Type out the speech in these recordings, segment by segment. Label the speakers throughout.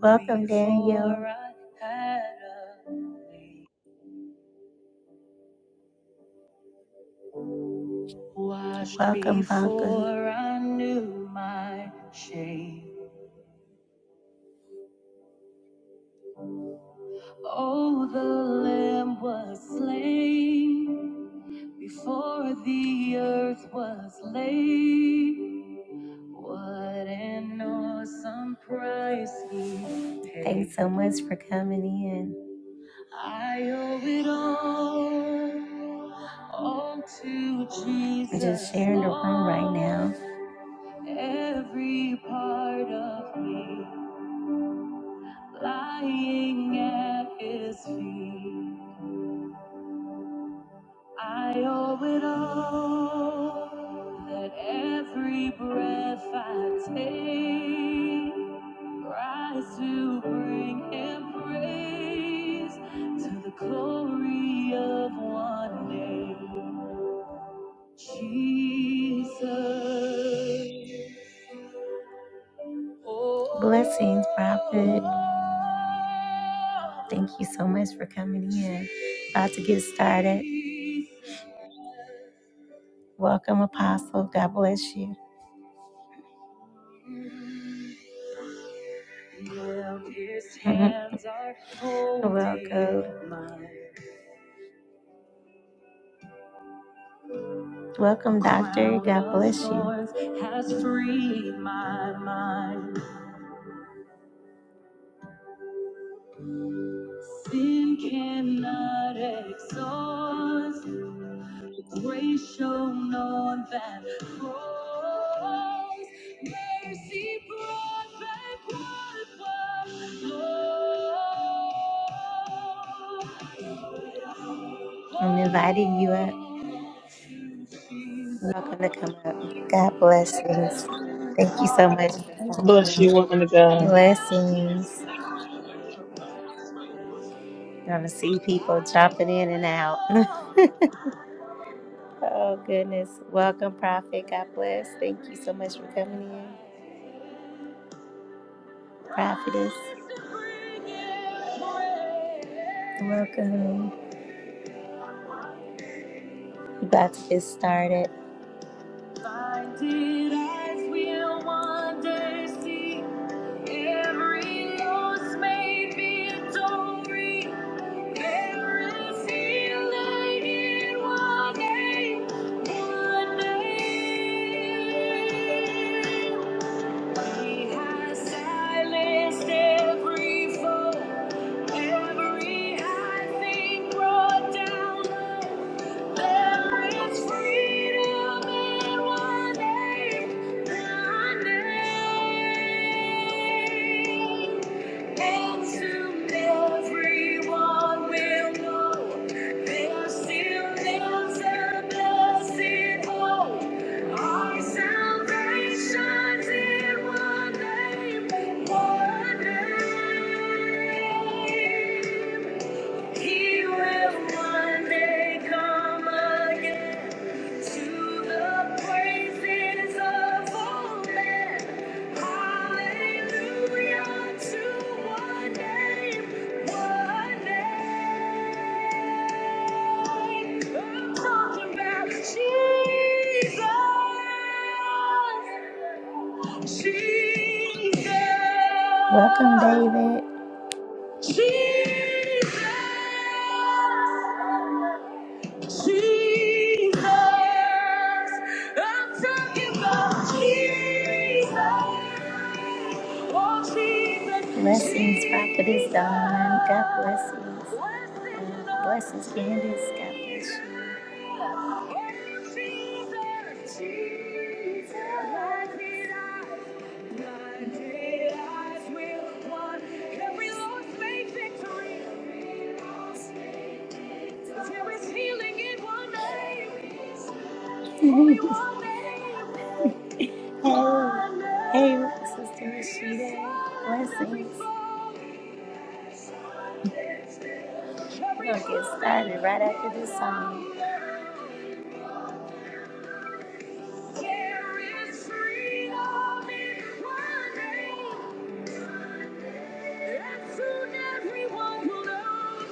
Speaker 1: Welcome, Daniel. Welcome, Bunker. Oh, the Lamb was slain before the earth was laid. What an awesome price he paid. Thanks so much for coming in. I owe it all, all to Jesus. I'm just sharing the room right now. Every part of me lying at His feet. I owe it all, that every breath I take rise to bring Him praise to the glory of one day. Blessings, Prophet. Thank you so much for coming in. About to get started. Welcome, Apostle. God bless you. Welcome. Welcome, Doctor. God bless you. Has freed my mind. Sin cannot exhaust. Grace shown on that cross. Mercy brought back what was lost. I'm inviting you up. Welcome to come up. God blessings. Thank you so much for
Speaker 2: Bless you,
Speaker 1: coming.
Speaker 2: woman of God.
Speaker 1: Blessings. I'm gonna see people jumping in and out. oh goodness. Welcome, Prophet. God bless. Thank you so much for coming in. Prophetess, welcome. We're about to get started. Blinded eyes will one day see every loss may be a story. There is healing in one name, one name. He has silenced every foe, every high thing brought down. There is freedom in one name, the name. And soon everyone will know there still lives a blessed Our salvation's in one name, one name. He will one day come again to the praises of all men. Hallelujah to one name, one name. I'm talking about Jesus. Jesus. Welcome, David. Jesus, Jesus, I'm talking about Jesus. Oh, Jesus. Blessings, Prophetess Dawn. God bless you. Uh, Blessings, Candace. God bless you. Jesus, Jesus. Only one name. Hey, hey, Sister Rashida, blessings. We're gonna get started right after this song. There is freedom in one name. And soon everyone will know.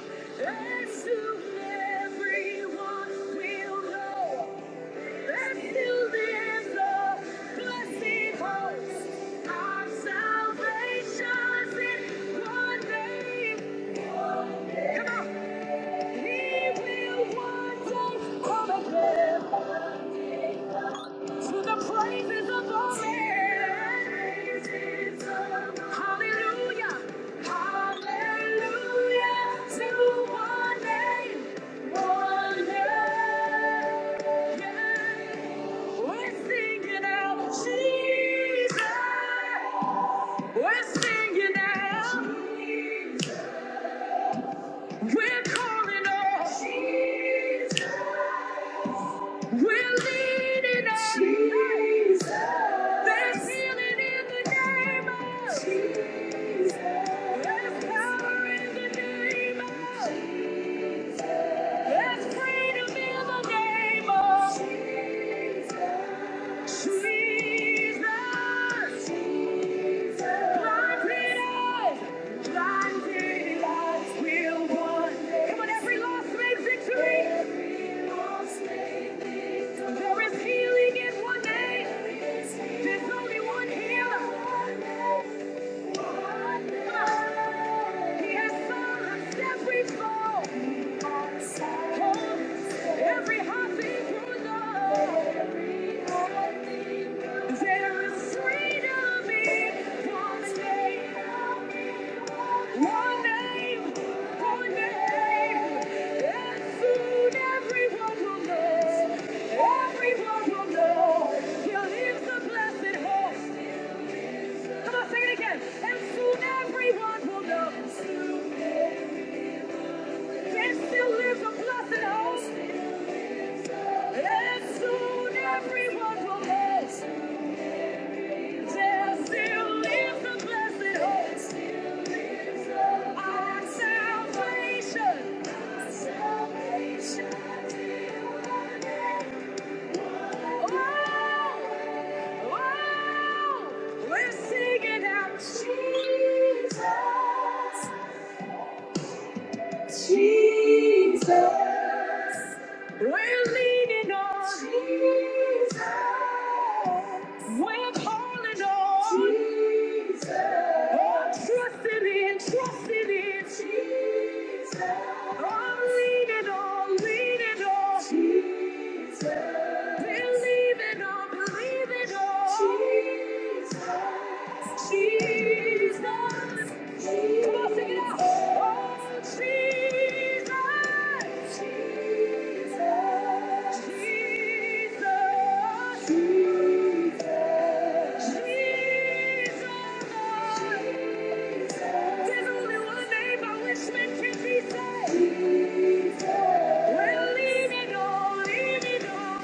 Speaker 1: And soon everyone will know. To the Hallelujah. Hallelujah to one name. Jesus. There's power in the name of Jesus. There's freedom in the name of Jesus. Jesus. Blind did eyes, blind did eyes will one day. Come on, every lost made victory. Every lost made victory. There is healing in one name. There's only one healer. He has silenced every foe, every heartbeat through love. There is freedom in God's name. One name, one name. And soon everyone will know, everyone will know. Here lives the blessed hope. Come on, sing it again. And soon everyone will know. There still lives a blessed hope. And soon everyone will know. There still lives a blessed hope. Our salvation. Our salvation. Oh, oh, we're singing out Jesus. Jesus, we're leaning on Jesus. We're calling on Jesus. Oh, trusting in, trusting in Jesus. Oh, leaning on, leaning on Jesus. Believing on, believing. Jesus, there's only one name by which men can be saved. Well, leave it all, leave it all.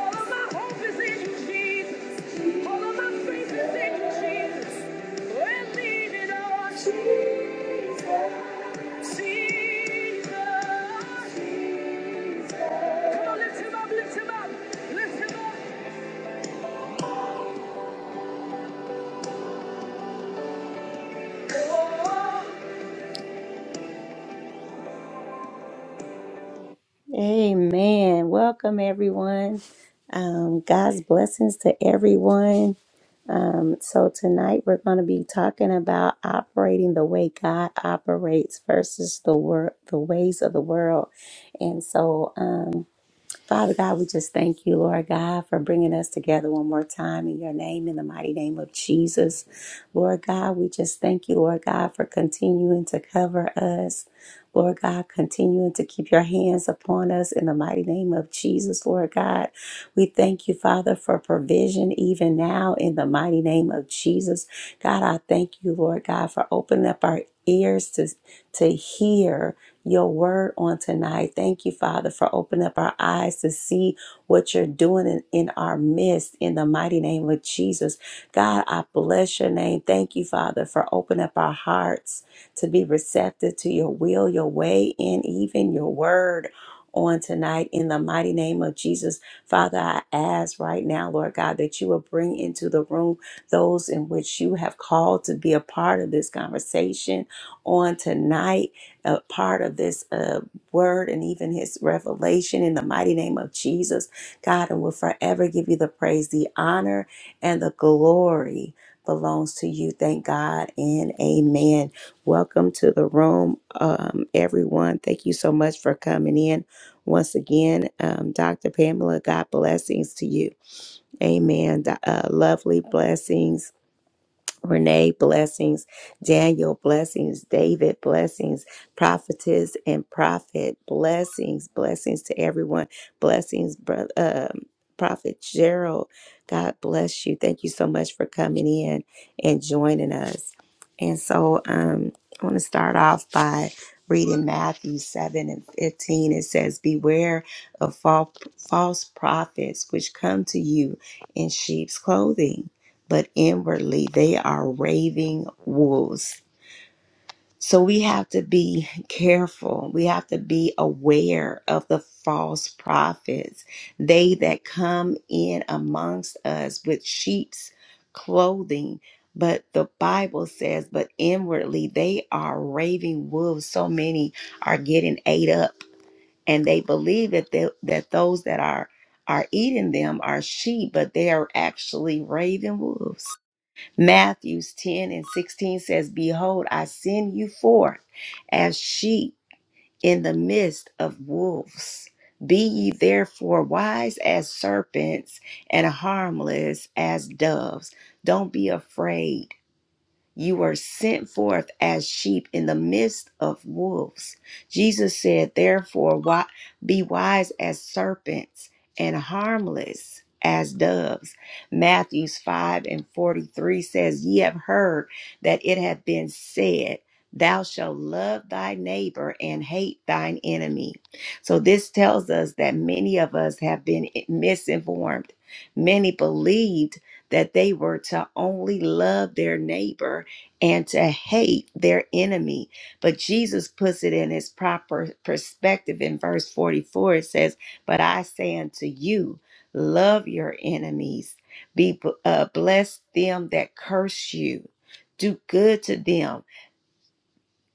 Speaker 1: All of my hope is in you, Jesus. All of my faith is in you, Jesus. Well, leave it all, Jesus. Jesus. Come lift him up, lift him up, lift him up. Amen. Welcome, everyone. Um, God's blessings to everyone. Um, so, tonight we're going to be talking about operating the way God operates versus the, wor- the ways of the world. And so, um, Father God, we just thank you, Lord God, for bringing us together one more time in your name, in the mighty name of Jesus. Lord God, we just thank you, Lord God, for continuing to cover us. Lord God, continuing to keep your hands upon us in the mighty name of Jesus, Lord God. We thank you, Father, for provision even now in the mighty name of Jesus. God, I thank you, Lord God, for opening up our ears to, to hear your word on tonight. Thank you, Father, for opening up our eyes to see what you're doing in, in our midst in the mighty name of Jesus. God, I bless your name. Thank you, Father, for opening up our hearts to be receptive to your will, your way, and even your word. On tonight, in the mighty name of Jesus, Father, I ask right now, Lord God, that you will bring into the room those in which you have called to be a part of this conversation on tonight a part of this uh, word and even his revelation in the mighty name of Jesus, God, and will forever give you the praise, the honor, and the glory belongs to you. Thank God and amen. Welcome to the room, um, everyone. Thank you so much for coming in. Once again, um, Dr. Pamela, God blessings to you. Amen. Do- Uh, lovely blessings Renee, blessings. Daniel, blessings. David, blessings. Prophetess and prophet, blessings. Blessings to everyone. Blessings, brother. Um, Prophet Gerald, God bless you. Thank you so much for coming in and joining us. And so um, I want to start off by reading Matthew 7 and 15. It says, Beware of fal- false prophets which come to you in sheep's clothing but inwardly they are raving wolves. So we have to be careful. We have to be aware of the false prophets, they that come in amongst us with sheep's clothing. But the Bible says, but inwardly they are raving wolves. So many are getting ate up, and they believe that they, that those that are are eating them are sheep, but they are actually raven wolves. Matthews 10 and 16 says, Behold, I send you forth as sheep in the midst of wolves. Be ye therefore wise as serpents and harmless as doves. Don't be afraid. You were sent forth as sheep in the midst of wolves. Jesus said, Therefore, wi- be wise as serpents and harmless as doves. Matthews 5 and 43 says, Ye have heard that it hath been said, Thou shalt love thy neighbor and hate thine enemy. So, this tells us that many of us have been misinformed. Many believed that they were to only love their neighbor and to hate their enemy. But Jesus puts it in his proper perspective in verse 44. It says, But I say unto you, love your enemies, be uh, bless them that curse you, do good to them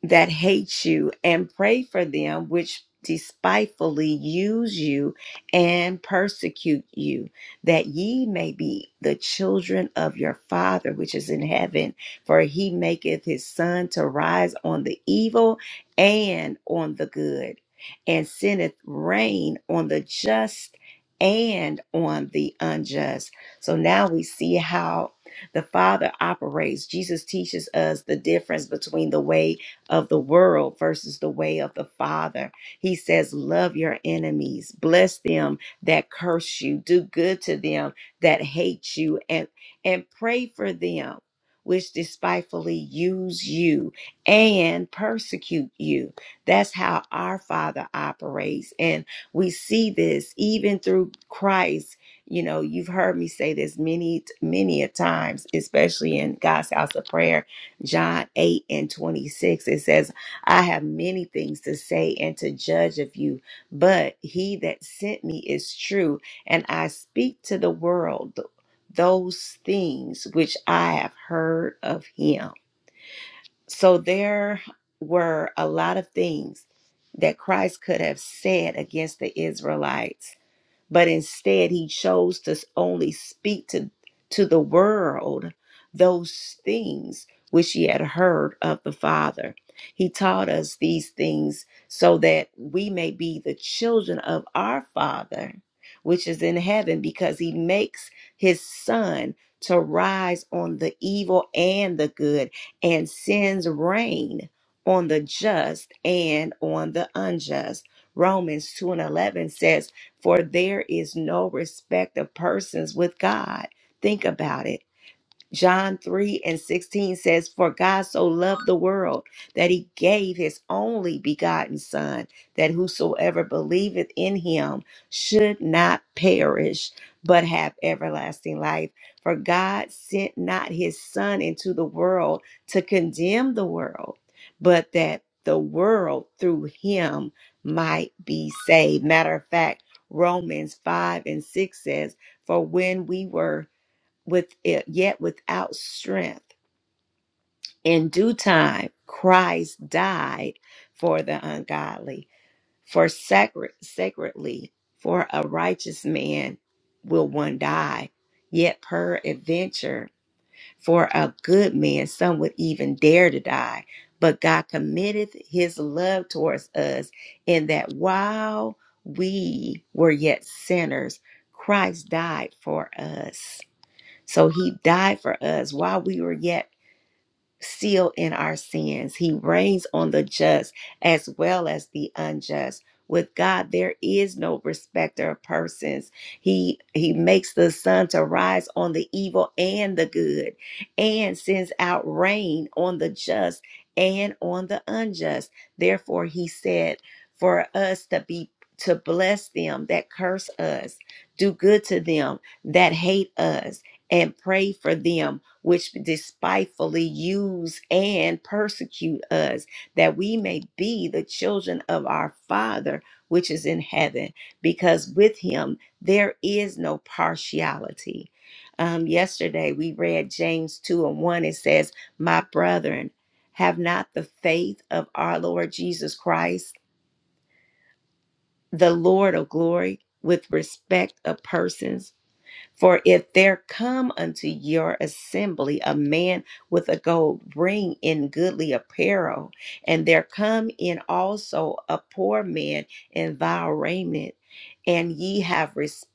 Speaker 1: that hate you and pray for them which despitefully use you and persecute you that ye may be the children of your father which is in heaven for he maketh his sun to rise on the evil and on the good and sendeth rain on the just and on the unjust so now we see how the father operates jesus teaches us the difference between the way of the world versus the way of the Father. He says, Love your enemies, bless them that curse you, do good to them that hate you, and, and pray for them which despitefully use you and persecute you. That's how our Father operates. And we see this even through Christ. You know, you've heard me say this many, many a times, especially in God's house of prayer John 8 and 26, it says, I have many things to say and to judge of you, but he that sent me is true, and I speak to the world th- those things which I have heard of him. So there were a lot of things that Christ could have said against the Israelites but instead he chose to only speak to, to the world those things which he had heard of the Father. He taught us these things so that we may be the children of our Father, which is in heaven, because he makes his Son to rise on the evil and the good and sends rain on the just and on the unjust. Romans 2 and 11 says, for there is no respect of persons with God. Think about it. John 3 and 16 says, For God so loved the world that he gave his only begotten Son, that whosoever believeth in him should not perish, but have everlasting life. For God sent not his Son into the world to condemn the world, but that the world through him might be saved. Matter of fact, Romans 5 and 6 says, For when we were with it, yet without strength. In due time, Christ died for the ungodly, for sacred, sacredly, for a righteous man will one die. Yet peradventure, for a good man, some would even dare to die. But God committeth his love towards us, in that while we were yet sinners, Christ died for us. So he died for us while we were yet seal in our sins. He reigns on the just as well as the unjust. With God, there is no respecter of persons. He He makes the sun to rise on the evil and the good, and sends out rain on the just and on the unjust. Therefore, He said, for us to be to bless them that curse us, do good to them that hate us, and pray for them which despitefully use and persecute us, that we may be the children of our Father which is in heaven, because with him there is no partiality. Um, yesterday we read James 2 and 1. It says, My brethren, have not the faith of our Lord Jesus Christ, the Lord of glory, with respect of persons. For if there come unto your assembly a man with a gold ring in goodly apparel, and there come in also a poor man in vile raiment, and ye have respect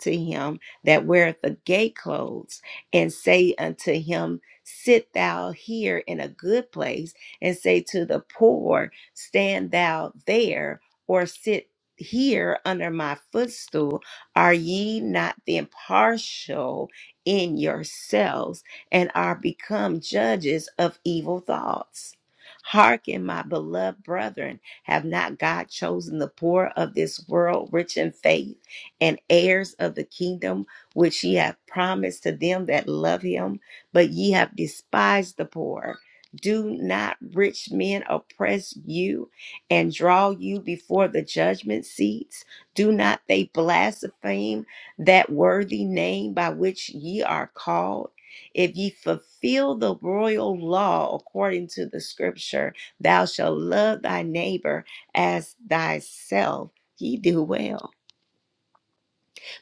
Speaker 1: to him that weareth the gay clothes, and say unto him, Sit thou here in a good place, and say to the poor, Stand thou there, or sit here under my footstool are ye not then partial in yourselves, and are become judges of evil thoughts? Hearken, my beloved brethren, have not God chosen the poor of this world rich in faith and heirs of the kingdom which he hath promised to them that love him? But ye have despised the poor. Do not rich men oppress you and draw you before the judgment seats? Do not they blaspheme that worthy name by which ye are called? If ye fulfill the royal law according to the scripture, thou shalt love thy neighbor as thyself, ye do well.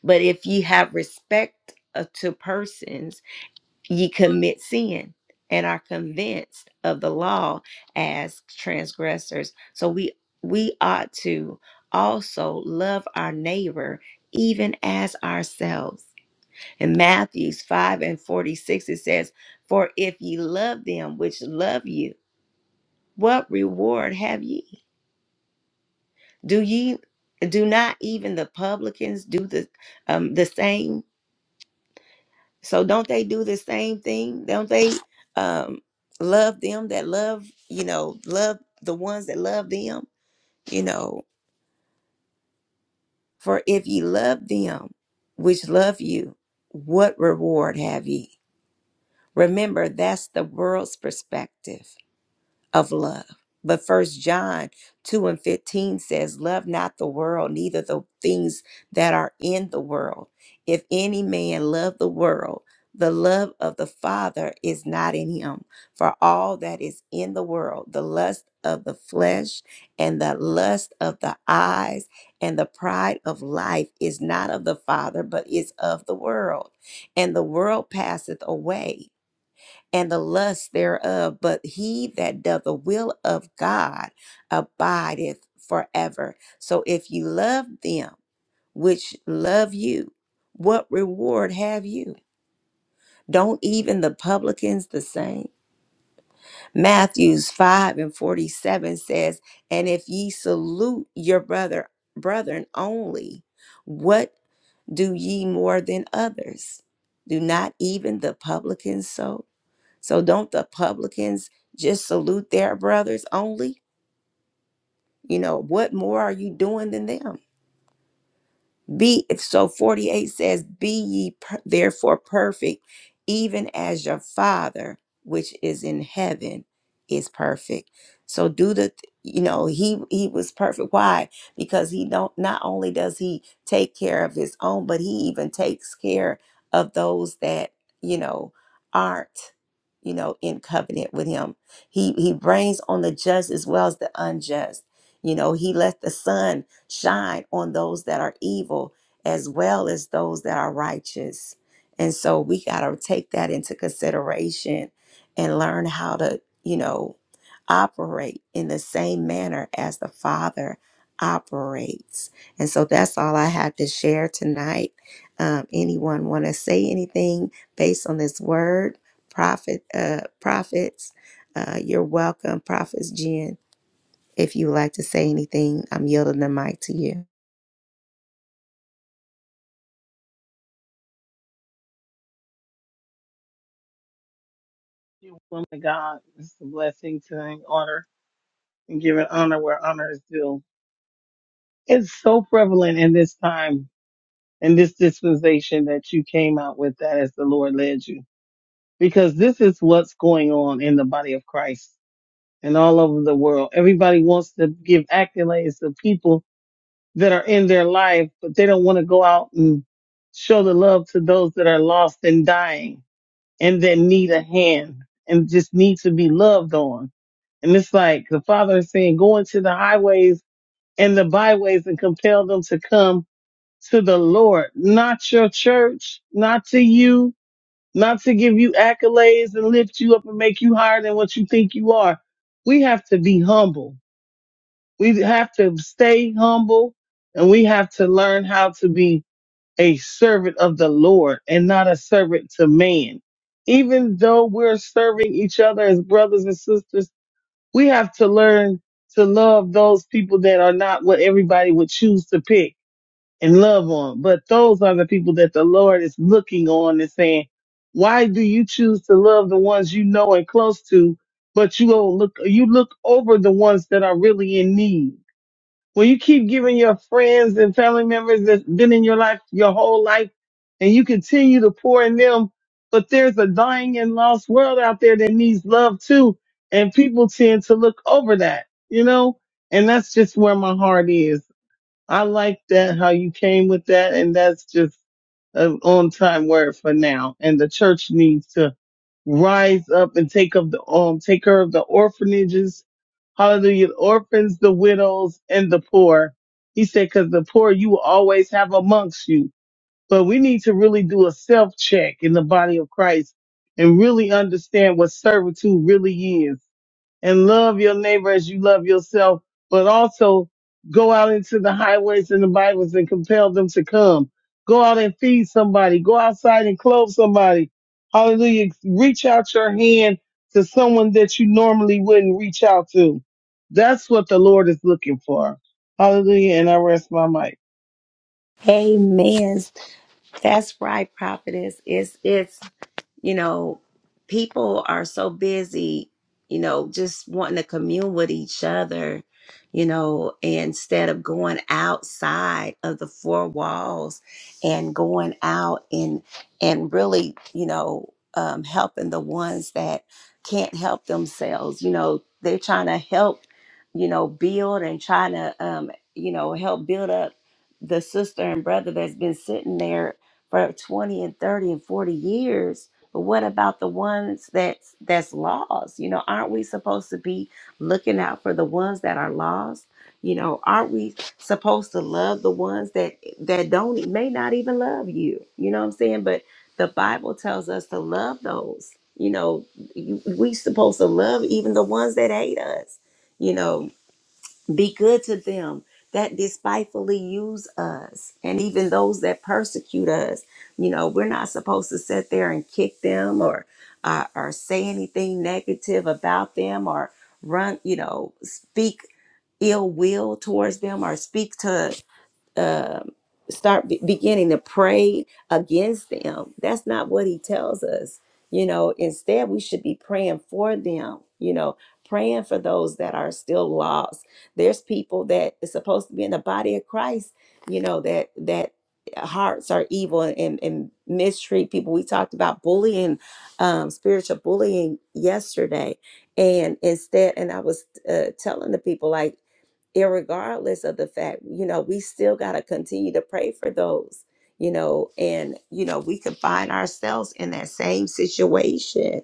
Speaker 1: But if ye have respect uh, to persons, ye commit sin and are convinced of the law as transgressors so we we ought to also love our neighbor even as ourselves in matthews 5 and 46 it says for if ye love them which love you what reward have ye do ye do not even the publicans do the um the same So don't they do the same thing? Don't they um love them that love, you know, love the ones that love them, you know, for if ye love them which love you, what reward have ye? Remember, that's the world's perspective. of love. But first John 2 and 15 says, Love not the world, neither the things that are in the world. If any man love the world, the love of the Father is not in him. For all that is in the world, the lust of the flesh and the lust of the eyes and the pride of life is not of the Father, but is of the world. And the world passeth away and the lust thereof. But he that doth the will of God abideth forever. So if you love them which love you, what reward have you? Don't even the publicans the same? Matthews 5 and 47 says, And if ye salute your brother, brethren only, what do ye more than others? Do not even the publicans so? So don't the publicans just salute their brothers only? You know, what more are you doing than them? Be so 48 says, Be ye per- therefore perfect, even as your Father which is in heaven is perfect. So do the you know he he was perfect. Why? Because he don't not only does he take care of his own, but he even takes care of those that you know aren't you know in covenant with him. He he brings on the just as well as the unjust. You know he let the sun shine on those that are evil as well as those that are righteous. And so we got to take that into consideration and learn how to, you know, operate in the same manner as the Father operates. And so that's all I had to share tonight. Um, anyone want to say anything based on this word, prophet, uh, prophets? Uh, you're welcome, prophets Jen. If you would like to say anything, I'm yielding the mic to you.
Speaker 2: You, Woman of God, it's a blessing to and honor and giving honor where honor is due. It's so prevalent in this time, in this dispensation that you came out with that as the Lord led you. Because this is what's going on in the body of Christ and all over the world. Everybody wants to give accolades to people that are in their life, but they don't want to go out and show the love to those that are lost and dying. and that need a hand and just need to be loved on. And it's like the Father is saying, go into the highways and the byways and compel them to come to the Lord, not your church, not to you, not to give you accolades and lift you up and make you higher than what you think you are. We have to be humble. We have to stay humble and we have to learn how to be a servant of the Lord and not a servant to man. Even though we're serving each other as brothers and sisters, we have to learn to love those people that are not what everybody would choose to pick and love on. But those are the people that the Lord is looking on and saying, why do you choose to love the ones you know and close to, but you don't look, you look over the ones that are really in need? When you keep giving your friends and family members that's been in your life your whole life and you continue to pour in them, but there's a dying and lost world out there that needs love too. And people tend to look over that, you know? And that's just where my heart is. I like that, how you came with that. And that's just an on time word for now. And the church needs to rise up and take up the um take care of the orphanages, hallelujah, the orphans, the widows, and the poor. He said, because the poor you will always have amongst you. But we need to really do a self check in the body of Christ and really understand what servitude really is and love your neighbor as you love yourself, but also go out into the highways and the byways and compel them to come. Go out and feed somebody. Go outside and clothe somebody. Hallelujah. Reach out your hand to someone that you normally wouldn't reach out to. That's what the Lord is looking for. Hallelujah. And I rest my mic.
Speaker 1: Amen. That's right, prophetess. It's it's you know, people are so busy, you know, just wanting to commune with each other, you know, instead of going outside of the four walls and going out and and really, you know, um, helping the ones that can't help themselves. You know, they're trying to help, you know, build and trying to, um, you know, help build up the sister and brother that's been sitting there for 20 and 30 and 40 years but what about the ones that's that's lost? You know, aren't we supposed to be looking out for the ones that are lost? You know, aren't we supposed to love the ones that that don't may not even love you? You know what I'm saying? But the Bible tells us to love those. You know, you- we supposed to love even the ones that hate us. You know, be good to them that despitefully use us and even those that persecute us. You know, we're not supposed to sit there and kick them or uh, or say anything negative about them or run, you know, speak ill will towards them or speak to um start be- beginning to pray against them. That's not what he tells us. You know, instead, we should be praying for them, you know, praying for those that are still lost. There's people that is supposed to be in the body of Christ, you know, that, that, hearts are evil and, and mistreat people we talked about bullying um spiritual bullying yesterday and instead and i was uh, telling the people like irregardless of the fact, you know, we still got to continue to pray for those, you know, and, you know, we could find ourselves in that same situation.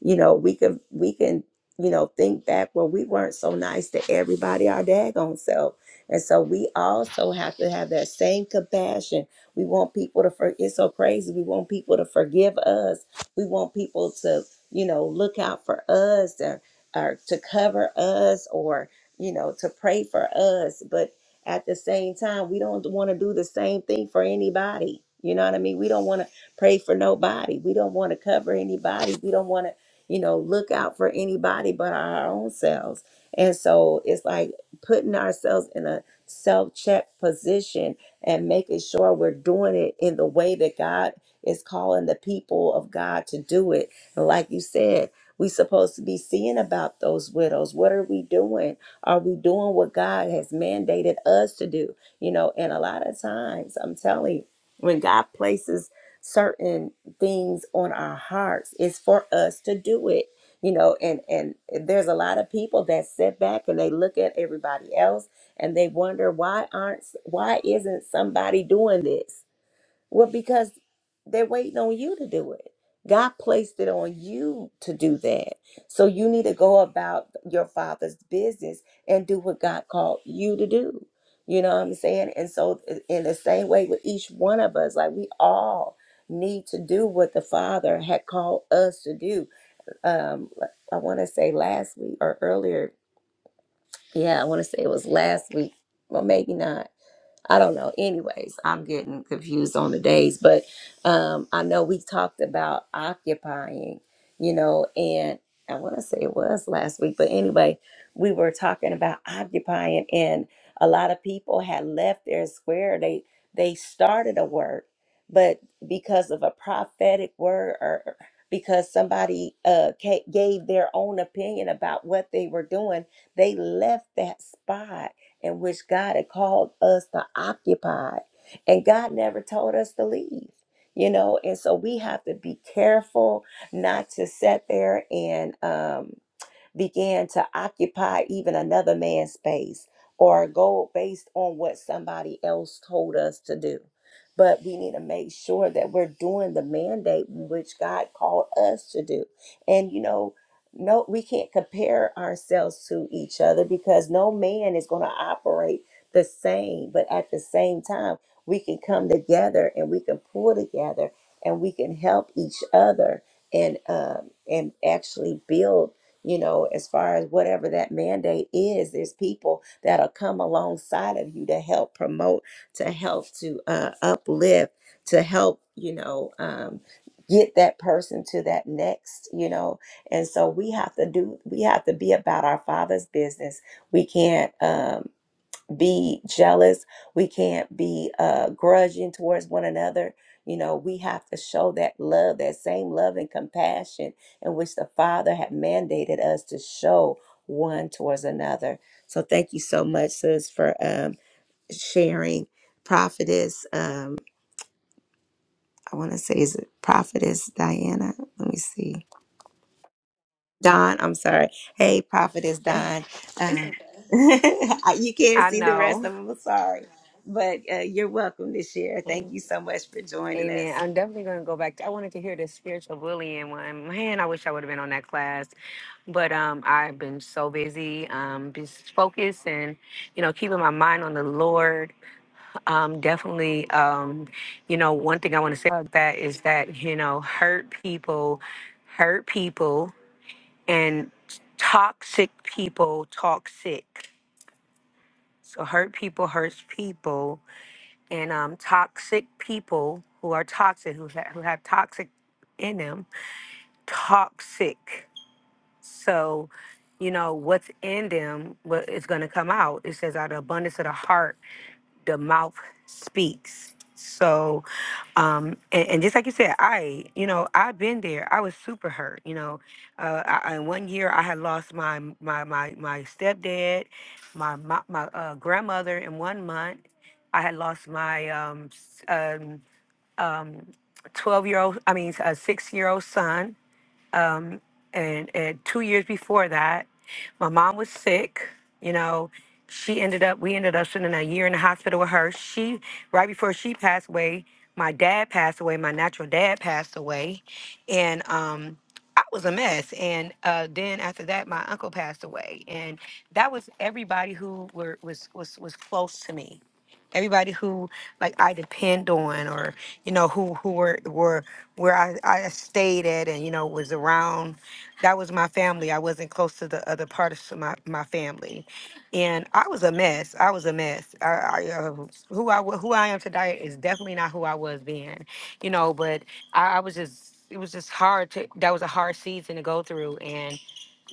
Speaker 1: You know, we could, we can, you know, think back where we weren't so nice to everybody, our daggone self. And so we also have to have that same compassion. We want people to, for, it's so crazy. We want people to forgive us. We want people to, you know, look out for us or, or to cover us or, you know, to pray for us. But at the same time, we don't want to do the same thing for anybody. You know what I mean? We don't want to pray for nobody. We don't want to cover anybody. We don't want to, you know, look out for anybody but our own selves. And so it's like putting ourselves in a self check position and making sure we're doing it in the way that God is calling the people of God to do it. And like you said, we supposed to be seeing about those widows. What are we doing? Are we doing what God has mandated us to do? You know, and a lot of times, I'm telling you, when God places certain things on our hearts, it's for us to do it. You know, and and there's a lot of people that sit back and they look at everybody else and they wonder why aren't why isn't somebody doing this? Well, because they're waiting on you to do it. God placed it on you to do that. So you need to go about your father's business and do what God called you to do. You know what I'm saying? And so, in the same way with each one of us, like we all need to do what the Father had called us to do. Um, I want to say last week or earlier. Yeah, I want to say it was last week. Well, maybe not. I don't know. Anyways, I'm getting confused on the days, but um, I know we talked about occupying, you know, and I want to say it was last week, but anyway, we were talking about occupying, and a lot of people had left their square. They they started a work, but because of a prophetic word or because somebody uh, ca- gave their own opinion about what they were doing, they left that spot in which God had called us to occupy. And God never told us to leave, you know. And so we have to be careful not to sit there and, um, began to occupy even another man's space or go based on what somebody else told us to do. But we need to make sure that we're doing the mandate which God called us to do. And, you know, no, we can't compare ourselves to each other because no man is going to operate the same. But at the same time, we can come together and we can pull together and we can help each other and um, and actually build you know, as far as whatever that mandate is, there's people that'll come alongside of you to help promote, to help to uh, uplift, to help, you know, um, get that person to that next, you know. And so we have to do, we have to be about our Father's business. We can't. Um, be jealous. We can't be uh, grudging towards one another. You know, we have to show that love, that same love and compassion in which the Father had mandated us to show one towards another. So thank you so much, sis, for um, sharing. Prophetess, um, I want to say, is it Prophetess Diana? Let me see. Don, I'm sorry. Hey, Prophetess Don. Um, you can't
Speaker 3: I
Speaker 1: see the rest
Speaker 3: know.
Speaker 1: of them. I'm sorry. But uh, you're welcome this year. Thank you so much for joining
Speaker 3: Amen.
Speaker 1: us.
Speaker 3: I'm definitely going to go back. I wanted to hear the spiritual bullying one. Man, I wish I would have been on that class. But um, I've been so busy, um, just focused and, you know, keeping my mind on the Lord. Um, definitely, um, you know, one thing I want to say about that is that, you know, hurt people, hurt people, and toxic people talk sick. So hurt people hurts people. and um, toxic people who are toxic, who, ha- who have toxic in them, toxic. So, you know, what's in them what is going to come out. It says, out of the abundance of the heart, the mouth speaks. So, um, and, and just like you said, I, you know, I've been there. I was super hurt. You know, uh, I, I- in one year, I had lost my my my my stepdad, my my, my uh, grandmother in one month. I had lost my um s- um um twelve year old. I mean, a six year old son um, and, and two years before that, my mom was sick. You know, she ended up, we ended up spending a year in the hospital with her. She, right before she passed away, my dad passed away, my natural dad passed away. And um, I was a mess. And uh, then after that, my uncle passed away. And that was everybody who were, was, was, was close to me. Everybody who like I depend on, or you know, who who were were where I, I stayed at and, you know, was around. That was my family. I wasn't close to the other parts of my, my family. And I was a mess. I was a mess. I, I, uh, who, I, wa- who I am today is definitely not who I was then, you know, but I, I was just, it was just hard to, that was a hard season to go through. and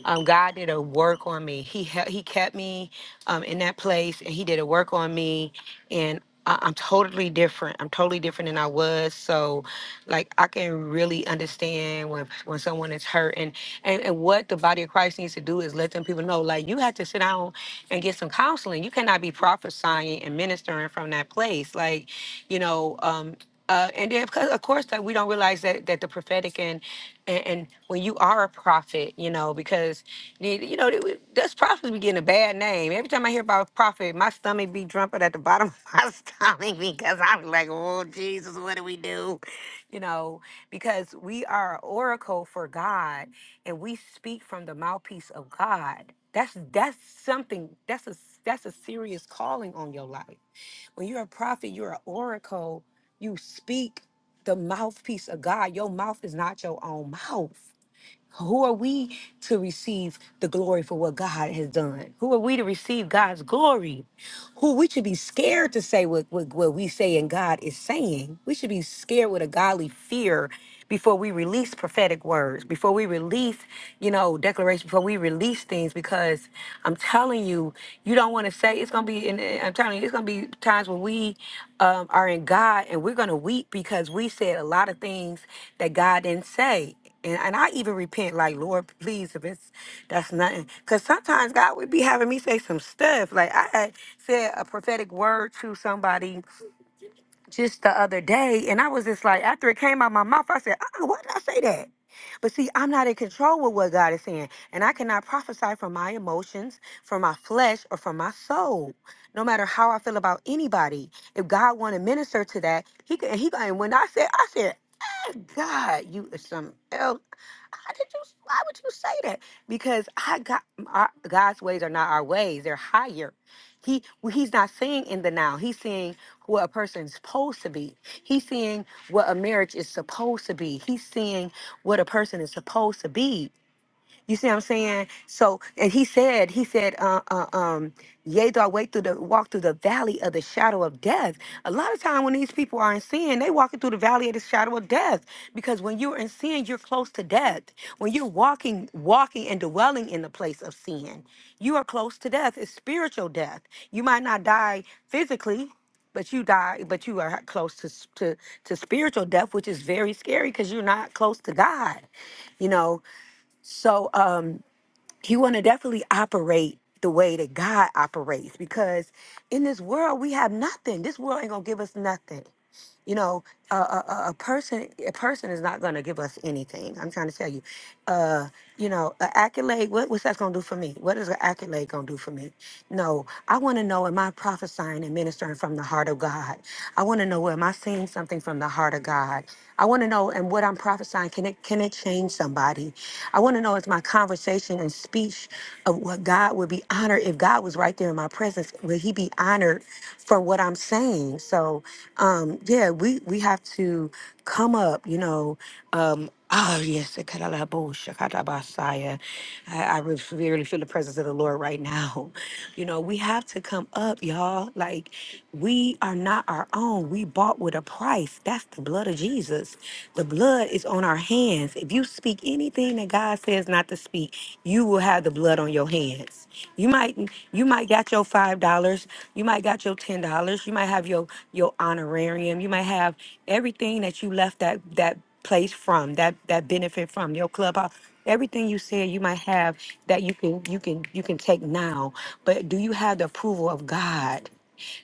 Speaker 3: um, God did a work on me. He hel- he kept me um, in that place, and He did a work on me, and I- I'm totally different. I'm totally different than I was. So, like, I can really understand when when someone is hurt, and and, and what the body of Christ needs to do is let them people know, like, you have to sit down and get some counseling. You cannot be prophesying and ministering from that place, like, you know. Um, uh, and then, of course, of course, that we don't realize that that the prophetic and and, and when you are a prophet, you know, because the- you know the- that's prophets be getting a bad name. Every time I hear about a prophet, my stomach be jumping at the bottom of my stomach because I'm like, oh Jesus, what do we do? You know, because we are an oracle for God, and we speak from the mouthpiece of God. That's that's something. That's a that's a serious calling on your life. When you're a prophet, you're an oracle. You speak the mouthpiece of God. Your mouth is not your own mouth. Who are we to receive the glory for what God has done? Who are we to receive God's glory? Who we should be scared to say what, what, what we say and God is saying. We should be scared with a godly fear before we release prophetic words, before we release, you know, declarations, before we release things, because I'm telling you, you don't want to say it's gonna be. And I'm telling you, it's gonna be times when we um, are in God and we're gonna weep because we said a lot of things that God didn't say and, and I even repent, like, Lord, please, if it's that's nothing. Because sometimes God would be having me say some stuff. Like, I had said a prophetic word to somebody just the other day, and I was just like, after it came out my mouth, I said, uh why did I say that? But see, I'm not in control with what God is saying, and I cannot prophesy from my emotions, from my flesh, or from my soul. No matter how I feel about anybody, if God want to minister to that, He could. He could- and when I said, I said, "Ah, God, you is something else. How did you? Why would you say that? Because I got our, God's ways are not our ways; they're higher. He well, he's not seeing in the now. He's seeing what a person's supposed to be. He's seeing what a marriage is supposed to be. He's seeing what a person is supposed to be. You see what I'm saying? So, and he said, he said, uh, uh, um, yea, though I wait through the walk through the valley of the shadow of death. A lot of time when these people are in sin, they walking through the valley of the shadow of death because when you're in sin, you're close to death. When you're walking, walking and dwelling in the place of sin, you are close to death. It's spiritual death. You might not die physically, but you die but you are close to s- to to spiritual death which is very scary because you're not close to god you know so um, you want to definitely operate the way that God operates because in this world we have nothing. This world ain't gonna give us nothing. You know, a, a, a a person a person is not going to give us anything. I'm trying to tell you. Uh, you know, an accolade. What, what's that going to do for me? What is an accolade going to do for me? No, I want to know am I prophesying and ministering from the heart of God? I want to know am I seeing something from the heart of God? I want to know and what I'm prophesying can it can it change somebody? I want to know is my conversation and speech of what God would be honored if God was right there in my presence? Will He be honored from what I'm saying. So, um, yeah, we we have to come up, you know. Um, oh yes, Ekalabo, Shakatabasaya. I, I re- really feel the presence of the Lord right now. You know, we have to come up, y'all. Like we are not our own. We bought with a price. That's the blood of Jesus. The blood is on our hands. If you speak anything that God says not to speak, you will have the blood on your hands. You might you might got your 5 five dollars. You might got your ten dollars. You might have your your honorarium. You might have everything that you left that that place from that that benefit from your clubhouse. Everything you said you might have that you can you can you can take now. But do you have the approval of God?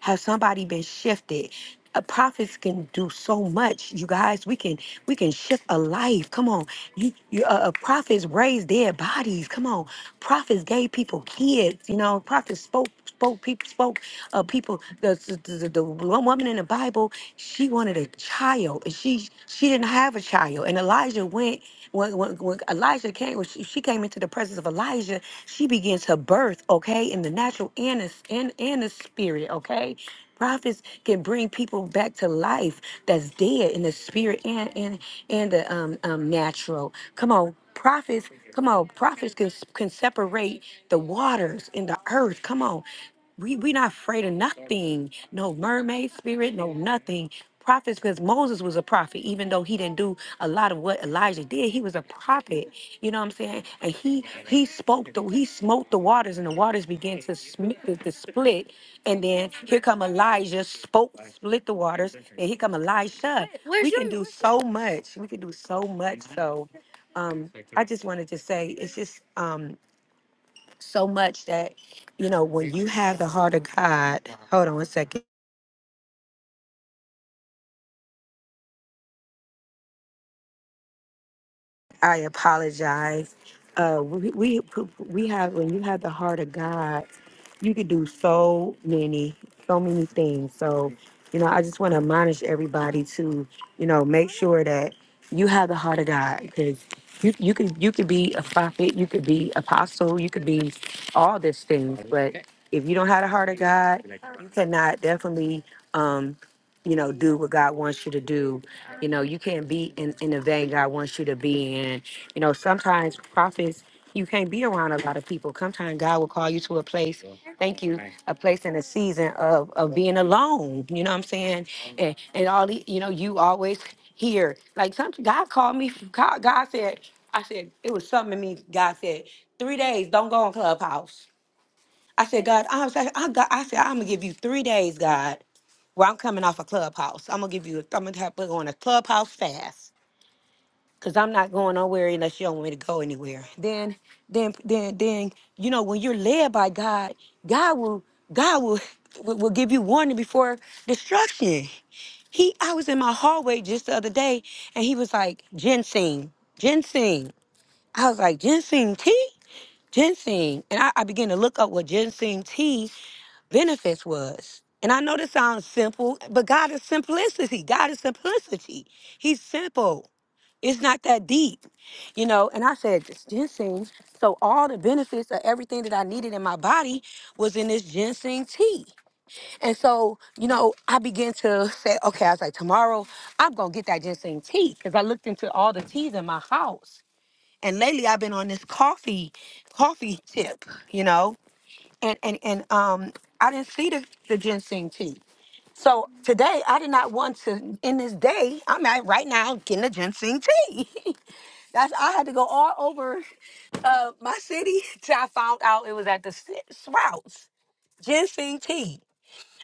Speaker 3: Has somebody been shifted? Uh, prophets can do so much, you guys. We can we can shift a life. Come on, you, you uh, uh, prophets raised dead bodies. Come on, prophets gave people kids. You know, prophets spoke spoke people spoke uh people the, the the the one woman in the bible she wanted a child and she she didn't have a child and elijah went when, when, when elijah came when she, she came into the presence of elijah she begins her birth okay in the natural and the, s- and, and the spirit okay Prophets can bring people back to life that's dead in the spirit and and and the um, um natural. Come on, prophets. Come on, prophets can can separate the waters and the earth. Come on. We we not afraid of nothing. No mermaid spirit, no nothing prophets because Moses was a prophet, even though he didn't do a lot of what Elijah did, he was a prophet. You know what I'm saying? And he he spoke the he smote the waters, and the waters began to, sm- to to split. And then here come Elijah, spoke, split the waters, and here come Elisha. We can do so much. We can do so much. So um I just wanted to say it's just um so much that you know when you have the heart of God. Hold on one second. I apologize. Uh, we, we we have when you have the heart of God, you can do so many, so many things. So, you know, I just want to admonish everybody to, you know, make sure that you have the heart of God because you you could you could be a prophet, you could be apostle, you could be all these things, but if you don't have the heart of God, you cannot definitely, um, you know, do what God wants you to do you know, you can't be in, in the vein God wants you to be in. You know, sometimes prophets, you can't be around a lot of people. Sometimes God will call you to a place, thank you, a place in a season of, of being alone. You know what I'm saying? And and all the, you know, you always hear. Like some God called me, God God said, I said, it was something in me. God said, three days, don't go on Clubhouse. I said, God, I, was, I, got, I said, I'm gonna give you three days, God. Well, I'm coming off a clubhouse. I'm gonna give you. I'm gonna have put on a clubhouse fast because I'm not going nowhere unless you don't want me to go anywhere. Then, then, then, then, you know, when you're led by God, God will, God will, will will give you warning before destruction. He, I was in my hallway just the other day, and he was like ginseng, ginseng. I was like ginseng tea, ginseng, and I, I began to look up what ginseng tea benefits was. And I know this sounds simple, but God is simplicity. God is simplicity. He's simple. It's not that deep, you know. And I said, this ginseng. So all the benefits of everything that I needed in my body was in this ginseng tea. And so, you know, I began to say, okay, I was like, tomorrow I'm gonna get that ginseng tea. Cause I looked into all the teas in my house. And lately I've been on this coffee, coffee tip, you know and and and um I didn't see the, the ginseng tea. So today I did not want to in this day, I'm at right now getting the ginseng tea. That's I had to go all over uh my city till I found out it was at the Sw- Sprouts ginseng tea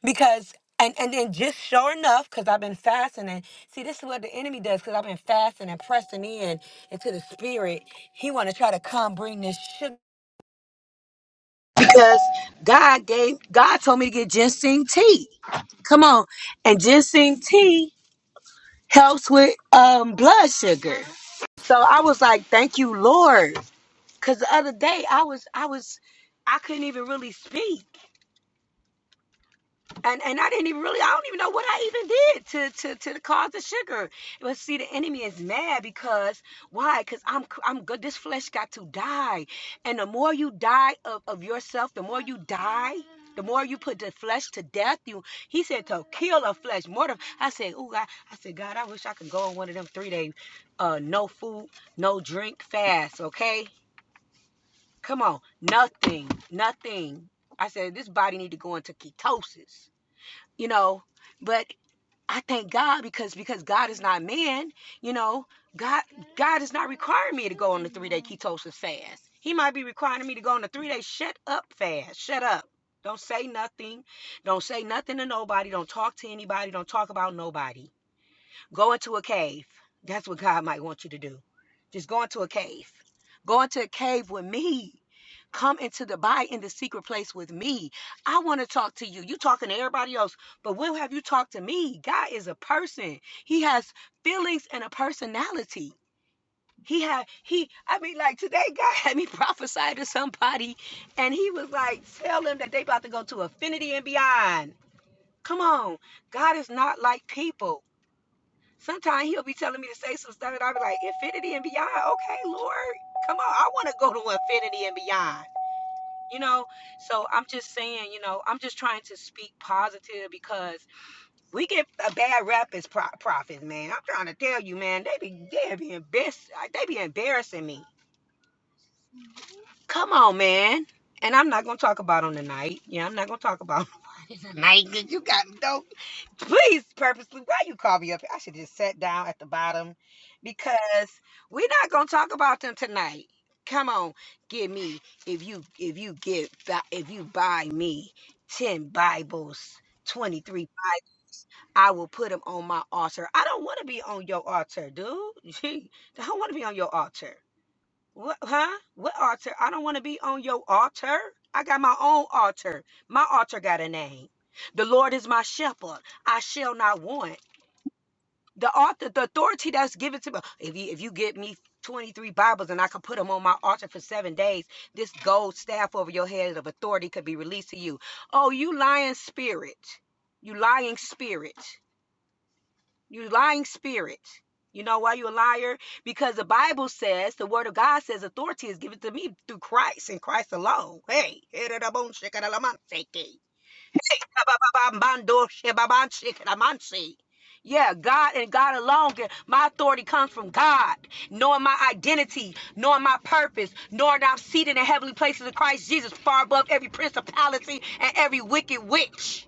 Speaker 3: because and, and then just sure enough, because I've been fasting and see this is what the enemy does, because I've been fasting and pressing in into the spirit. He wanna try to come bring this sugar. because God gave God told me to get ginseng tea. Come on, and ginseng tea helps with um blood sugar. So I was like, "Thank you, Lord," because the other day I was I was I couldn't even really speak. and and I didn't even really I don't even know what I even did to to to cause the sugar. But see, the enemy is mad because why? Because I'm i I'm good. This flesh got to die, and the more you die of of yourself, the more you die. The more you put the flesh to death, you he said to kill a flesh, mortar. I said, oh God, I said, God, I wish I could go on one of them three day uh no food, no drink fast, okay? Come on. Nothing. Nothing. I said, this body need to go into ketosis you know but i thank god because because god is not man you know god god is not requiring me to go on the three day ketosis fast he might be requiring me to go on the three day shut up fast shut up don't say nothing don't say nothing to nobody don't talk to anybody don't talk about nobody Go into a cave. That's what God might want you to do. Just go into a cave. Go into a cave with me. Come into the buy in the secret place with me. I want to talk to you. You talking to everybody else, but when have you talked to me? God is a person. He has feelings and a personality. He had he I mean like today God had me prophesy to somebody and he was like tell them that they about to go to infinity and beyond. Come on. God is not like people. Sometimes he'll be telling me to say some stuff, and I'll be like, infinity and beyond. Okay, Lord, come on. I want to go to infinity and beyond. You know, so I'm just saying, you know, I'm just trying to speak positive because we get a bad rap as pro- prophets, man. I'm trying to tell you, man, they be they be embarrassed. They be embarrassing me. Come on, man. And I'm not gonna talk about them tonight. Yeah, I'm not gonna talk about them tonight because you got dope. Please, purposely, why you call me up? here? I should just sat down at the bottom because we're not gonna talk about them tonight. Come on, give me if you if you get bu- if you buy me ten Bibles, twenty three I will put them on my altar. I don't want to be on your altar, dude. I don't want to be on your altar. What, huh? What altar? I don't want to be on your altar. I got my own altar. My altar got a name. The Lord is my shepherd. I shall not want. The author, the authority that's given to me. If you if you get me 23 Bibles and I can put them on my altar for seven days, this gold staff over your head of authority could be released to you. Oh, you lying spirit. You lying spirit. You lying spirit. You know why you're a liar? Because the Bible says, the word of God says, authority is given to me through Christ and Christ alone. Hey, yeah, God and God alone. My authority comes from God, knowing my identity, knowing my purpose, knowing that I'm seated in heavenly places in Christ Jesus, far above every principality and every wicked witch.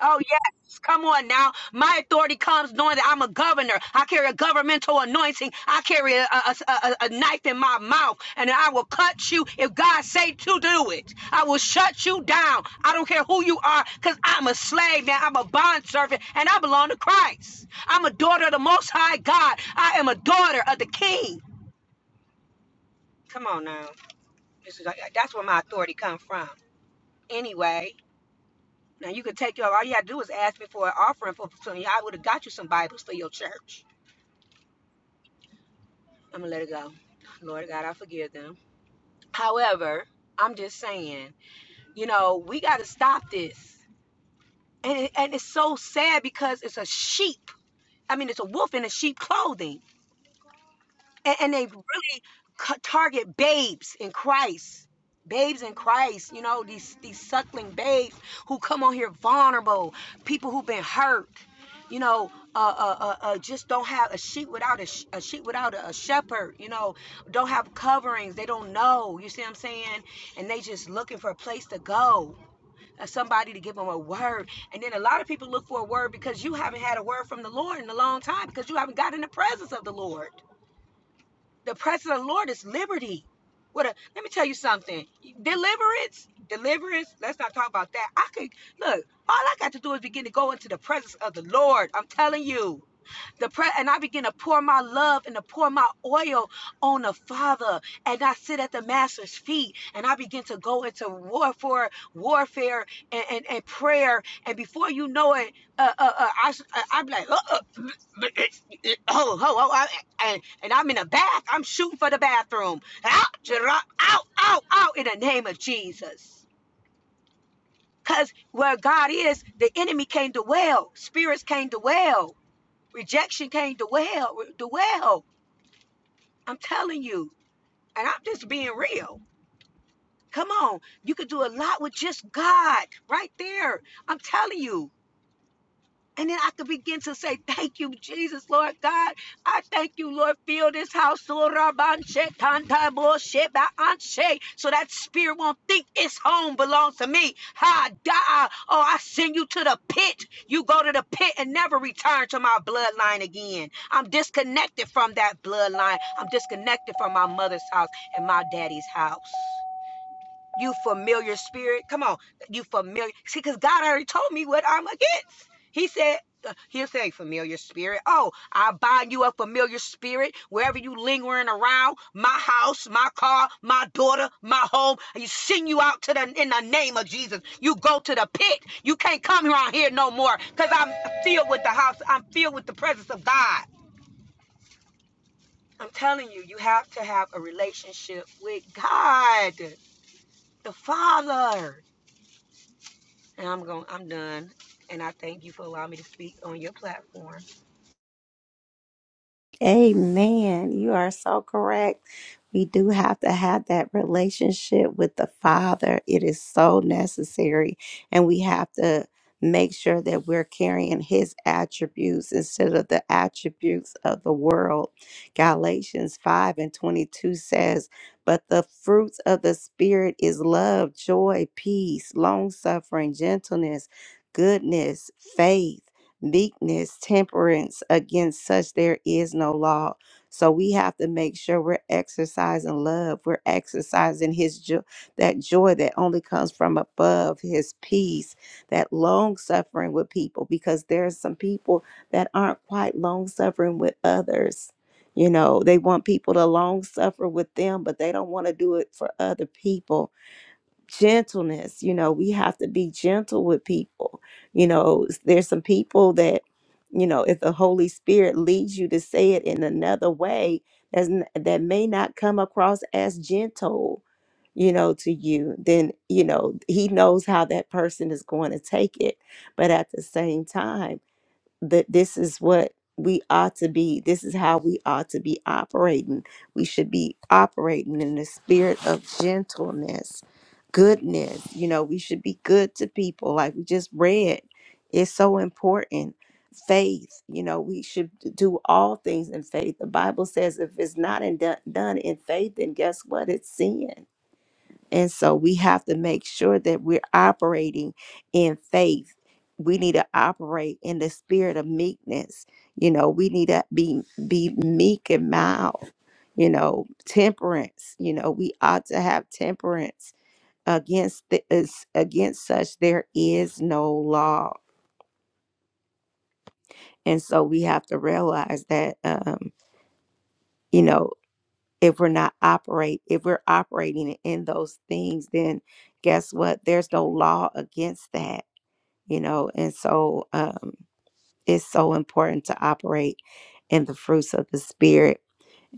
Speaker 3: Oh, yes. Come on now. My authority comes knowing that I'm a governor. I carry a governmental anointing. I carry a, a, a- a- knife in my mouth, and I will cut you if God say to do it. I will shut you down. I don't care who you are, because I'm a slave now. I'm a bond servant, and I belong to Christ. I'm a daughter of the Most High God. I am a daughter of the King. Come on now. This is, that's where my authority comes from. Anyway. Now you could take your all you had to do was ask me for an offering for opportunity. I would have got you some Bibles for your church. I'm gonna let it go. Lord God, I forgive them. However, I'm just saying, you know, we gotta stop this. And it, and it's so sad because it's a sheep. I mean, it's a wolf in a sheep clothing and, and they really c- target babes in Christ. Babes in Christ, you know, these these suckling babes who come on here vulnerable, people who've been hurt, you know, uh, uh, uh, uh, just don't have a sheep without a, sh- a sheep without a, a shepherd, you know, don't have coverings, they don't know, you see what I'm saying? And they just looking for a place to go, uh, somebody to give them a word. And then a lot of people look for a word because you haven't had a word from the Lord in a long time because you haven't got in the presence of the Lord. The presence of the Lord is liberty. What a, let me tell you something. Deliverance, deliverance. Let's not talk about that. I could look. All I got to do is begin to go into the presence of the Lord. I'm telling you. The pre- and I begin to pour my love and to pour my oil on the Father. And I sit at the Master's feet and I begin to go into warfare, warfare and, and, and prayer. And before you know it, uh, uh, uh, I, s- uh, I'm like, uh, uh, oh, oh, oh, I, and, and I'm in a bath. I'm shooting for the bathroom. Out, out, out, out in the name of Jesus. Because where God is, the enemy came to dwell, spirits came to dwell. Rejection came to well, to well. I'm telling you, and I'm just being real. Come on, you can do a lot with just God right there. I'm telling you. And then I could begin to say, Thank you, Jesus, Lord God. I thank you, Lord. Fill this house. Ora banche, tanta boshe, ba anche. So that spirit won't think its home belongs to me. Ha, da. Oh, I send you to the pit. You go to the pit and never return to my bloodline again. I'm disconnected from that bloodline. I'm disconnected from my mother's house and my daddy's house. You familiar spirit. Come on. You familiar. See, because God already told me what I'm against. He said, uh, He'll say, familiar spirit. Oh, I bind you a familiar spirit wherever you lingering around my house, my car, my daughter, my home. You send you out to the in the name of Jesus. You go to the pit. You can't come around here no more because I'm filled with the house. I'm filled with the presence of God. I'm telling you, you have to have a relationship with God, the Father. And I'm going. I'm done. And I thank you for allowing me to speak on your platform.
Speaker 1: Amen. You are so correct. We do have to have that relationship with the Father. It is so necessary. And we have to make sure that we're carrying His attributes instead of the attributes of the world. Galatians 5 and 22 says, But the fruits of the Spirit is love, joy, peace, long suffering, gentleness, goodness, faith meekness, temperance. Against such there is no law. So we have to make sure we're exercising love. We're exercising his joy, that joy that only comes from above, his peace, that long suffering with people, because there's some people that aren't quite long suffering with others. You know, they want people to long suffer with them, but they don't want to do it for other people gentleness you know we have to be gentle with people you know s- there's some people that you know if the holy spirit leads you to say it in another way that's n- that may not come across as gentle you know to you then you know he knows how that person is going to take it but at the same time that this is what we ought to be. This is how we ought to be operating. We should be operating in the spirit of gentleness, goodness. You know, we should be good to people, like we just read. It's so important. Faith, you know, we should do all things in faith. The Bible says if it's not in, done done in faith, then guess what? It's sin and so we have to make sure that we're operating in faith. We need to operate in the spirit of meekness. You know, we need to be be meek and mild. You know, temperance. You know, we ought to have temperance against the, against such there is no law. And so we have to realize that um, you know, if we're not operate if we're operating in those things, then guess what? There's no law against that you know and so um it's so important to operate in the fruits of the spirit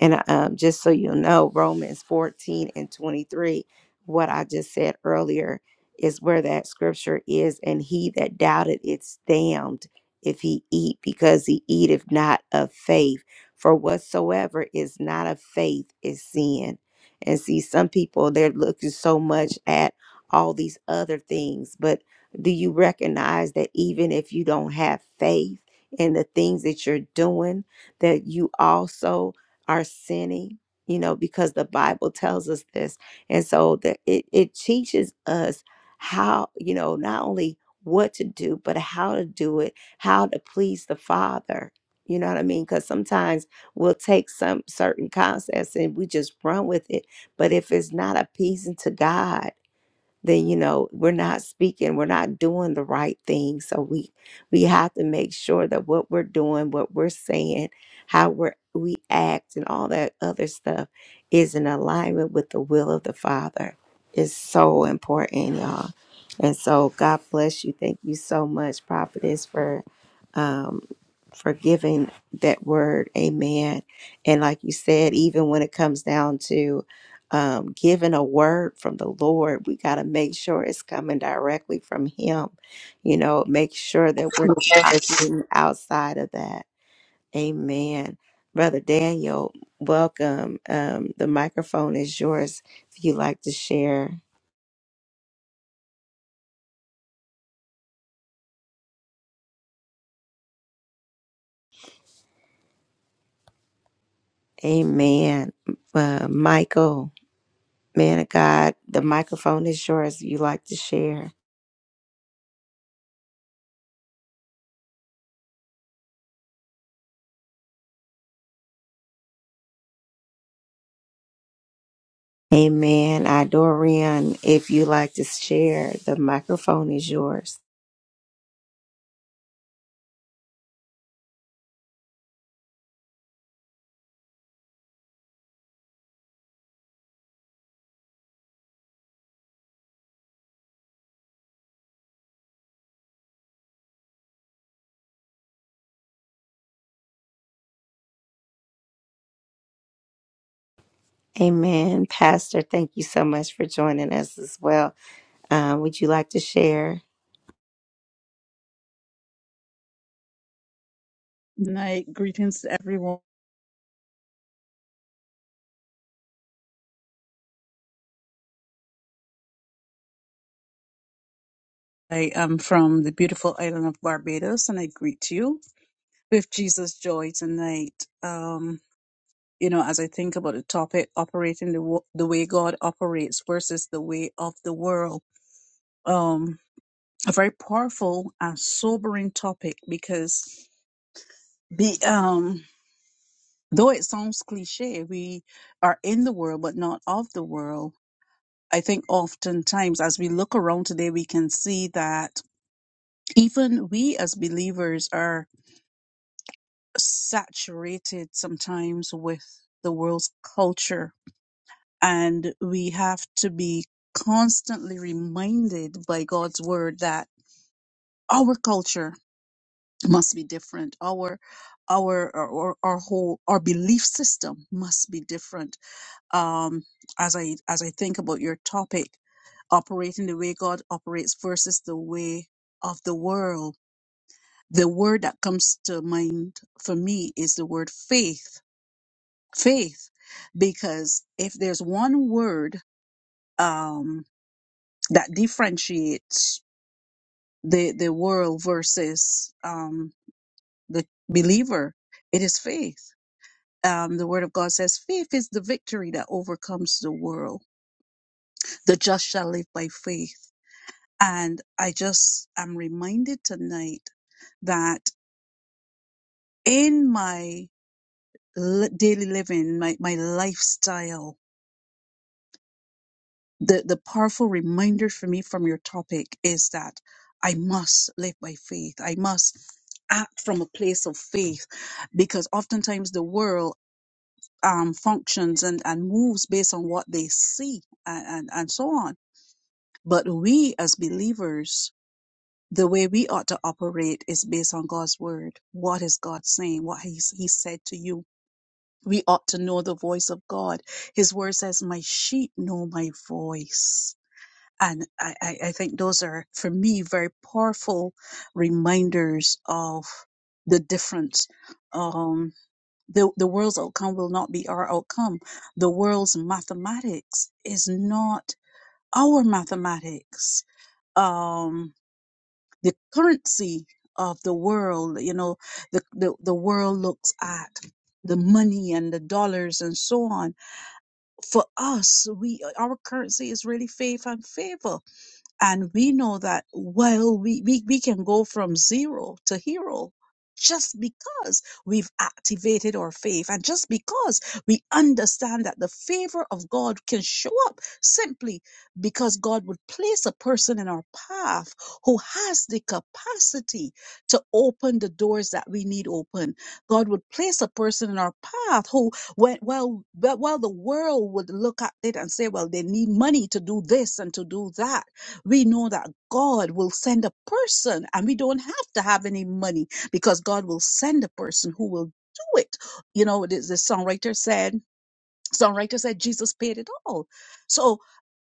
Speaker 1: and um, just so you know, Romans 14 and 23, what I just said earlier is where that scripture is. And he that doubted it's damned if he eat, because he eateth not of faith. For whatsoever is not of faith is sin. And see, some people, they're looking so much at all these other things. But do you recognize that even if you don't have faith in the things that you're doing, that you also are sinning you know because the bible tells us this and so that it, it teaches us how you know not only what to do but how to do it how to please the father you know what i mean because sometimes we'll take some certain concepts and we just run with it but if it's not appeasing to god then you know we're not speaking we're not doing the right thing so we we have to make sure that what we're doing what we're saying how we're we act and all that other stuff is in alignment with the will of the father it's so important y'all and so god bless you thank you so much prophetess for um for giving that word amen and like you said even when it comes down to um, given a word from the Lord, we got to make sure it's coming directly from Him. You know, make sure that we're getting outside of that. Amen. Brother Daniel, welcome. Um, the microphone is yours if you'd like to share. Amen. Uh, Michael, man of God, the microphone is yours if you'd like to share. Amen. I, Dorian, if you would like to share, the microphone is yours. Amen. Pastor, thank you so much for joining us as well. Uh, would you like to share?
Speaker 4: Night greetings to everyone. I am from the beautiful island of Barbados and I greet you with Jesus joy tonight. Um, you know, as I think about the topic, operating the, wo- the way God operates versus the way of the world. Um, a very powerful and sobering topic because the, um, though it sounds cliche, we are in the world, but not of the world. I think oftentimes as we look around today, we can see that even we as believers are saturated sometimes with the world's culture and we have to be constantly reminded by God's word that our culture must be different our our our, our our whole our belief system must be different um as i as i think about your topic operating the way God operates versus the way of the world the word that comes to mind for me is the word faith. Faith, because if there's one word um, that differentiates the the world versus um, the believer, it is faith. Um, the word of God says, "Faith is the victory that overcomes the world. The just shall live by faith." And I just am reminded tonight that in my li- daily living, my my lifestyle the the powerful reminder for me from your topic is that I must live by faith. I must act from a place of faith because oftentimes the world um, functions and, and moves based on what they see and, and, and so on. But we as believers, the way we ought to operate is based on God's word. What is God saying? What he's, he said to you? We ought to know the voice of God. His word says, my sheep know my voice and I, I, I think those are for me very powerful reminders of the difference um the the world's outcome will not be our outcome the world's mathematics is not our mathematics um the currency of the world you know the the, the world looks at the money and the dollars and so on for us we our currency is really faith and favor and we know that well, we, we, we can go from zero to hero just because we've activated our faith and just because we understand that the favor of God can show up simply because God would place a person in our path who has the capacity to open the doors that we need open. God would place a person in our path who, when, well, well, the world would look at it and say, well, they need money to do this and to do that we know that God will send a person and we don't have to have any money because God will send a person who will do it. You know, the, the songwriter said, songwriter said Jesus paid it all. So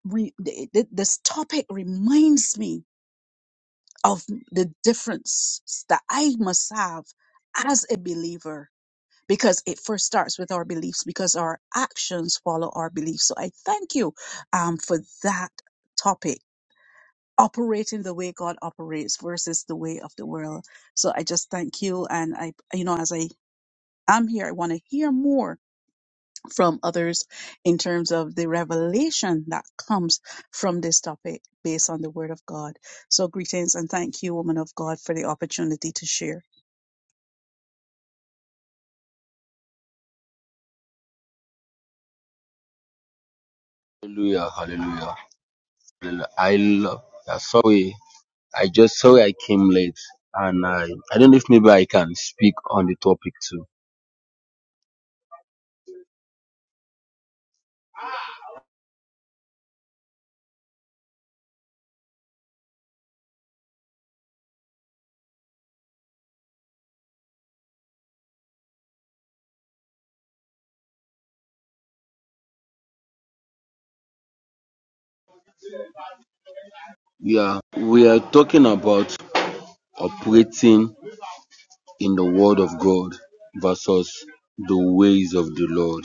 Speaker 4: we, th- th- this topic reminds me of the difference that I must have as a believer because it first starts with our beliefs because our actions follow our beliefs. So I thank you um, for that topic operating the way God operates versus the way of the world. So I just thank you. And I, you know, as I am here, I want to hear more from others in terms of the revelation that comes from this topic based on the word of God. So greetings and thank you, woman of God, for the opportunity to share.
Speaker 5: Hallelujah, hallelujah. hallelujah. I love, yeah, sorry, I just sorry I came late, and I I don't know if maybe I can speak on the topic too. Yeah, we are talking about operating in the Word of God versus the ways of the Lord.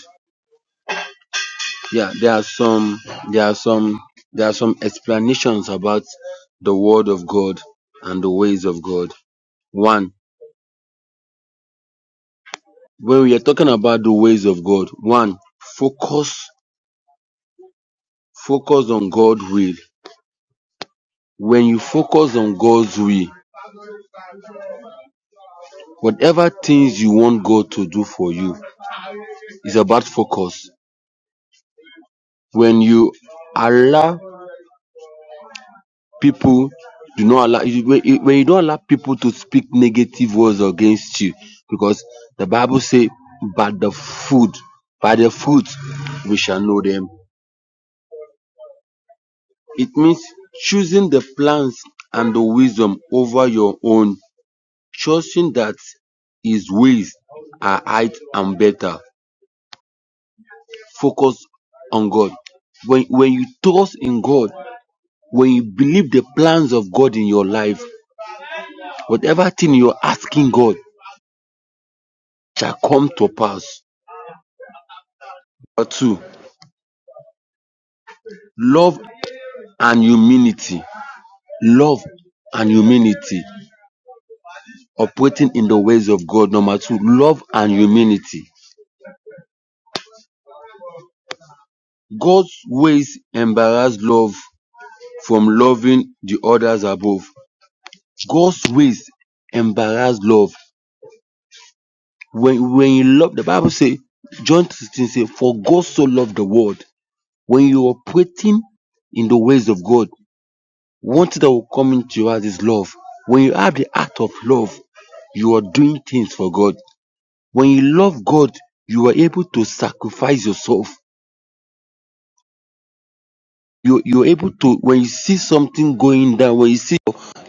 Speaker 5: Yeah, there are some, there are some, there are some explanations about the Word of God and the ways of God. One, when we are talking about the ways of God, one, focus Focus on God's will. When you focus on God's will, whatever things you want God to do for you is about focus. When you allow people, do not allow you- when you when you don't allow people to speak negative words against you, because the Bible says, "By the food, by the fruit, we shall know them." It means choosing the plans and the wisdom over your own Trusting that his ways are higher and better, focus on God. When, when you trust in God, when you believe the plans of God in your life, whatever thing you're asking God shall come to pass. Number two, love and humility. Love and humility. Operating in the ways of God. Number two, love and humility. God's ways embarrass love from loving the others above. God's ways embarrass love. When when you love, the Bible say John 16 say, For God so loved the world. When you are operating in the ways of God, one thing that will come into your heart is love. When you have the act of love, you are doing things for God. When you love God, you are able to sacrifice yourself you you're able to when you see something going down when you see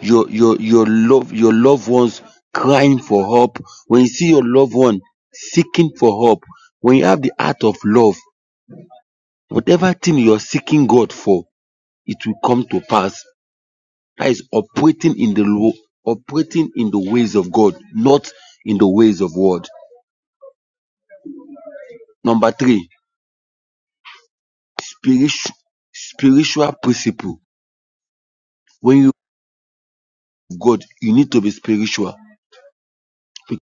Speaker 5: your your your love your loved ones crying for help when you see your loved one seeking for help when you have the heart of love whatever thing you're seeking god for it will come to pass that is operating in the law operating in the ways of god not in the ways of world number three spiritual spiritual principle when you god you need to be spiritual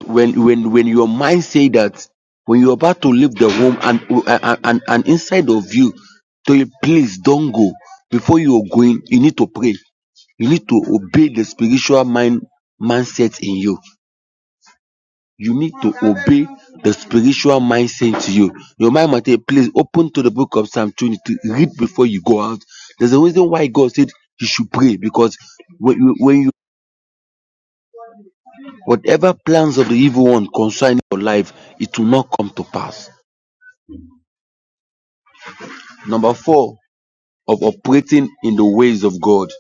Speaker 5: when when when your mind say that when you're about to leave the home and and and, and inside of you tell you please don't go before you are going you need to pray you need to obey the spiritual mind mindset in you you need to obey the spiritual mindset to you your mind might say please open to the book of psalm 22 read before you go out there's a reason why god said you should pray because when you, when you whatever plans of the evil one concerning your life it will not come to pass Number four, of operating in the ways of God.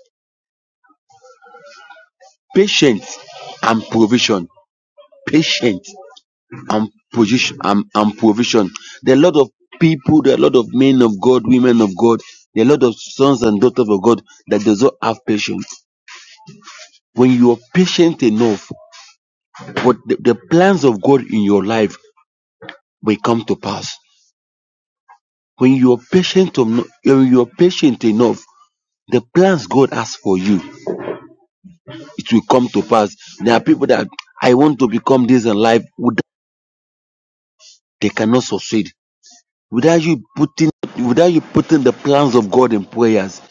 Speaker 5: Patience and provision. Patience and position and, and provision. There are a lot of people, there are a lot of men of God, women of God, there are a lot of sons and daughters of God that does not have patience. When you are patient enough, what the, the plans of God in your life will come to pass. When you are patient, when you are patient enough, the plans God has for you it will come to pass. There are people that I want to become this in life without they cannot succeed. Without you putting without you putting the plans of God in prayers.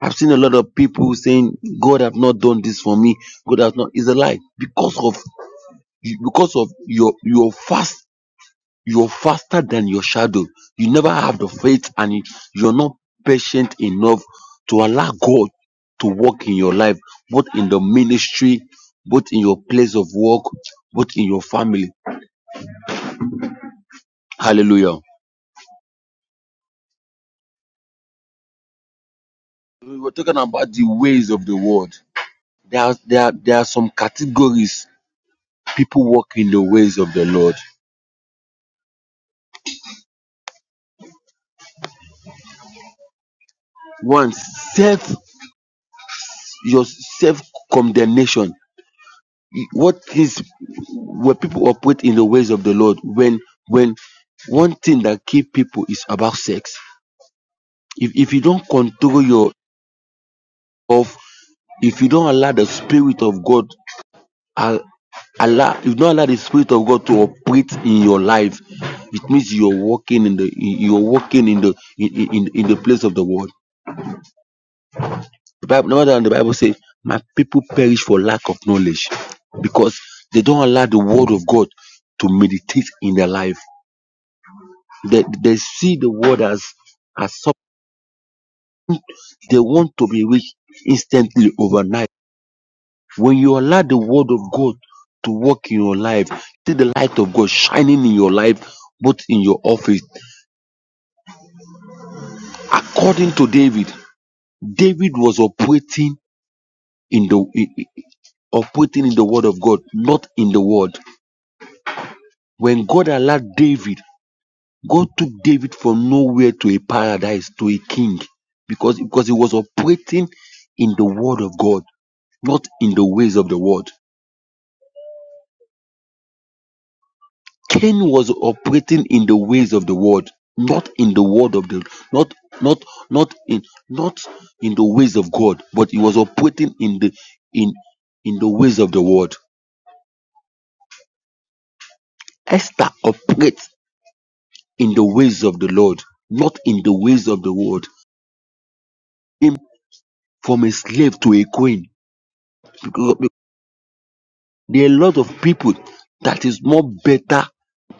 Speaker 5: I've seen a lot of people saying, God have not done this for me. God has not It's a lie. Because of because of your your fast You're faster than your shadow. You never have the faith and you- you're not patient enough to allow God to work in your life, both in the ministry, both in your place of work, both in your family. Hallelujah. We were talking about the ways of the world. There are, there are, there are some categories people walk in the ways of the Lord. One, self, your self condemnation what is where people operate in the ways of the Lord when when one thing that keep people is about sex. If if you don't control your of if you don't allow the spirit of God al- allow if you don't allow the spirit of God to operate in your life, it means you're walking in the you're walking in the in, in, in the place of the world. The Bible no wonder the Bible says, My people perish for lack of knowledge because they don't allow the word of God to meditate in their life They, they see the world as, as something they want to be rich instantly overnight. When you allow the word of God to work in your life, see the light of God shining in your life, both in your office. According to David, David was operating in the i- i- operating in the word of God, not in the world. When God allowed David, God took David from nowhere to a paradise, to a king, because because he was operating in the word of God. not in the ways of the world. Cain was operating in the ways of the world, not in the word of the not not not in not in the ways of God, but he was operating in the in in the ways of the world. Esther operates in the ways of the Lord, not in the ways of the world. Him from a slave to a queen. Because there are a lot of people that is more better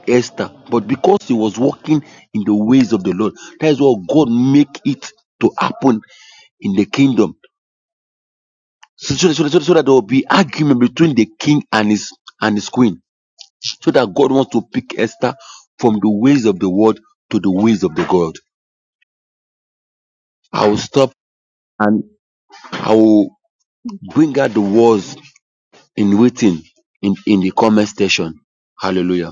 Speaker 5: Esther, but because he was walking in the ways of the Lord, that is what God make it to happen in the kingdom. So, so, so, so- so that there will be argument between the king and his and his queen. So that God wants to pick Esther from the ways of the world to the ways of the God. I will stop and I will bring out the words in waiting in, in the comment section. Hallelujah.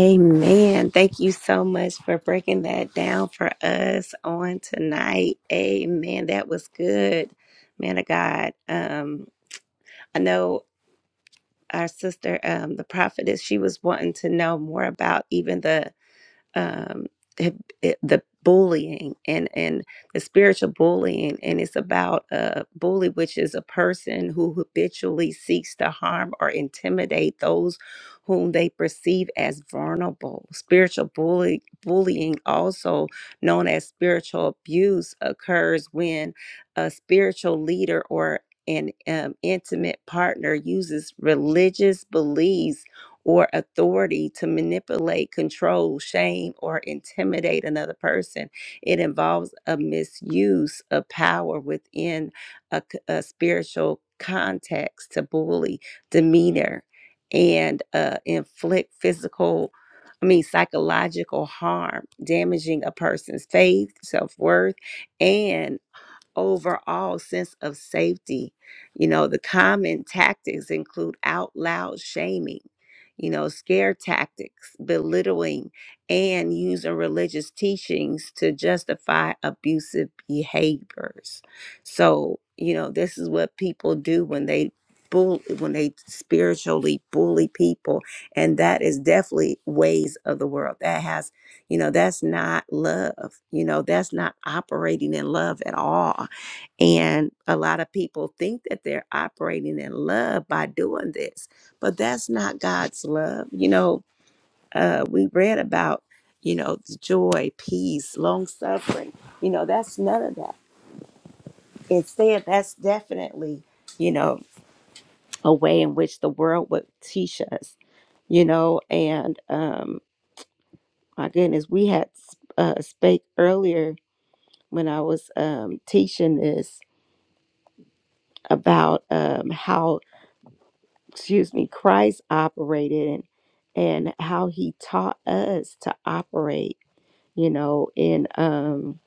Speaker 1: Amen. Thank you so much for breaking that down for us on tonight. Amen. That was good, man of God. Um, I know our sister, um, the prophetess, she was wanting to know more about even the um, the bullying and and the spiritual bullying, and it's about a bully, which is a person who habitually seeks to harm or intimidate those whom they perceive as vulnerable. Spiritual bully, bullying, also known as spiritual abuse, occurs when a spiritual leader or an um, intimate partner uses religious beliefs or authority to manipulate, control, shame, or intimidate another person. It involves a misuse of power within a, c- a spiritual context to bully, demeanor, and uh, inflict physical. I mean, psychological harm, damaging a person's faith, self worth, and overall sense of safety. You know, the common tactics include out loud shaming, you know, scare tactics, belittling, and using religious teachings to justify abusive behaviors. So, you know, this is what people do when they bull when they spiritually bully people and that is definitely ways of the world that has you know that's not love you know that's not operating in love at all and a lot of people think that they're operating in love by doing this, but that's not God's love. You know, uh, we read about, you know, joy, peace, long suffering. You know, that's none of that. Instead, that's definitely, you know, a way in which the world would teach us, you know, and um, my goodness, we had uh, spake earlier when I was um, teaching this about um, how excuse me, Christ operated and and how he taught us to operate, you know, in um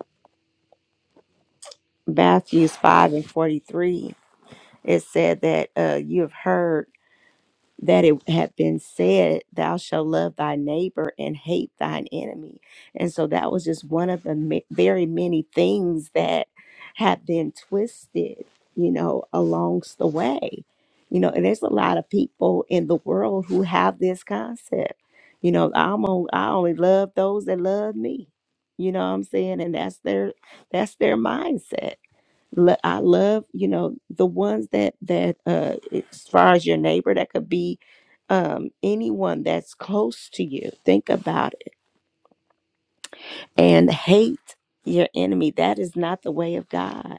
Speaker 1: Matthews 5 and 43, it said that uh you have heard that it had been said, Thou shalt love thy neighbor and hate thine enemy. And so that was just one of the ma- very many things that have been twisted, you know, alongs the way. You know, and there's a lot of people in the world who have this concept. You know, I'm on, I only love those that love me. You know what I'm saying? And that's their that's their mindset lo- I love, you know, the ones that that uh as far as your neighbor that could be um anyone that's close to you. Think about it and hate your enemy. That is not the way of God.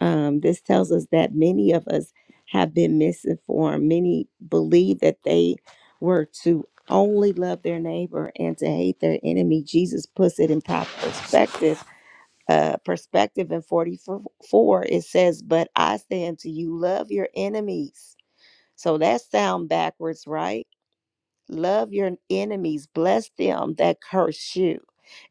Speaker 1: Um this tells us that many of us have been misinformed. Many believe that they were to only love their neighbor and to hate their enemy. Jesus puts it in proper perspective uh, perspective in 44, it says, But I say unto you, love your enemies. So that sound backwards, right? Love your enemies, bless them that curse you,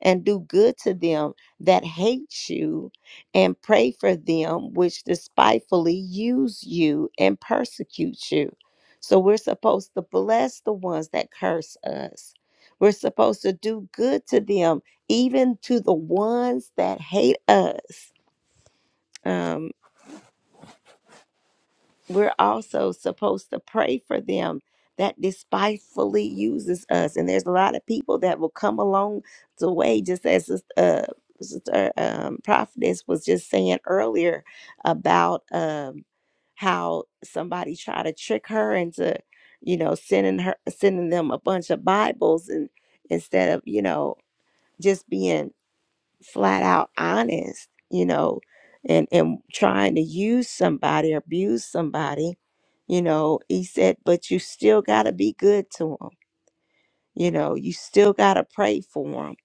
Speaker 1: and do good to them that hate you, and pray for them which despitefully use you and persecute you. So we're supposed to bless the ones that curse us. We're supposed to do good to them, even to the ones that hate us. Um, we're also supposed to pray for them that despitefully uses us. And there's a lot of people that will come along the way, just as this, uh, Sister um, Prophetess was just saying earlier about um, how somebody tried to trick her into, you know, sending her sending them a bunch of Bibles and instead of you know just being flat out honest, you know, and and trying to use somebody or abuse somebody, you know, he said, but you still got to be good to them. You know, you still got to pray for them,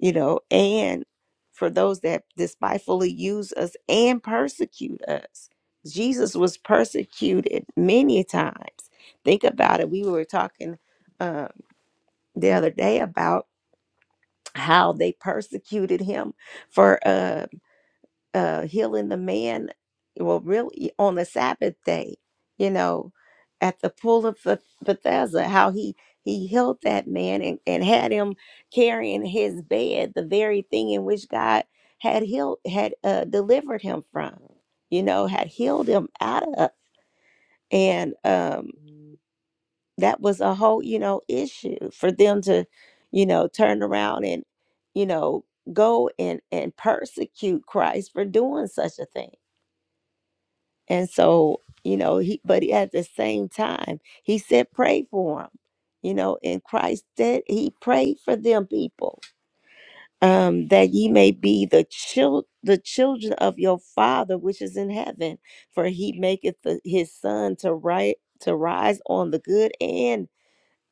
Speaker 1: you know, and for those that despitefully use us and persecute us. Jesus was persecuted many times. Think about it. We were talking uh, the other day about how they persecuted him for uh uh, healing the man, well, really on the Sabbath day, you know, at the pool of Beth- Bethesda, how he he healed that man and, and had him carrying his bed, the very thing in which God had healed had uh, delivered him from, you know, had healed him out of, and um, that was a whole you know issue for them to, you know, turn around and you know go and and persecute Christ for doing such a thing and so, you know, he but he- at the same time, he said pray for him. You know, in Christ did he prayed for them people, um, that ye may be the child the children of your father which is in heaven, for he maketh the, his son to right to rise on the good and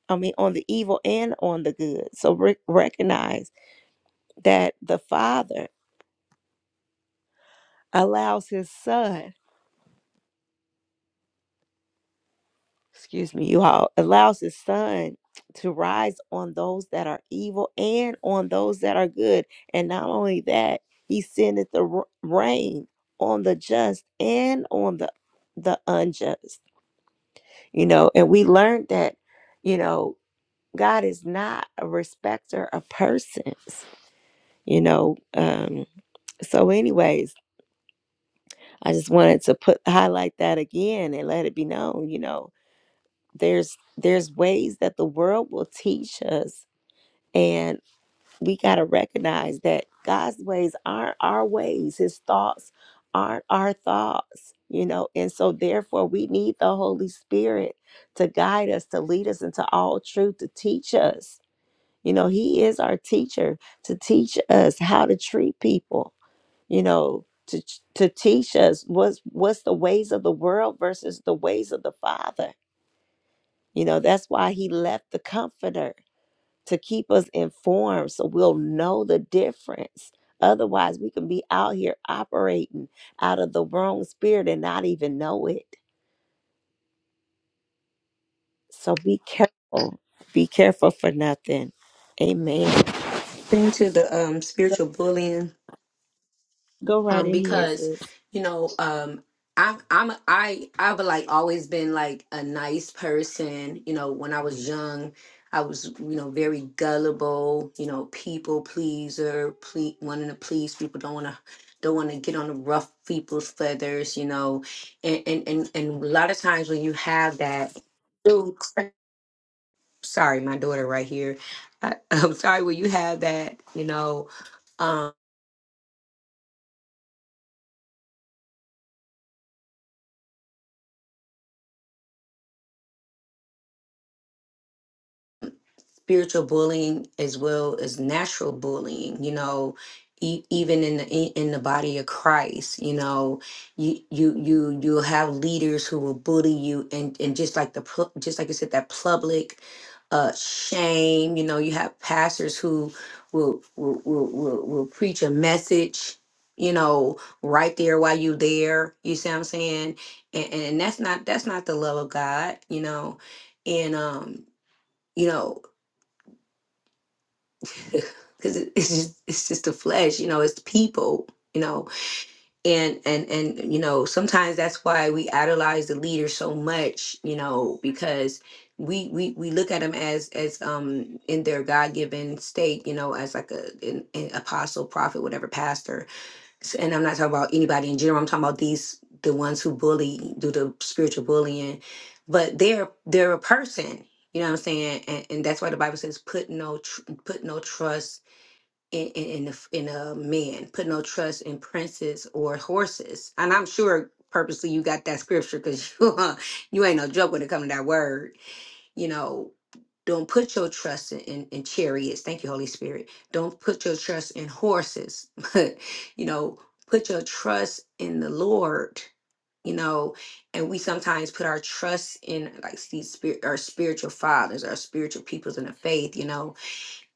Speaker 1: I mean on the evil and on the good. So re- recognize that the father allows his son excuse me, you all, allows his sun to rise on those that are evil and on those that are good. And not only that, he sendeth the r- rain on the just and on the the unjust. You know, and we learned that, you know, God is not a respecter of persons, you know. Um, so anyways, I just wanted to put highlight that again and let it be known, you know, there's there's ways that the world will teach us and we got to recognize that God's ways aren't our ways his thoughts aren't our thoughts you know and so therefore we need the holy spirit to guide us to lead us into all truth to teach us you know he is our teacher to teach us how to treat people you know to to teach us what's what's the ways of the world versus the ways of the father you know, that's why he left the comforter to keep us informed so we'll know the difference. Otherwise, we can be out here operating out of the wrong spirit and not even know it. So be careful. Be careful for nothing. Amen.
Speaker 3: thing to the um spiritual bullying
Speaker 1: Go right
Speaker 3: um
Speaker 1: ahead,
Speaker 3: because
Speaker 1: sis.
Speaker 3: you know um I, I'm I I've like always been like a nice person. You know, when I was young, I was you know very gullible. You know, people pleaser, ple- wanting to please people, don't want to don't want to get on the rough people's feathers. You know, and and and and a lot of times when you have that, sorry, my daughter right here. I, I'm sorry when you have that, you know. um, spiritual bullying as well as natural bullying you know e- even in the in in the body of Christ you know you you you you'll have leaders who will bully you and and just like the pu- just like you said that public uh shame you know you have pastors who will will will, will, will preach a message you know right there while you there you see what i'm saying and, and that's not that's not the love of god you know and um you know because it, it's just it's just the flesh you know it's the people you know and and and you know sometimes that's why we idolize the leader so much you know because we we, we look at them as as um in their god-given state you know as like a an, an apostle prophet whatever pastor S- and i'm not talking about anybody in general i'm talking about these the ones who bully do the spiritual bullying but they're they're a person you know what i'm saying and, and that's why the bible says put no tr- put no trust in in in, the, in a man. Put no trust in princes or horses. And I'm sure purposely you got that scripture because you you ain't no joke when it comes to that word. You know, don't put your trust in, in, in chariots. Thank you, Holy Spirit. Don't put your trust in horses. But you know, put your trust in the Lord. You know, and we sometimes put our trust in like these spirit, our spiritual fathers, our spiritual peoples in the faith. You know,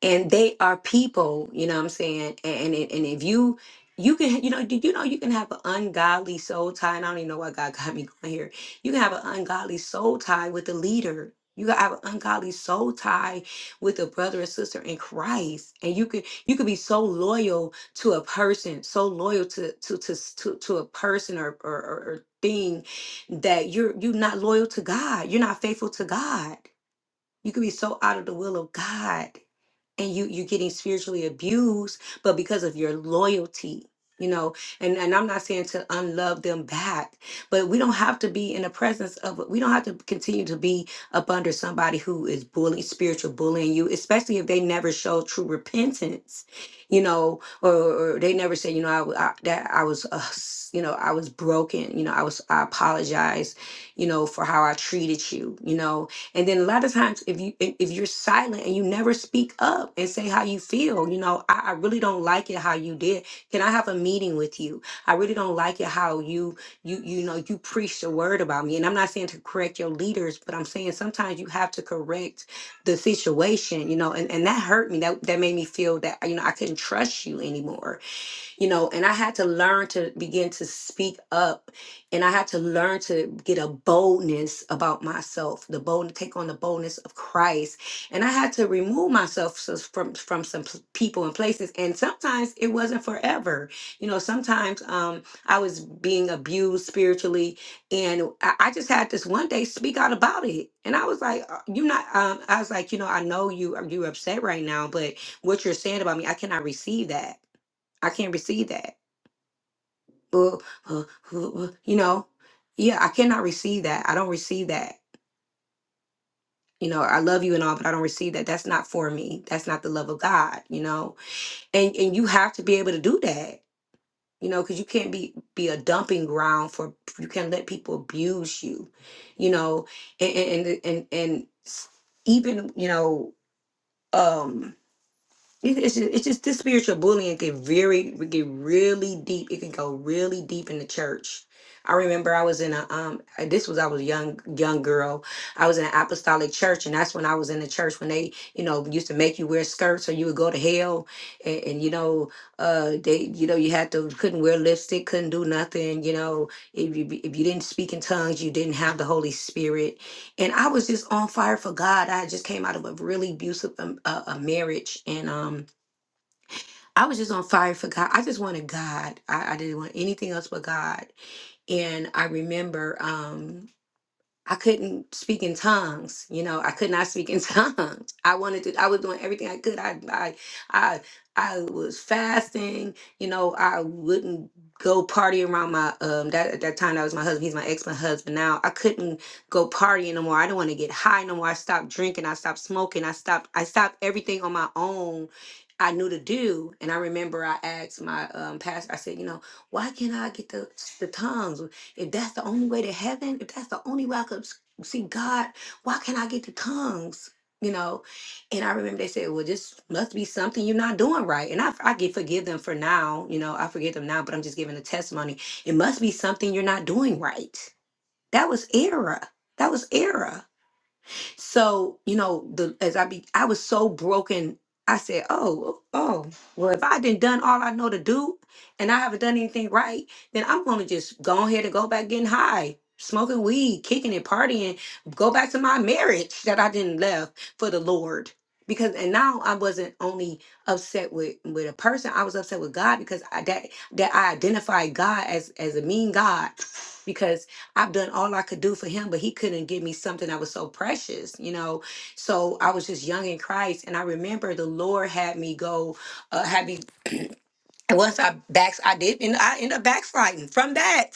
Speaker 3: and they are people you know what i'm saying and and, and if you you can you know did you know you can have an ungodly soul tie and i don't even know why god got me going here you can have an ungodly soul tie with a leader you can have an ungodly soul tie with a brother or sister in christ and you could you could be so loyal to a person so loyal to to to to, to a person or, or or or thing that you're you're not loyal to god you're not faithful to god you could be so out of the will of God and you you're getting spiritually abused, but because of your loyalty, you know, and, and I'm not saying to unlove them back, but we don't have to be in the presence of we don't have to continue to be up under somebody who is bullying, spiritual bullying you, especially if they never show true repentance, you know, or, or they never say, you know, I, w- I- that I was, uh, s- you know, I was broken, you know, I was, I apologize, you know, for how I treated you, you know, and then a lot of times, if you if if you're silent and you never speak up and say how you feel, you know, I, I really don't like it how you did. Can I have a meeting with you? I really don't like it how you you you know you preach the word about me. And I'm not saying to correct your leaders, but I'm saying sometimes you have to correct the situation, you know. And and that hurt me. That that made me feel that you know I couldn't trust you anymore you know, and I had to learn to begin to speak up and I had to learn to get a boldness about myself, the bold take on the boldness of Christ. And I had to remove myself so- from from some p- people and places and sometimes it wasn't forever. You know, sometimes um I was being abused spiritually and I, I just had this one day speak out about it. And I was like, "Uh, you're not um I was like, you know, I know you are you're upset right now, but what you're saying about me, I cannot receive that. I can't receive that. Uh, uh, uh, uh, you know, yeah, I cannot receive that. I don't receive that. You know, I love you and all, but I don't receive that. That's not for me. That's not the love of God. You know, and and you have to be able to do that. You know, because you can't be be a dumping ground for. You can't let people abuse you. You know, and and and and, and s- even you know. um It- It's just, it's just this spiritual bullying can very it get really deep. It can go really deep in the church. I remember I was in a um uh, this was I was a young young girl. I was in an apostolic church, and that's when I was in the church when they you know used to make you wear skirts or you would go to hell, and, and you know uh they you know you had to couldn't wear lipstick, couldn't do nothing. You know if you if you didn't speak in tongues, you didn't have the Holy Spirit and I was just on fire for God. I had just came out of a really abusive um, uh, a marriage, and um, I was just on fire for God. I just wanted God. I, I didn't want anything else but God. And I remember, um, I couldn't speak in tongues. You know, I could not speak in tongues. I wanted to. I was doing everything I could. I, I, I, I was fasting. You know, I wouldn't go party around my um that at that time that was my husband. He's my ex my husband now. I couldn't go partying no more. I didn't want to get high no more. I stopped drinking. I stopped smoking. I stopped. I stopped everything on my own. I knew to do, and I remember I asked my um, pastor. I said, "You know, why can't I get the the tongues? If that's the only way to heaven, if that's the only way I could s- see God, why can't I get the tongues? You know, and I remember they said, "Well, this must be something you're not doing right." And I, I get forgive them for now. You know, I forgive them now, but I'm just giving a testimony. It must be something you're not doing right. That was error. That was error so, you know, the as I be I was so broken, I said, Oh, oh, well, if I didn't done all I know to do and I haven't done anything right, then I'm gonna just go ahead and go back getting high, smoking weed, kicking and partying, go back to my marriage that I didn't left for the Lord. Because and now I wasn't only upset with with a person, I was upset with God because I that that I identified God as as a mean God I've done all I could do for him, but he couldn't give me something that was so precious, you know. So I was just young in Christ, and I remember the Lord had me go, uh, had me and once I backs, I did, and I ended up backsliding from that,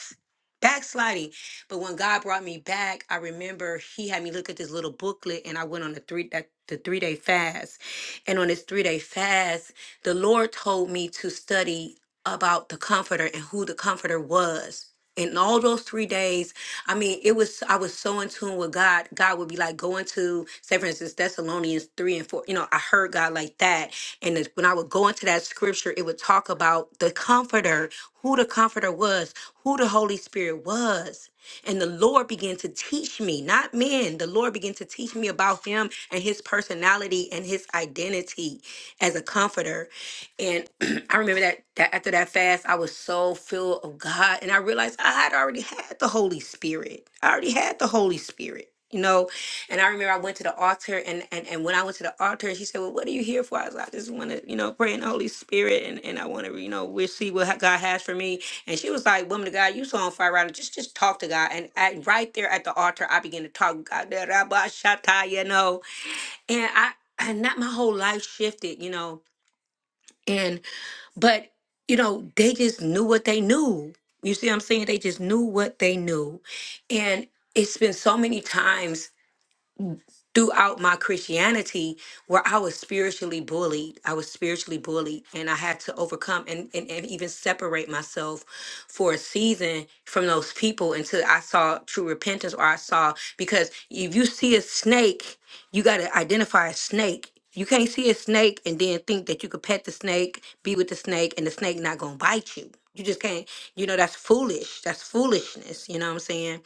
Speaker 3: backsliding. But when God brought me back, I remember He had me look at this little booklet, and I went on a three that the three day fast. And on this three day fast, the Lord told me to study about the Comforter and who the Comforter was. And all those three days, I mean, it was I was so in tune with God. God would be like going to, say for instance, Thessalonians three and four. You know, I heard God like that and it- when I would go into that scripture, it would talk about the comforter, who the comforter was, who the Holy Spirit was. And the Lord began to teach me, not men, the Lord began to teach me about him and his personality and his identity as a comforter. And I remember that, that after that fast, I was so filled of God. And I realized I had already had the Holy Spirit. I already had the Holy Spirit. You know, and I remember I went to the altar, and and, and when I went to the altar, she said, "Well, what are you here for?" I was like, "I just want to, you know, pray in the Holy Spirit, and and I want to, you know, we see what ha- God has for me." And she was like, "Woman of God, you so on fire right now. Just just talk to God." And at, right there at the altar, I began to talk. God, da- da- ba- sha- ta, you know, and I and not my whole life shifted, you know, and but you know they just knew what they knew. You see, what I'm saying they just knew what they knew, and it's been so many times throughout my Christianity where I was spiritually bullied. I was spiritually bullied and I had to overcome and, and, and even separate myself for a season from those people until I saw true repentance or I saw because if you see a snake, you gotta identify a snake. You can't see a snake and then think that you could pet the snake, be with the snake, and the snake not gonna bite you. You just can't, you know, that's foolish. That's foolishness. You know what I'm saying?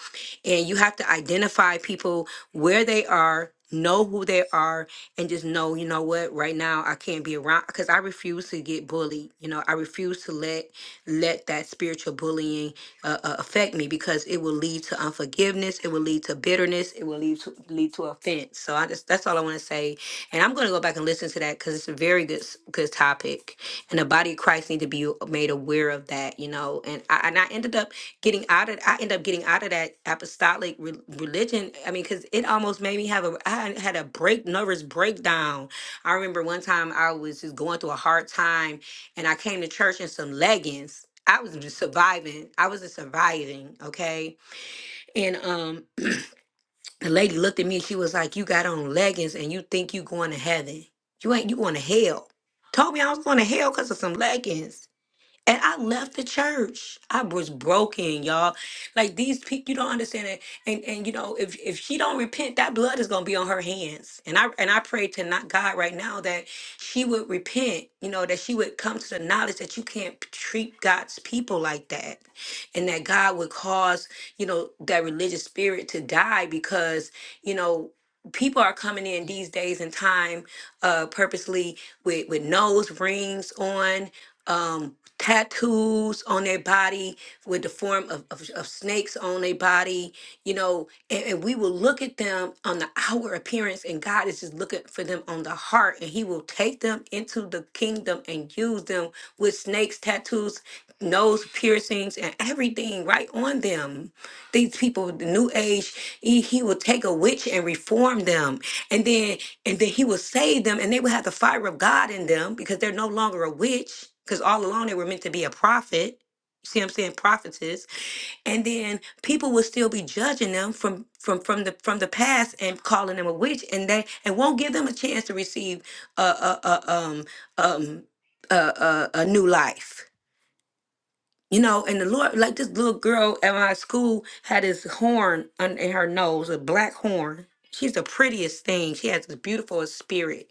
Speaker 3: And you have to identify people where they are, know who they are, and just know, you know what, right now I can't be around because I refuse to get bullied. You know, I refuse to let let that spiritual bullying uh, uh, affect me because it will lead to unforgiveness, it will lead to bitterness, it will lead to lead to offense. So I just that's all I want to say, and I'm going to go back and listen to that because it's a very good s- good topic, and the body of Christ need to be made aware of that, you know. And I and I ended up getting out of I end up getting out of that apostolic re- religion. I mean, because it almost made me have a I had had a break nervous breakdown. I remember one time I was just going through a hard time, and I came to church in some leggings. I was just surviving. I was a surviving, okay. And um, the lady looked at me. and She was like, "You got on leggings, and you think you going to heaven? You ain't. You going to hell." Told me I was going to hell because of some leggings. And I left the church. I was broken, y'all. Like these people, you don't understand it. And and you know, if if she don't repent, that blood is gonna be on her hands. And I and I pray to not God right now that she would repent. You know, that she would come to the knowledge that you can't p- treat God's people like that, and that God would cause you know that religious spirit to die because you know people are coming in these days and time uh purposely with with nose rings on. Um, tattoos on their body with the form of, of, of snakes on their body, you know, and, and we will look at them on the outward appearance, and God is just looking for them on the heart, and He will take them into the kingdom and use them with snakes, tattoos, nose piercings, and everything right on them. These people, with the new age, He, he will take a witch and reform them, and then and then he would save them and they would have the fire of god in them because they're no longer a witch because all along they were meant to be a prophet you see what i'm saying prophetess and then people would still be judging them from from from the from the past and calling them a witch and they and won't give them a chance to receive a a, a um um a, a, a new life you know, and the Lord, like this little girl at my school had this horn on, in her nose, a black horn. She's the prettiest thing. She has the beautiful spirit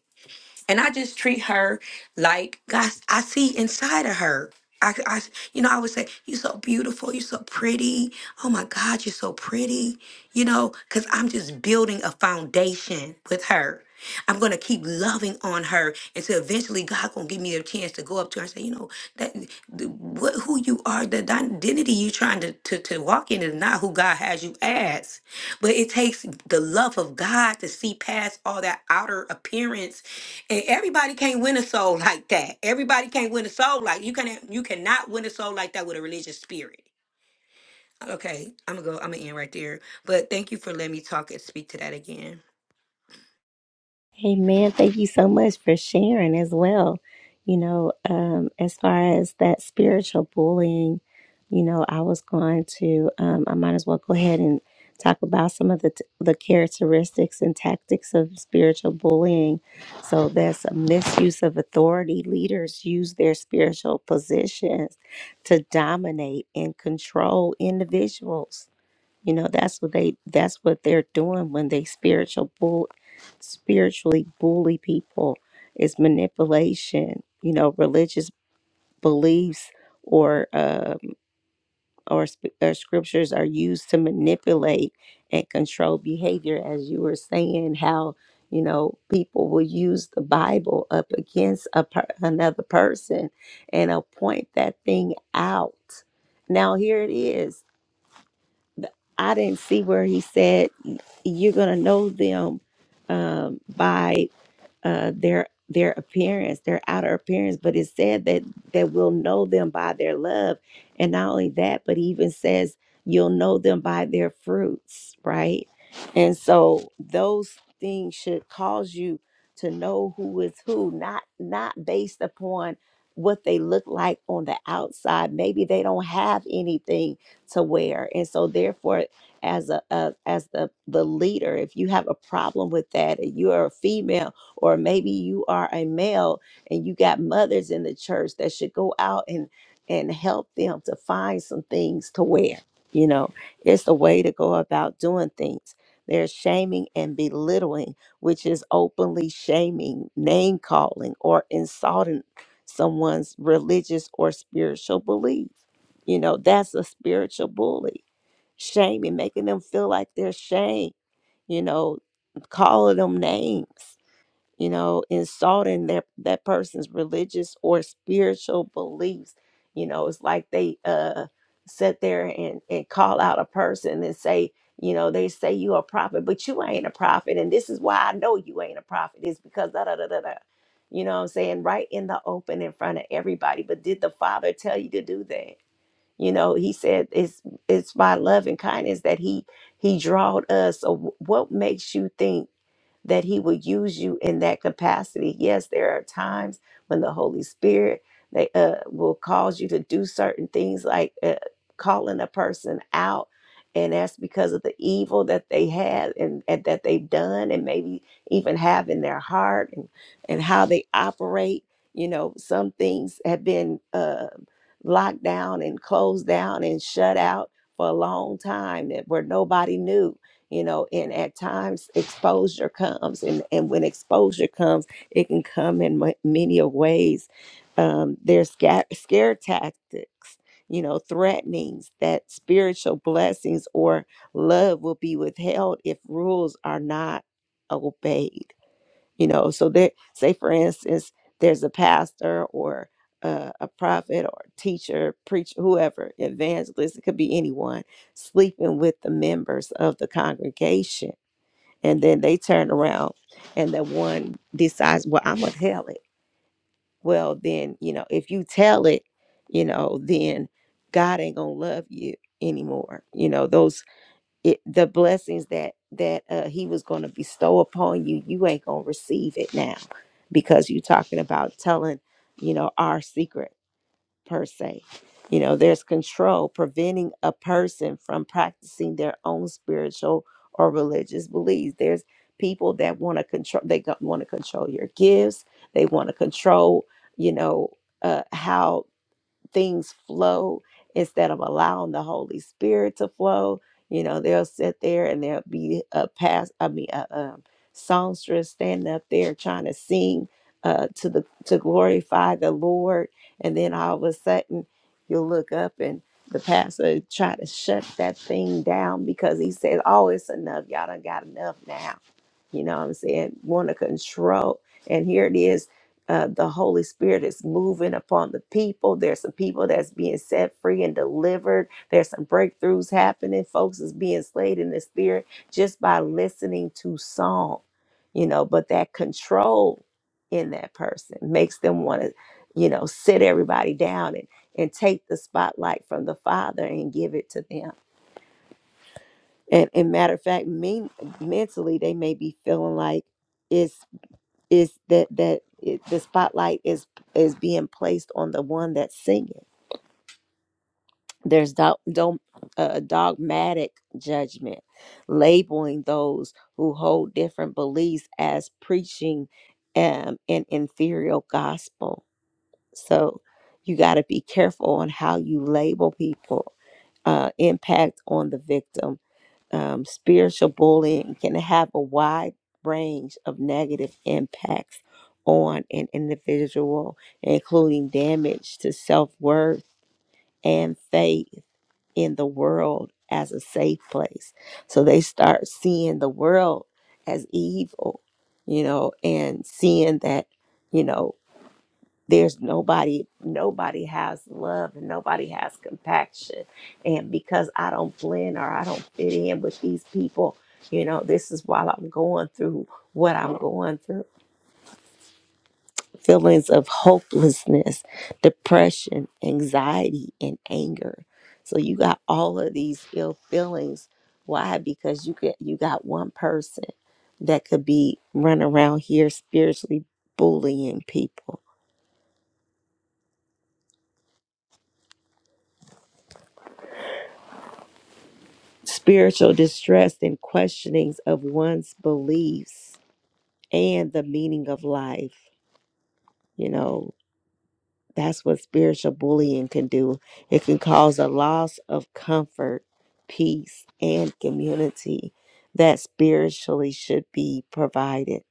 Speaker 3: and I just treat her like God. I see inside of her. I, I, you know, I would say, "You're so beautiful. You're so pretty. Oh my God, you're so pretty." You know, because I'm just building a foundation with her. I'm gonna keep loving on her until eventually God gonna give me a chance to go up to her and say, "You know, that the, what who you are, the identity you're trying to, to to walk in is not who God has you as." But it takes the love of God to see past all that outer appearance and everybody can't win a soul like that. Everybody can't win a soul like you can you cannot win a soul like that with a religious spirit. Okay, I'm gonna go. I'm gonna end right there. But thank you for letting me talk and speak to that again.
Speaker 1: Amen. Thank you so much for sharing as well. You know, um, as far as that spiritual bullying, you know, I was going to, um, I might as well go ahead and talk about some of the t- the characteristics and tactics of spiritual bullying. So that's a misuse of authority. Leaders use their spiritual positions to dominate and control individuals you know, that's what they that's what they're doing when they spiritual bull spiritually bully people is manipulation, you know, religious beliefs or um, or, sp- or scriptures are used to manipulate and control behavior as you were saying how you know people will use the bible up against a per- another person and uh, point that thing out now here it is I didn't see where he said you're gonna know them um, by uh, their their appearance, their outer appearance, but it said that that we'll know them by their love, and not only that, but he even says you'll know them by their fruits, right? And so those things should cause you to know who is who, not not based upon what they look like on the outside. Maybe they don't have anything to wear, and so therefore as a, a as the the leader if you have a problem with that and you are a female or maybe you are a male and you got mothers in the church that should go out and and help them to find some things to wear you know it's the way to go about doing things there's shaming and belittling which is openly shaming name calling or insulting someone's religious or spiritual belief you know that's a spiritual bully shaming making them feel like they're shamed you know calling them names you know, insulting that that person's religious or spiritual beliefs. You know, it's like they uh sit there and and call out a person and say, you know, they say you a prophet, but you ain't a prophet, and this is why I know you ain't a prophet is because da da da da da. You know what I'm saying? Right in the open in front of everybody. But did the father tell you to do that? You know, he said it's it's by love and kindness that he he drawed us. So wh- what makes you think? that he will use you in that capacity. Yes, there are times when the Holy Spirit they, uh, will cause you to do certain things like uh, calling a person out. And that's because of the evil that they had and, and that they've done, and maybe even have in their heart and, and how they operate. You know, some things have been uh, locked down and closed down and shut out for a long time that where nobody knew you know and at times exposure comes and and when exposure comes it can come in ma- many of ways um there's sca- scare tactics you know threatenings that spiritual blessings or love will be withheld if rules are not obeyed you know so there say for instance there's a pastor or uh, a prophet or teacher preacher whoever evangelist it could be anyone sleeping with the members of the congregation and then they turn around and the one decides well i'm gonna tell it well then you know if you tell it you know then god ain't gonna love you anymore you know those it, the blessings that that uh, he was going to bestow upon you you ain't going to receive it now because you're talking about telling you know our secret per se you know there's control preventing a person from practicing their own spiritual or religious beliefs there's people that want to control they want to control your gifts they want to control you know uh, how things flow instead of allowing the Holy Spirit to flow. You know, they'll sit there and there'll be a past, I mean, a, um songstress standing up there trying to sing uh, to the to glorify the Lord, and then all of a sudden you'll look up and the pastor try to shut that thing down because he said, "Oh, it's enough. Y'all done got enough now." You know what I'm saying? Want to control, and here it is uh, the Holy Spirit is moving upon the people. There's some people that's being set free and delivered. There's some breakthroughs happening. Folks is being slayed in the spirit just by listening to song, you know. But that control in that person makes them want to, you know, sit everybody down and and take the spotlight from the Father and give it to them. And, and matter of fact, me mentally they may be feeling like. it's is that that it, the spotlight is is being placed on the one that's singing there's do, dom- uh, dogmatic judgment labeling those who hold different beliefs as preaching um, an inferior gospel so you got to be careful on how you label people uh, impact on the victim um, spiritual bullying can have a wide range of negative impacts on an individual, including damage to self worth and faith in the world as a safe place. So they start seeing the world as evil, you know, and seeing that, you know, there's nobody nobody has love and nobody has compassion and because i don't blend or i don't fit in with these people you know this is while i'm going through what i'm going through feelings of hopelessness depression anxiety and anger so you got all of these ill feelings why because you get you got one person that could be running around here spiritually bullying people spiritual distress and questionings of one's beliefs and the meaning of life. You know, that's what spiritual bullying can do. It can cause a loss of comfort, peace, and community that spiritually should be provided.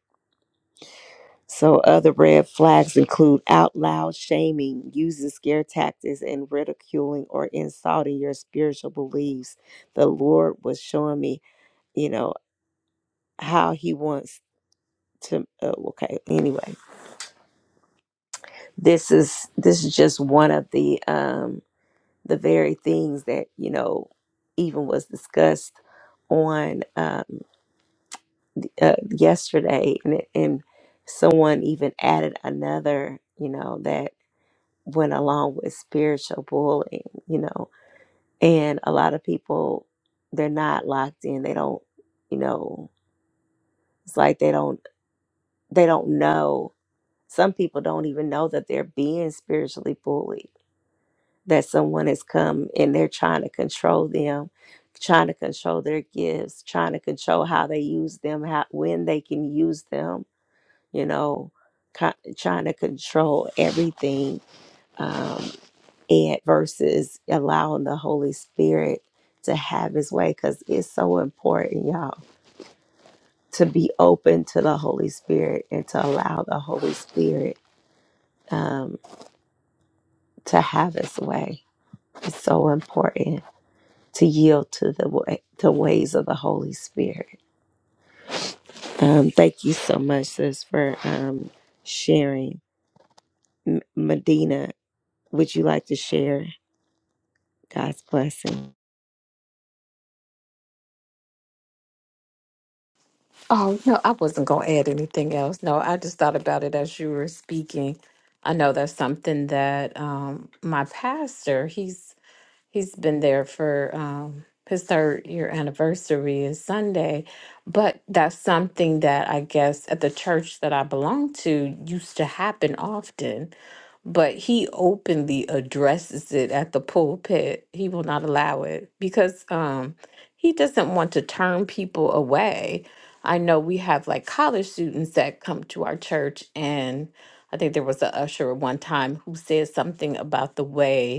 Speaker 1: So, other red flags include out loud shaming, using scare tactics, and ridiculing or insulting your spiritual beliefs. The Lord was showing me, you know, how He wants to uh, okay anyway this is this is just one of the um the very things that you know even was discussed on um uh, yesterday and it, and someone even added another you know that went along with spiritual bullying you know and a lot of people they're not locked in they don't you know it's like they don't they don't know some people don't even know that they're being spiritually bullied that someone has come and they're trying to control them, trying to control their gifts, trying to control how they use them, how, when they can use them, you know, co- trying to control everything. Um, and versus allowing the Holy Spirit to have his way because it's so important, y'all, to be open to the Holy Spirit and to allow the Holy Spirit um, to have his way. It's so important to yield to the way, the ways of the Holy Spirit. Um, thank you so much, sis, for um, sharing. M- Medina, would you like to share God's blessing?
Speaker 6: Oh, no, I wasn't going to add anything else. No, I just thought about it as you were speaking. I know that's something that um, my pastor, he's He's been there for um, his third year anniversary is Sunday. But that's something that I guess at the church that I belong to used to happen often. But he openly addresses it at the pulpit. He will not allow it because um, he doesn't want to turn people away. I know we have like college students that come to our church, and I think there was a usher at one time who said something about the way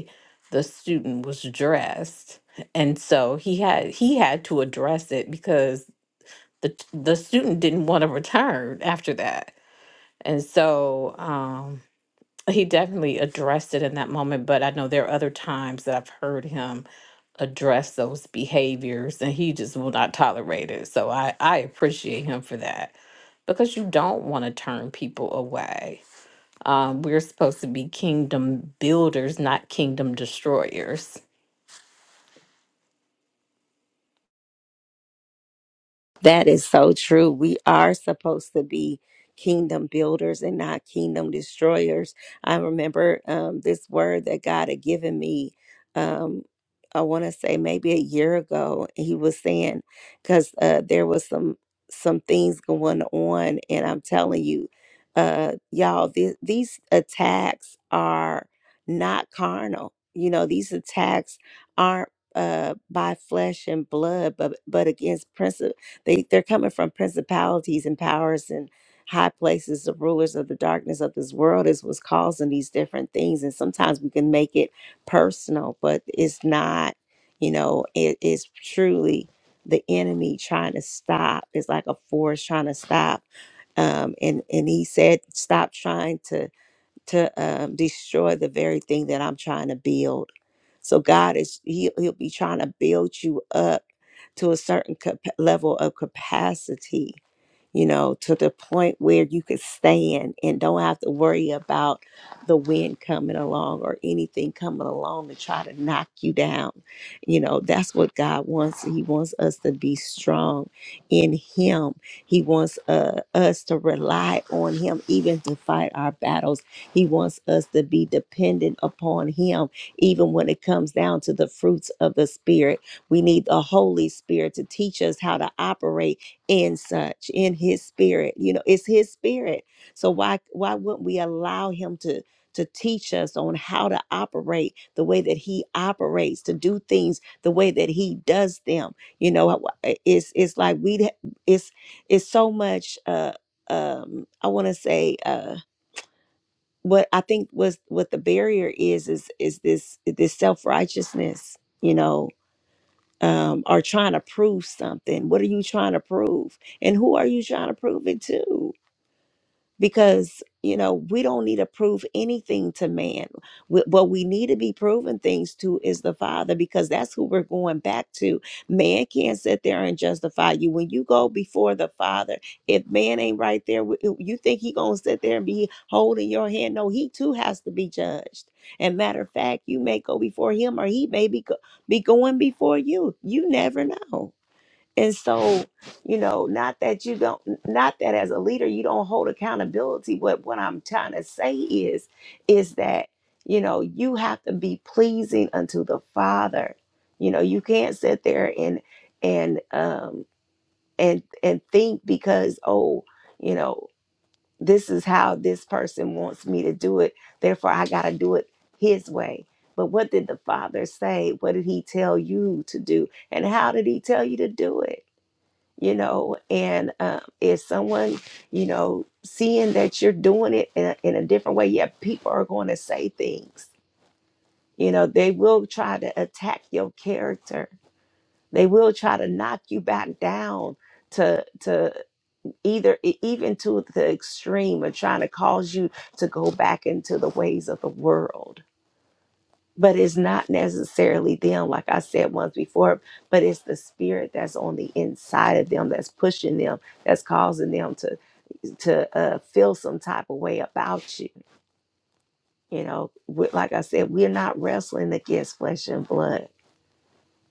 Speaker 6: the student was dressed and so he had he had to address it because the t- the student didn't want to return after that and so um he definitely addressed it in that moment but i know there are other times that i've heard him address those behaviors and he just will not tolerate it so i i appreciate him for that because you don't want to turn people away um, we're supposed to be kingdom builders not kingdom destroyers
Speaker 1: That is so true. We are supposed to be kingdom builders and not kingdom destroyers. I remember um, this word that God had given me. Um, I want to say maybe a year ago, and He was saying because uh, there was some some things going on, and I'm telling you, uh, y'all, th- these attacks are not carnal. You know, these attacks aren't uh, by flesh and blood, but but against principalities they they're coming from principalities and powers and high places, the rulers of the darkness of this world is what's causing these different things. And sometimes we can make it personal, but it's not, you know, it is truly the enemy trying to stop. It's like a force trying to stop. Um, and and he said, stop trying to to um, destroy the very thing that I'm trying to build. So God is he, he'll be trying to build you up to a certain cap- level of capacity you know, to the point where you could stand and don't have to worry about the wind coming along or anything coming along to try to knock you down. You know, that's what God wants. He wants us to be strong in Him. He wants uh, us to rely on Him even to fight our battles. He wants us to be dependent upon Him even when it comes down to the fruits of the Spirit we need the Holy Spirit to teach us how to operate in such, in His Spirit. You know, it's His Spirit. So why why wouldn't we allow Him to to teach us on how to operate the way that He operates, to do things the way that He does them? You know, it's it's like we it's it's so much. uh um I want to say. uh what I think was what the barrier is is is this this self righteousness, you know, um, are trying to prove something. What are you trying to prove? And who are you trying to prove it to? because you know we don't need to prove anything to man Wh- what we need to be proven things to is the father because that's who we're going back to man can't sit there and justify you when you go before the father if man ain't right there with- you you think he gonna sit there and be holding your hand no he too has to be judged and matter of fact you may go before him or he may be, go- be going before you you never know and so, you know, not that you don't, not that as a leader you don't hold accountability, but what I'm trying to say is, is that, you know, you have to be pleasing unto the Father. You know, you can't sit there and, and, um, and, and think because, oh, you know, this is how this person wants me to do it. Therefore, I got to do it his way. But what did the Father say? What did he tell you to do? And how did he tell you to do it? you know and um, if someone you know seeing that you're doing it in a, in a different way yeah people are going to say things you know they will try to attack your character they will try to knock you back down to to either e- even to the extreme of trying to cause you to go back into the ways of the world but it's not necessarily them like i said once before but it's the spirit that's on the inside of them that's pushing them that's causing them to to uh, feel some type of way about you. You know, with, like I said, we're not wrestling against flesh and blood.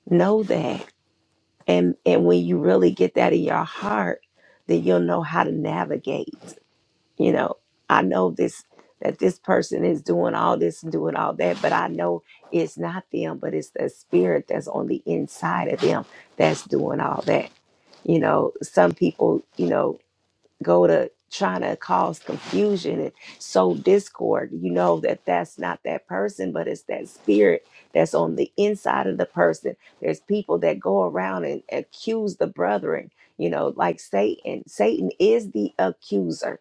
Speaker 1: Know that, and and when you really get that in your heart, then you'll know how to navigate. You know, I know this that this person is doing all this and doing all that, but I know it's not them, but it's the spirit that's on the inside of them that's doing all that. You know, some people, you know, go to trying to cause confusion and sow discord you know that that's not that person but it's that spirit that's on the inside of the person there's people that go around and accuse the brethren you know like satan satan is the accuser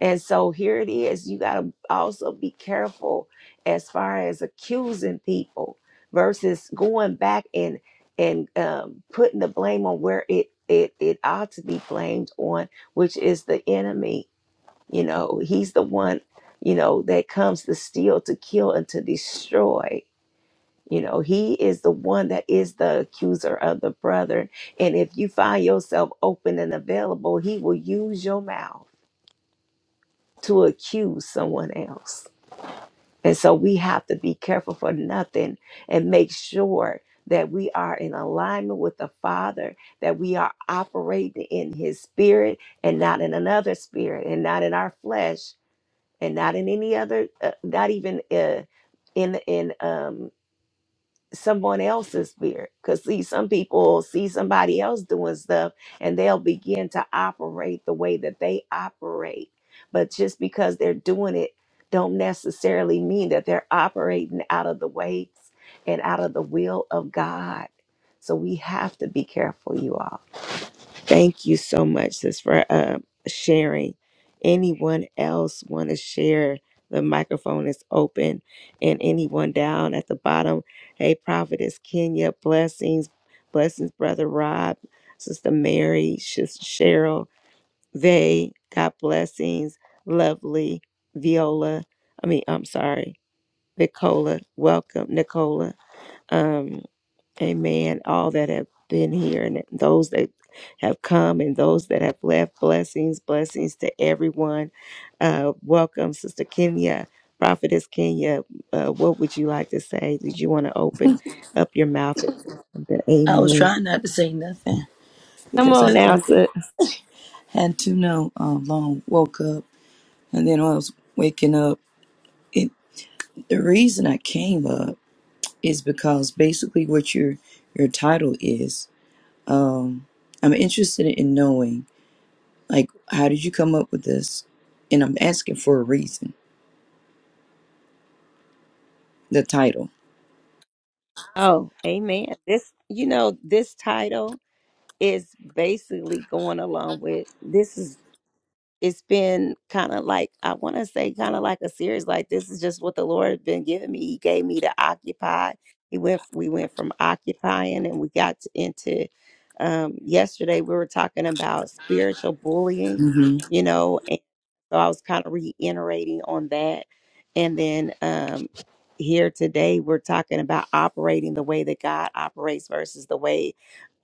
Speaker 1: and so here it is. You got to also be careful as far as accusing people versus going back and and um, putting the blame on where it it it ought to be blamed on, which is the enemy. You know, he's the one you know that comes to steal, to kill, and to destroy. You know, he is the one that is the accuser of the brethren. And if you find yourself open and available, he will use your mouth to accuse someone else. And so we have to be careful for nothing and make sure that we are in alignment with the Father, that we are operating in His spirit and not in another spirit and not in our flesh and not in any other, uh, not even uh, in, in, um someone else's spirit because see some people see somebody else doing stuff and they'll begin to operate the way that they operate but just because they're doing it don't necessarily mean that they're operating out of the weights and out of the will of god so we have to be careful you all Thank you so much, sis, for uh, sharing. Anyone else want to share? The microphone is open. And anyone down at the bottom, hey, Prophetess Kenya, blessings, blessings, Brother Rob, Sister Mary, Sister Cheryl, they got blessings, lovely, Viola, I mean, I'm sorry, Nicola, welcome, Nicola. Um, Amen. All that have been here and those that have come and those that have left, blessings, blessings to everyone. Uh, welcome, Sister Kenya, Prophetess Kenya. Uh, what would you like to say? Did you want to open up your mouth? and say something?
Speaker 7: I was
Speaker 1: Amen.
Speaker 7: trying not to say nothing
Speaker 1: Come
Speaker 7: because
Speaker 1: on
Speaker 7: I
Speaker 1: now, sis.
Speaker 7: had to know um, long woke up and then when I was waking up. It the reason I came up is because basically what your your title is. Um, I'm interested in knowing like how did you come up with this, and I'm asking for a reason. The title.
Speaker 1: Oh, amen. This, you know, this title is basically going along with this is it's been kind of like I want to say kind of like a series like this is just what the Lord has been giving me. He gave me to occupy. He went we went from occupying and we got to, into um yesterday we were talking about spiritual bullying,
Speaker 7: hmm
Speaker 1: you know, and so I was kind of reiterating on that. And then um here today we're talking about operating the way that God operates versus the way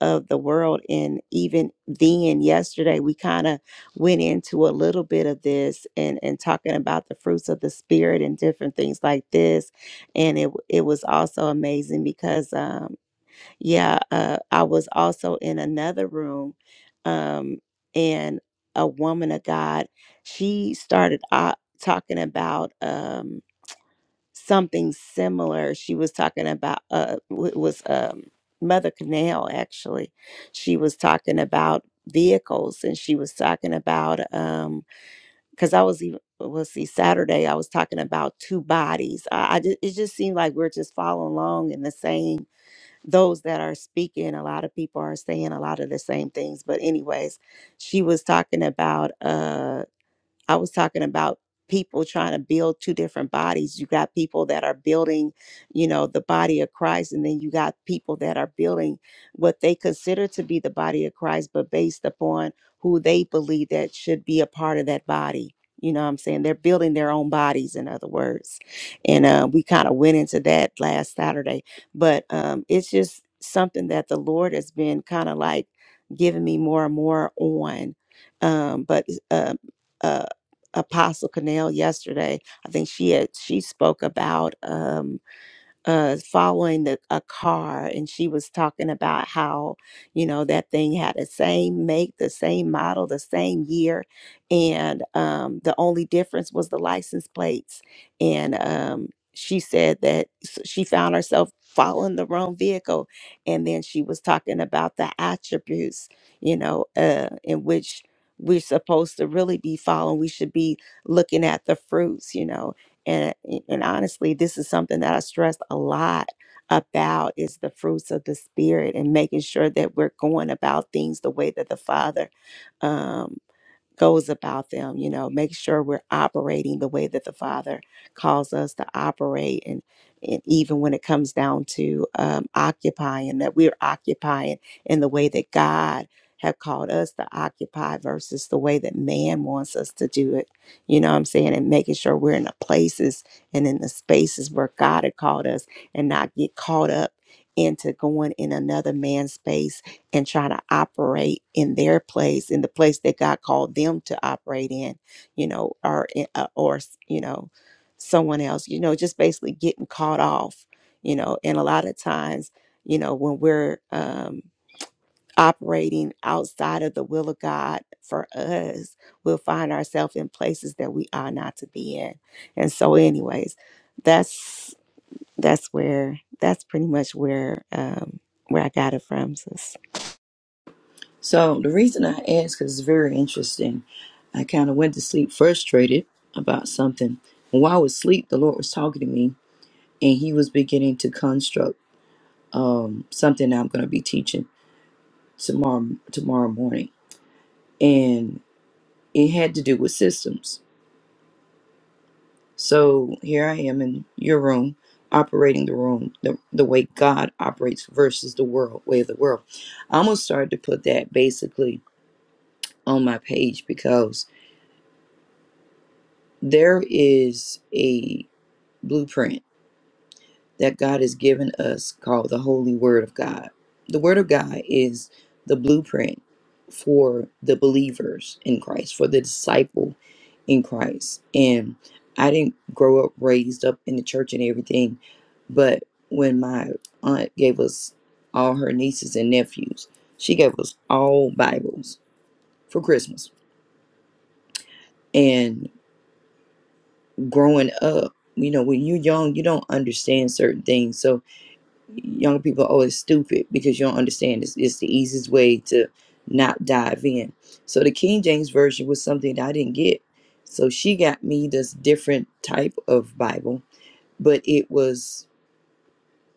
Speaker 1: of the world and even then yesterday we kind of went into a little bit of this and and talking about the fruits of the spirit and different things like this and it it was also amazing because um yeah uh I was also in another room um and a woman of God she started out talking about um something similar she was talking about uh w- it was um Mother Canal actually she was talking about vehicles and she was talking about um because I was even well well, see Saturday I was talking about two bodies. I, I just, it just seemed like we're just following along in the same those that are speaking. A lot of people are saying a lot of the same things. But anyways, she was talking about uh I was talking about people trying to build two different bodies. You got people that are building, you know, the body of Christ, and then you got people that are building what they consider to be the body of Christ, but based upon who they believe that should be a part of that body. You know what I'm saying? They're building their own bodies, in other words. And uh, we kind of went into that last Saturday. But um, it's just something that the Lord has been kind of like giving me more and more on. Um, but uh, um, Apostle Canal yesterday. I think she had she spoke about um uh following the a car and she was talking about how you know that thing had the same make the same model the same year and um the only difference was the license plates and um she said that s- she found herself following the wrong vehicle and then she was talking about the attributes you know uh in which we're supposed to really be following we should be looking at the fruits you know and and honestly this is something that i stress a lot about is the fruits of the spirit and making sure that we're going about things the way that the father um, goes about them you know make sure we're operating the way that the father calls us to operate and and even when it comes down to um, occupying that we're occupying in the way that god have called us to occupy versus the way that man wants us to do it you know what i'm saying and making sure we're in the places and in the spaces where god had called us and not get caught up into going in another man's space and trying to operate in their place, in the place that God called them to operate in, you know, or uh, or you know, someone else, you know, just basically getting caught off, you know, and a lot of times, you know, when we're um, operating outside of the will of God for us, we'll find ourselves in places that we are not to be in. And so, anyways, that's that's where that's pretty much where um, where I got it from. sis.
Speaker 7: So the reason I asked is very interesting. I kind of went to sleep frustrated about something. While I was asleep, the Lord was talking to me and he was beginning to construct um, something that I'm going to be teaching tomorrow tomorrow morning, and it had to do with systems. So here I am in your room, operating the room the, the way God operates versus the world way of the world. I'm gonna start to put that basically on my page because there is a blueprint that God has given us called the Holy Word of God. The Word of God is the blueprint for the believers in Christ, for the disciple in Christ. And I didn't grow up raised up in the church and everything, but when my aunt gave us all her nieces and nephews, she gave us all Bibles for Christmas. And growing up, you know, when you're young, you don't understand certain things. So young people are always stupid because you don't understand it's, it's the easiest way to not dive in so the king james version was something that i didn't get so she got me this different type of bible but it was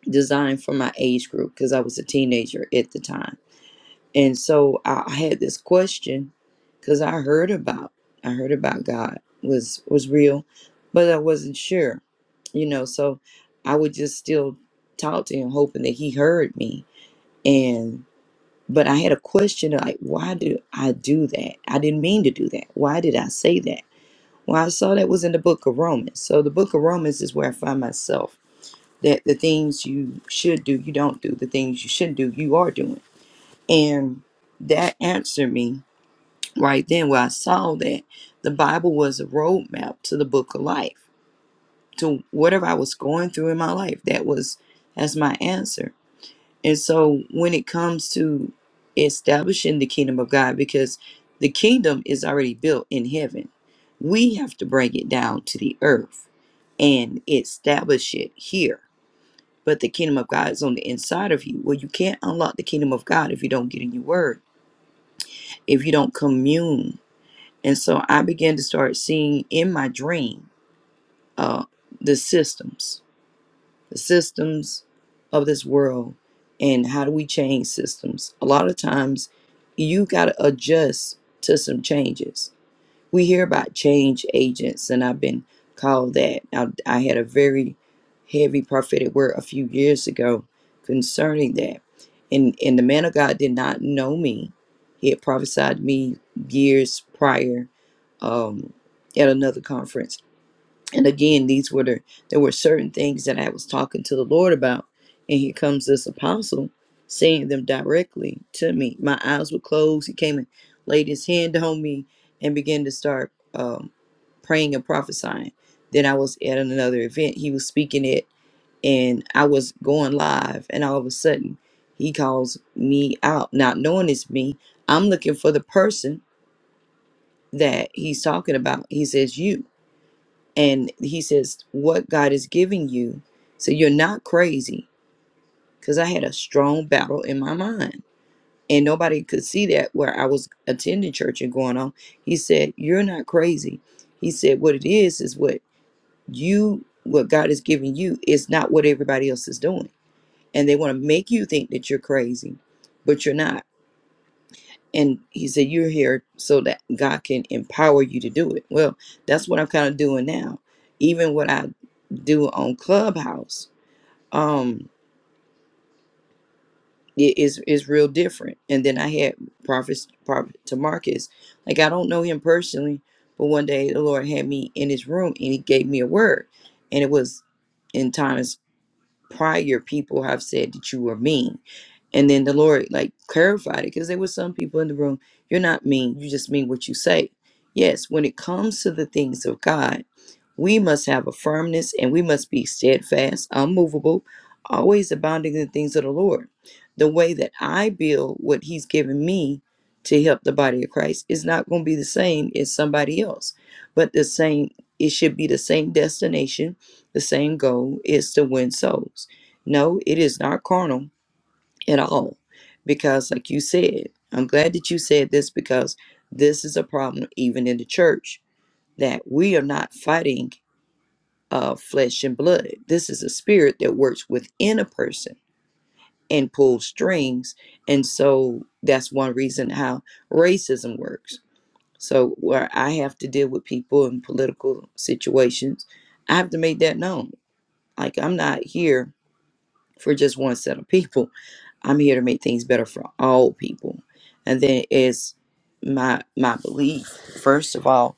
Speaker 7: designed for my age group because i was a teenager at the time and so i I had this question because i heard about i heard about god was was real but i wasn't sure you know so i would just still talk to him hoping that he heard me and but i had a question like why do i do that i didn't mean to do that why did i say that well i saw that was in the book of romans so the book of romans is where i find myself that the things you should do you don't do the things you shouldn't do you are doing and that answered me right then where i saw that the bible was a roadmap to the book of life to whatever i was going through in my life that was as my answer And so when it comes to establishing the kingdom of God, because the kingdom is already built in heaven, we have to bring it down to the earth and establish it here. But the kingdom of God is on the inside of you. Well, you can't unlock the kingdom of God if you don't get in your word, if you don't commune. And so I began to start seeing in my dream uh, the systems the systems of this world and how do we change systems a lot of times you got to adjust to some changes we hear about change agents and i've been called that i, I had a very heavy prophetic word a few years ago concerning that and and the man of god did not know me he had prophesied me years prior um, at another conference and again these were the there were certain things that i was talking to the lord about and here comes this apostle saying them directly to me my eyes were closed he came and laid his hand on me and began to start um, praying and prophesying then i was at another event he was speaking at and I was going live, and all of a sudden he calls me out, not knowing it's me. I'm looking for the person that he's talking about. He says, You. And he says, What God is giving you, so you're not crazy. Because I had a strong battle in my mind. And nobody could see that where I was attending church and going on. He said, You're not crazy. He said, What it is, is what you, what God is giving you, is not what everybody else is doing. And they want to make you think that you're crazy, but you're not and he said you're here so that god can empower you to do it well that's what i'm kind of doing now even what i do on clubhouse um it is is real different and then i had prophets prophet to marcus like i don't know him personally but one day the lord had me in his room and he gave me a word and it was in times prior people have said that you were mean And then the Lord like clarified it because there were some people in the room, you're not mean, you just mean what you say. Yes, when it comes to the things of God, we must have a firmness and we must be steadfast, unmovable, always abounding in the things of the Lord. The way that I build what He's given me to help the body of Christ is not going to be the same as somebody else, but the same, it should be the same destination, the same goal is to win souls. No, it is not carnal at all. Because, like you said, I'm glad that you said this because this is a problem even in the church that we are not fighting uh, flesh and blood. This is a spirit that works within a person and pulls strings. And so that's one reason how racism works. So, where I have to deal with people in political situations, I have to make that known. Like, I'm not here for just one set of people. I'm here to make things better for all people. And then it's my my belief. First of all,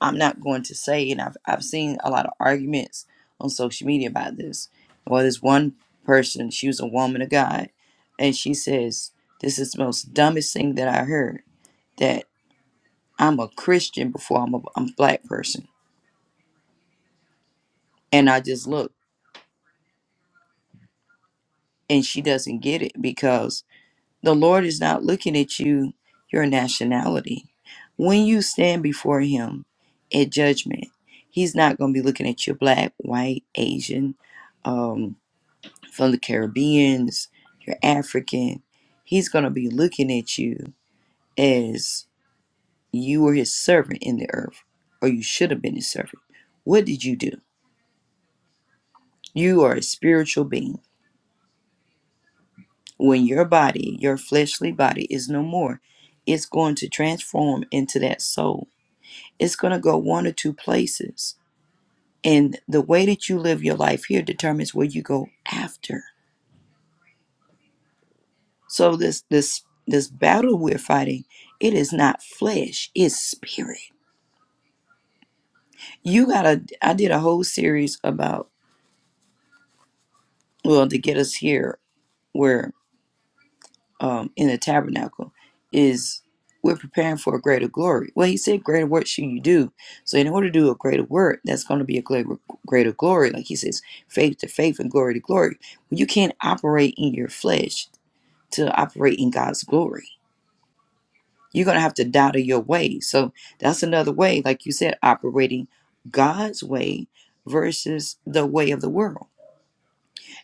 Speaker 7: I'm not going to say, and I've I've seen a lot of arguments on social media about this. Well, this one person, she was a woman of God, and she says, This is the most dumbest thing that I heard that I'm a Christian before I'm a, I'm a black person. And I just look, and she doesn't get it because The Lord is not looking at you, your nationality. When you stand before Him at judgment, He's not going to be looking at your black, white, Asian, um, from the Caribbeans, your African. He's going to be looking at you as you were His servant in the earth, or you should have been His servant. What did you do? You are a spiritual being. When your body, your fleshly body, is no more, it's going to transform into that soul It's going to go one or two places. And the way that you live your life here determines where you go after. So this this this battle we're fighting, it is not flesh, it's spirit. You got to I did a whole series about well to get us here where um, in the tabernacle is we're preparing for a greater glory. Well, he said, greater work should you do. So in order to do a greater work, that's going to be a greater, greater glory. Like he says, faith to faith and glory to glory. Well, You can't operate in your flesh to operate in God's glory. You're going to have to die to your way. So that's another way, like you said, operating God's way versus the way of the world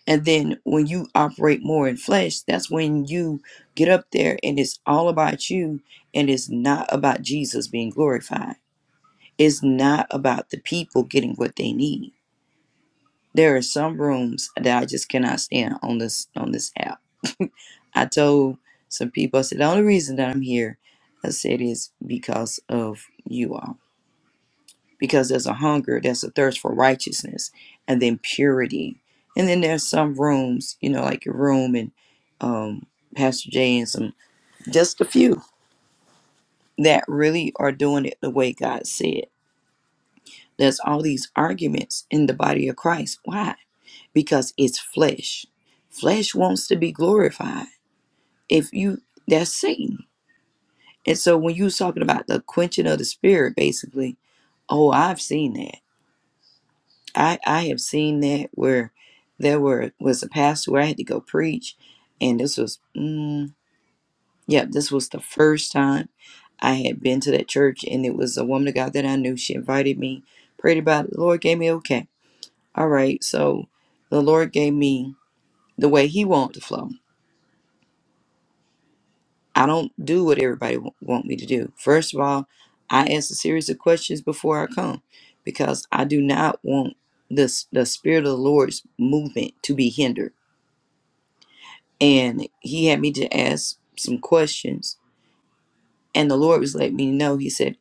Speaker 7: and then when you operate more in flesh, that's when you get up there and it's all about you and it's not about Jesus being glorified. It's not about the people getting what they need. There are some rooms that I just cannot stand on this on this app. I told some people, I said, the only reason that I'm here, I said, is because of you all because there's a hunger, there's a thirst for righteousness, and then purity. And then there's some rooms, you know, like your room and um, Pastor Jay and some, just a few that really are doing it the way God said. There's all these arguments in the body of Christ. Why? Because it's flesh. Flesh wants to be glorified. If you, that's Satan. And so when you was talking about the quenching of the spirit, basically, oh, I've seen that. I I have seen that where there were was a pastor where I had to go preach, and this was mm, yeah this was the first time I had been to that church, and it was a woman of God that I knew. She invited me, prayed about it. The Lord gave me okay. All right, so the Lord gave me the way He wanted to flow. I don't do what everybody w- want me to do. First of all, I ask a series of questions before I come because I do not want this the spirit of the Lord's movement to be hindered. and he had me to ask some questions and the lord was letting me know he said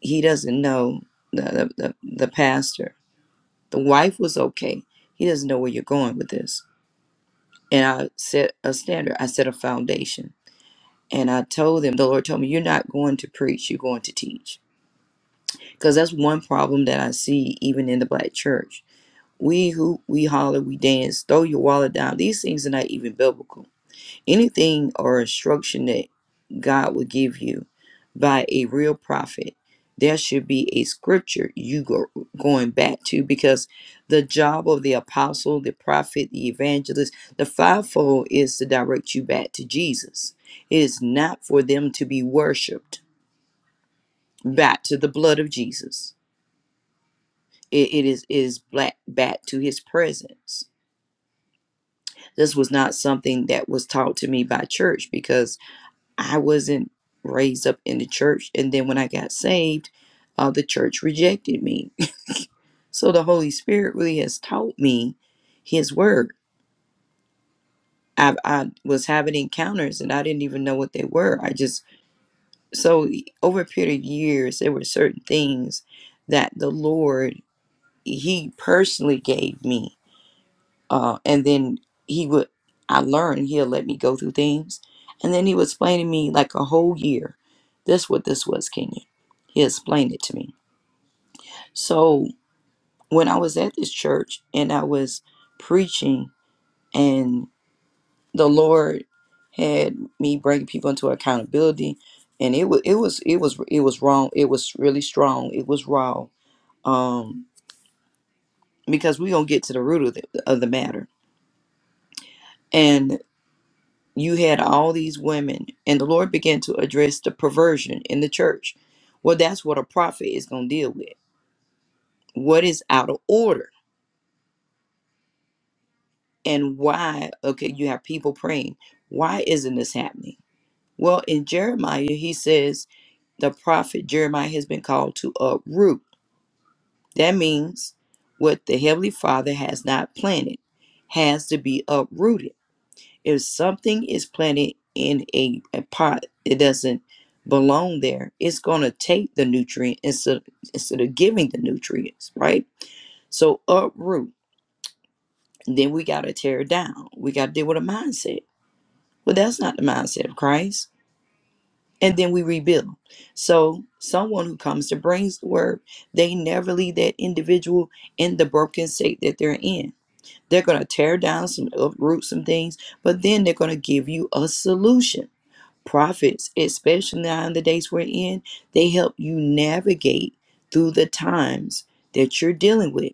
Speaker 7: he doesn't know the, the, the, the pastor the wife was okay he doesn't know where you're going with this and i set a standard i set a foundation and i told them the lord told me you're not going to preach you're going to teach because that's one problem that i see even in the black church we who we holler we dance throw your wallet down these things are not even biblical anything or instruction that God will give you by a real prophet, there should be a scripture you go going back to because the job of the apostle, the prophet, the evangelist, the fivefold is to direct you back to Jesus. It is not for them to be worshipped back to the blood of Jesus. It, it is it is black back to His presence. This was not something that was taught to me by church because I wasn't raised up in the church. And then when I got saved, uh, the church rejected me. So the Holy Spirit really has taught me His Word. I, I was having encounters and I didn't even know what they were. I just, so over a period of years, there were certain things that the Lord, He personally gave me uh, and then he would i learned he'll let me go through things and then he would explain to me like a whole year that's what this was kenya he explained it to me so when i was at this church and i was preaching and the lord had me bringing people into accountability and it was it was it was it was wrong it was really strong it was raw um because we gonna get to the root of the, of the matter you had all these women and the lord began to address the perversion in the church well that's what a prophet is going to deal with what is out of order and why okay you have people praying why isn't this happening well in jeremiah he says the prophet jeremiah has been called to uproot that means what the heavenly father has not planted has to be uprooted If something is planted in a, a pot, it doesn't belong there. It's going to take the nutrient instead, of, instead of giving the nutrients, right? So uproot. Then we got to tear it down. We got to deal with a mindset. Well, that's not the mindset of Christ. And then we rebuild. So someone who comes to brings the word, they never leave that individual in the broken state that they're in. They're going to tear down some, uproot some things, but then they're going to give you a solution prophets, especially now in the days we're in, they help you navigate through the times that you're dealing with.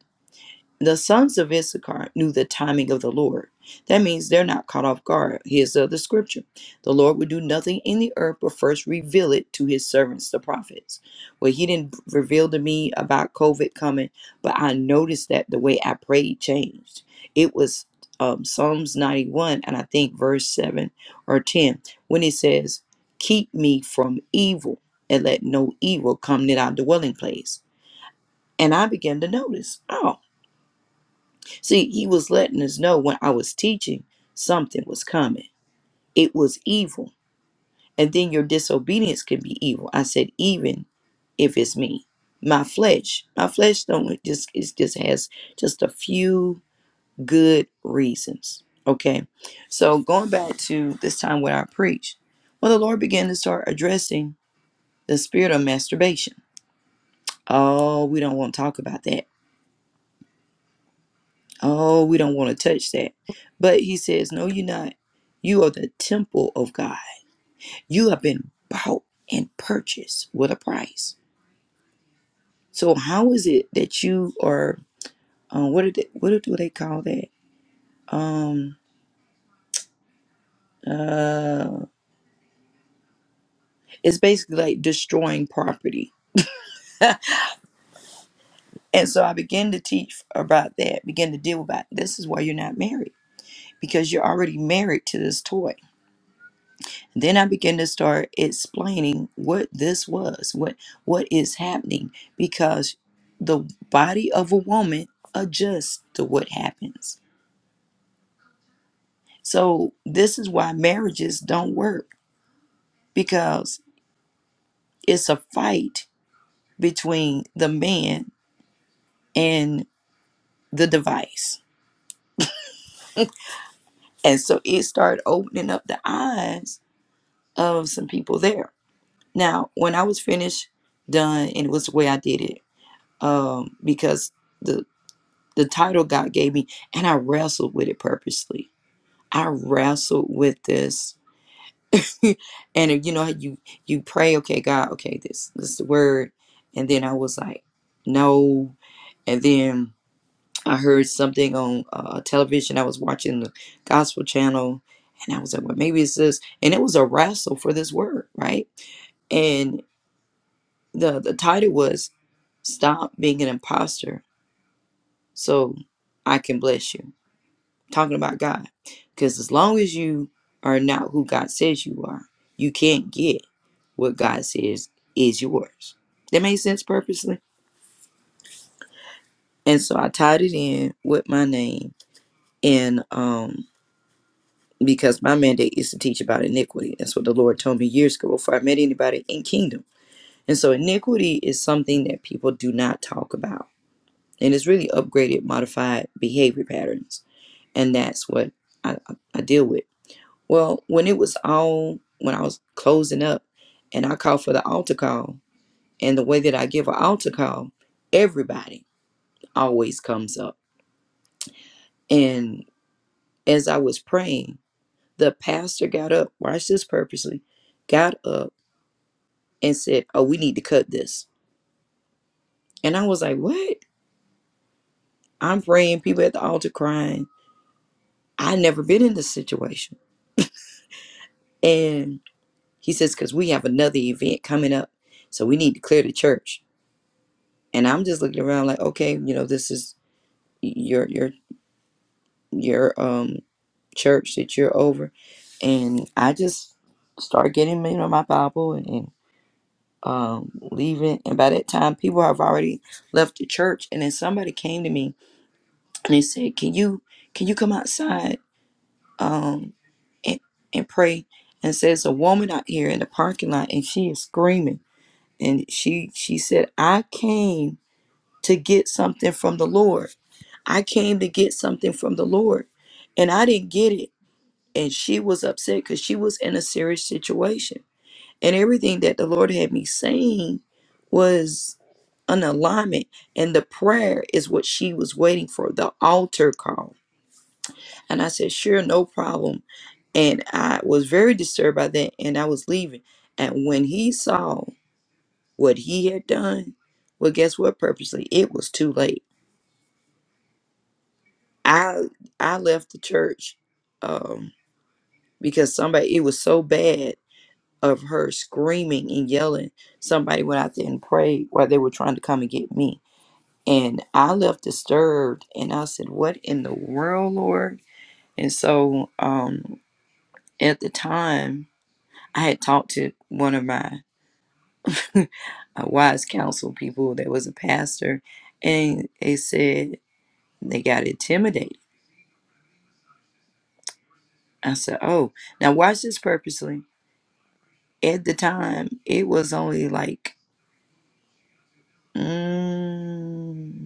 Speaker 7: The sons of Issachar knew the timing of the Lord. That means they're not caught off guard. Here's the other scripture The Lord would do nothing in the earth but first reveal it to his servants, the prophets. Well, he didn't reveal to me about COVID coming, but I noticed that the way I prayed changed. It was um, Psalms 91, and I think verse 7 or 10, when it says, Keep me from evil and let no evil come near our dwelling place. And I began to notice, oh, See, he was letting us know when I was teaching, something was coming. It was evil. And then your disobedience can be evil. I said, even if it's me. My flesh. My flesh don't it just it just has just a few good reasons. Okay. So going back to this time when I preached, well the Lord began to start addressing the spirit of masturbation. Oh, we don't want to talk about that Oh, we don't want to touch that. But he says, No, you're not. You are the temple of God. You have been bought and purchased with a price. So how is it that you are? Um, what are they, what do they call that? Um, uh, it's basically like destroying property. and so I began to teach about that. Begin to deal with that. This is why you're not married because you're already married to this toy Then I began to start explaining what this was, what what is happening, because the body of a woman adjusts to what happens. So this is why marriages don't work because it's a fight between the man and the device. And so it started opening up the eyes of some people there. Now, when I was finished, done, and it was the way I did it, um, because the the title God gave me, and I wrestled with it purposely. I wrestled with this, and you know you you pray, okay, God, okay, this this is the word, and then I was like, no, and then I heard something on uh, television. I was watching the gospel channel, and I was like, well, maybe it's this, and it was a wrestle for this word, right? And the the title was "Stop Being an Imposter, so I can bless you." talking about God. Because as long as you are not who God says you are, you can't get what God says is yours. That made sense purposely. And so I tied it in with my name and um because my mandate is to teach about iniquity. That's what the Lord told me years ago before I met anybody in kingdom. And so iniquity is something that people do not talk about. And it's really upgraded, modified behavior patterns. And that's what I, I I deal with. Well, when it was all when I was closing up and I called for the altar call, and the way that I give an altar call, everybody always comes up. And as I was praying, the pastor got up, watch this purposely, got up and said, Oh, we need to cut this. And I was like, What? I'm praying, people at the altar crying. I never been in this situation. And he says, Because we have another event coming up. So we need to clear the church. And I'm just looking around like, okay, you know, this is your your your um church that you're over and i just start getting you know my bible and, and um leaving and by that time people have already left the church and then somebody came to me and they said can you can you come outside um and, and pray and says a woman out here in the parking lot and she is screaming and she she said i came to get something from the lord i came to get something from the lord and i didn't get it and she was upset because she was in a serious situation. And everything that the Lord had me saying was an alignment, and the prayer is what she was waiting for the altar call. And I said, Sure, no problem. And I was very disturbed by that, and I was leaving. And when he saw what he had done, well, guess what? Purposely, it was too late. I I left the church um, because somebody it was so bad of her screaming and yelling. Somebody went out there and prayed while they were trying to come and get me. And I left disturbed and I said, What in the world, Lord? And so um, at the time, I had talked to one of my uh, wise counsel people that was a pastor, and they said they got intimidated. I said, Oh, now watch this purposely. At the time, it was only like, mm,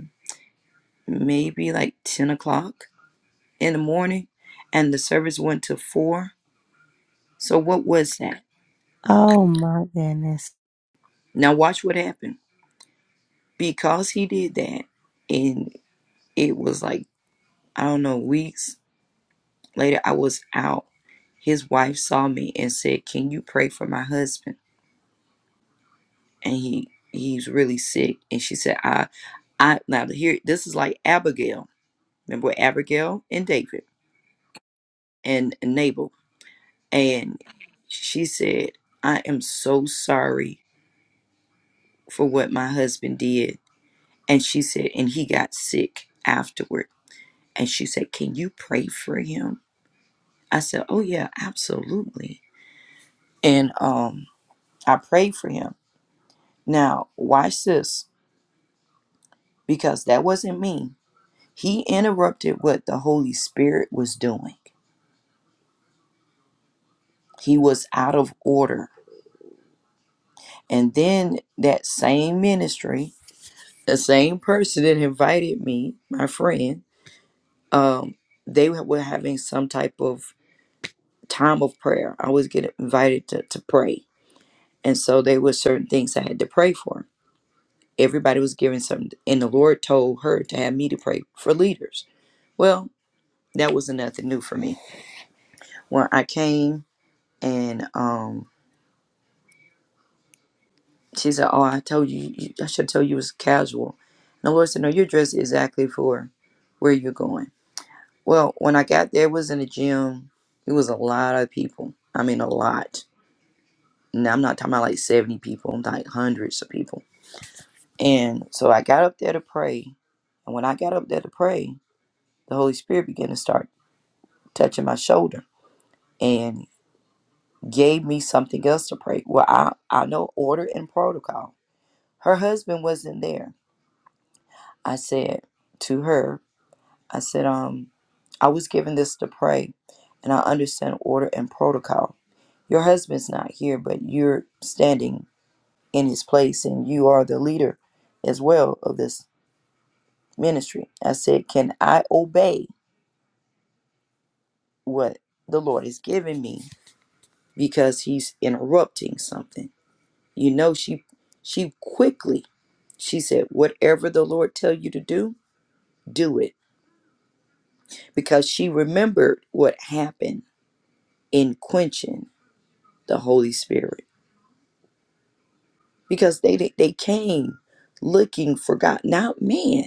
Speaker 7: maybe like 10 o'clock in the morning, and the service went to 4. So, what was that?
Speaker 1: Oh my goodness.
Speaker 7: Now, watch what happened. Because he did that, and it was like, I don't know, weeks later, I was out. His wife saw me and said, Can you pray for my husband? And he he's really sick. And she said, I I now here this is like Abigail. Remember Abigail and David and Nabal. And she said, I am so sorry for what my husband did. And she said, and he got sick afterward. And she said, Can you pray for him? I said, Oh, yeah, absolutely. And um, I prayed for him. Now, watch this, because that wasn't me. He interrupted what the Holy Spirit was doing, he was out of order. And then that same ministry, the same person that invited me, my friend, um, they were were having some type of time of prayer. I always get invited to, to pray. And so there were certain things I had to pray for. Everybody was giving something, and the Lord told her to have me to pray for leaders. Well, that was nothing new for me. When I came and um, she said, Oh, I told you, you I should tell you it was casual. And the Lord said, No, you're dressed exactly for where you're going. Well, when I got there, it was in the gym. It was a lot of people. I mean, a lot. Now, I'm not talking about like 70 people, I'm like hundreds of people And so I got up there to pray. And when I got up there to pray, the Holy Spirit began to start touching my shoulder and gave me something else to pray. Well, I, I know order and protocol. Her husband wasn't there. I said to her, I said, um, I was given this to pray and I understand order and protocol. Your husband's not here, but you're standing in his place and you are the leader as well of this ministry. I said, Can I obey? what the Lord is giving me because he's interrupting something. You know, she she quickly she said, Whatever the Lord tell you to do, do it. Because she remembered what happened in quenching the Holy Spirit. Because they they they came looking for God. Now, man,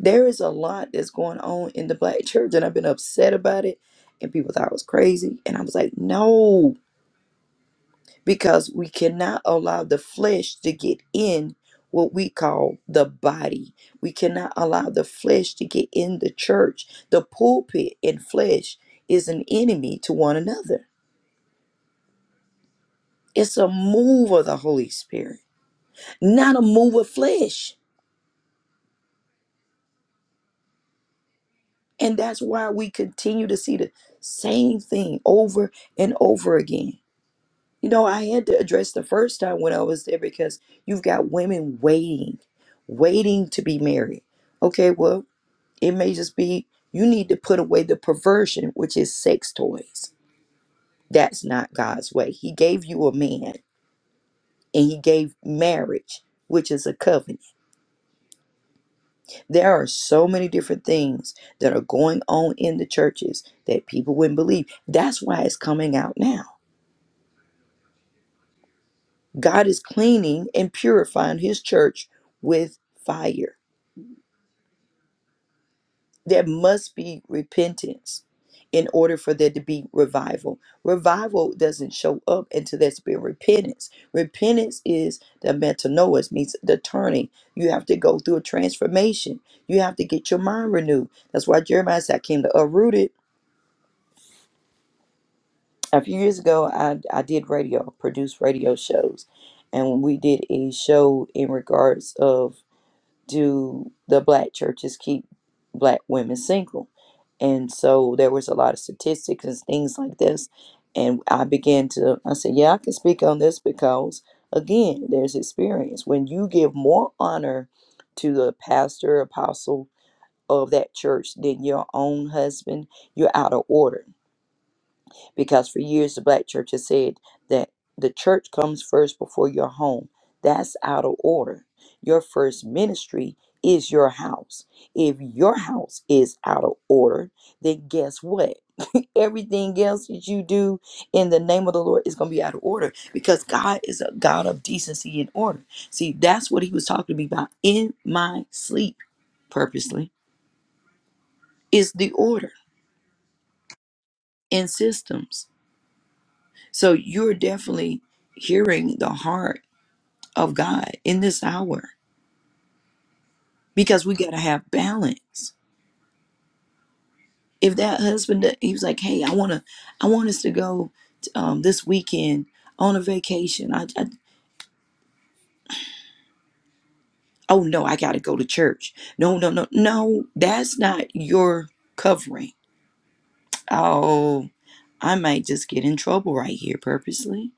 Speaker 7: there is a lot that's going on in the black church, and I've been upset about it. And people thought I was crazy. And I was like, no, because we cannot allow the flesh to get in what we call the body. We cannot allow the flesh to get in the church. The pulpit and flesh is an enemy to one another. It's a move of the Holy Spirit, not a move of flesh. And that's why we continue to see the same thing over and over again. You know, I had to address the first time when I was there because you've got women waiting, waiting to be married. Okay, well, It may just be you need to put away the perversion, which is sex toys. That's not God's way. He gave you a man and he gave marriage, which is a covenant. There are so many different things that are going on in the churches that people wouldn't believe. That's why it's coming out now. God is cleaning and purifying his church with fire. there must be repentance in order for there to be revival. Revival doesn't show up until there's been repentance. Repentance is the metanoia, means the turning. You have to go through a transformation. You have to get your mind renewed. That's why Jeremiah said, I came to uproot it." A few years ago, I, I did radio, produced radio shows. And we did a show in regards of do the black churches keep black women single? And so there was a lot of statistics and things like this. And I began to, I said, yeah, I can speak on this because, again, there's experience. When you give more honor to the pastor, apostle of that church than your own husband, you're out of order because for years the black church has said that the church comes first before your home. That's out of order. Your first ministry is your house. If your house is out of order, then guess what? Everything else that you do in the name of the Lord is going to be out of order because God is a God of decency and order. See, that's what he was talking to me about in my sleep purposely is the order in systems. So you're definitely hearing the heart of God in this hour because we got to have balance. If that husband, he was like, "Hey, I wanna, I want us to go um, this weekend on a vacation." I, I, oh no, I gotta go to church. No, no, no, no, that's not your covering. Oh, I might just get in trouble right here purposely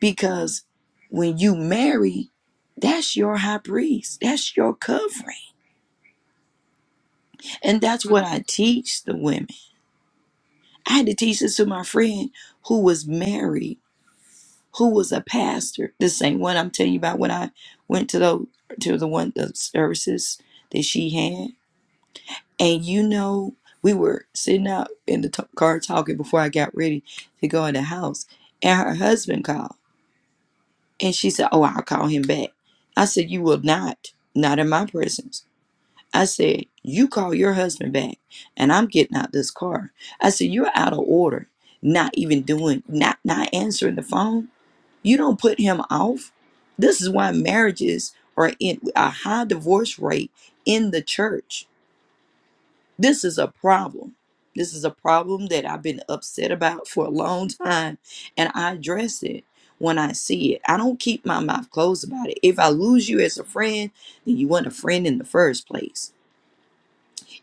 Speaker 7: because when you marry, that's your high priest. That's your covering And that's what I teach the women. I had to teach this to my friend who was married, who was a pastor. The same one I'm telling you about when I went to the to the one the services that she had. And you know, we were sitting out in the t- car talking before I got ready to go in the house. And her husband called. And she said, Oh, I'll call him back. I said, You will not, not in my presence. I said, You call your husband back and I'm getting out this car. I said, You're out of order, not even doing not not answering the phone. You don't put him off. This is why marriages are in a high divorce rate in the church. This is a problem. This is a problem that I've been upset about for a long time and I address it when I see it. I don't keep my mouth closed about it. If I lose you as a friend, then you weren't a friend in the first place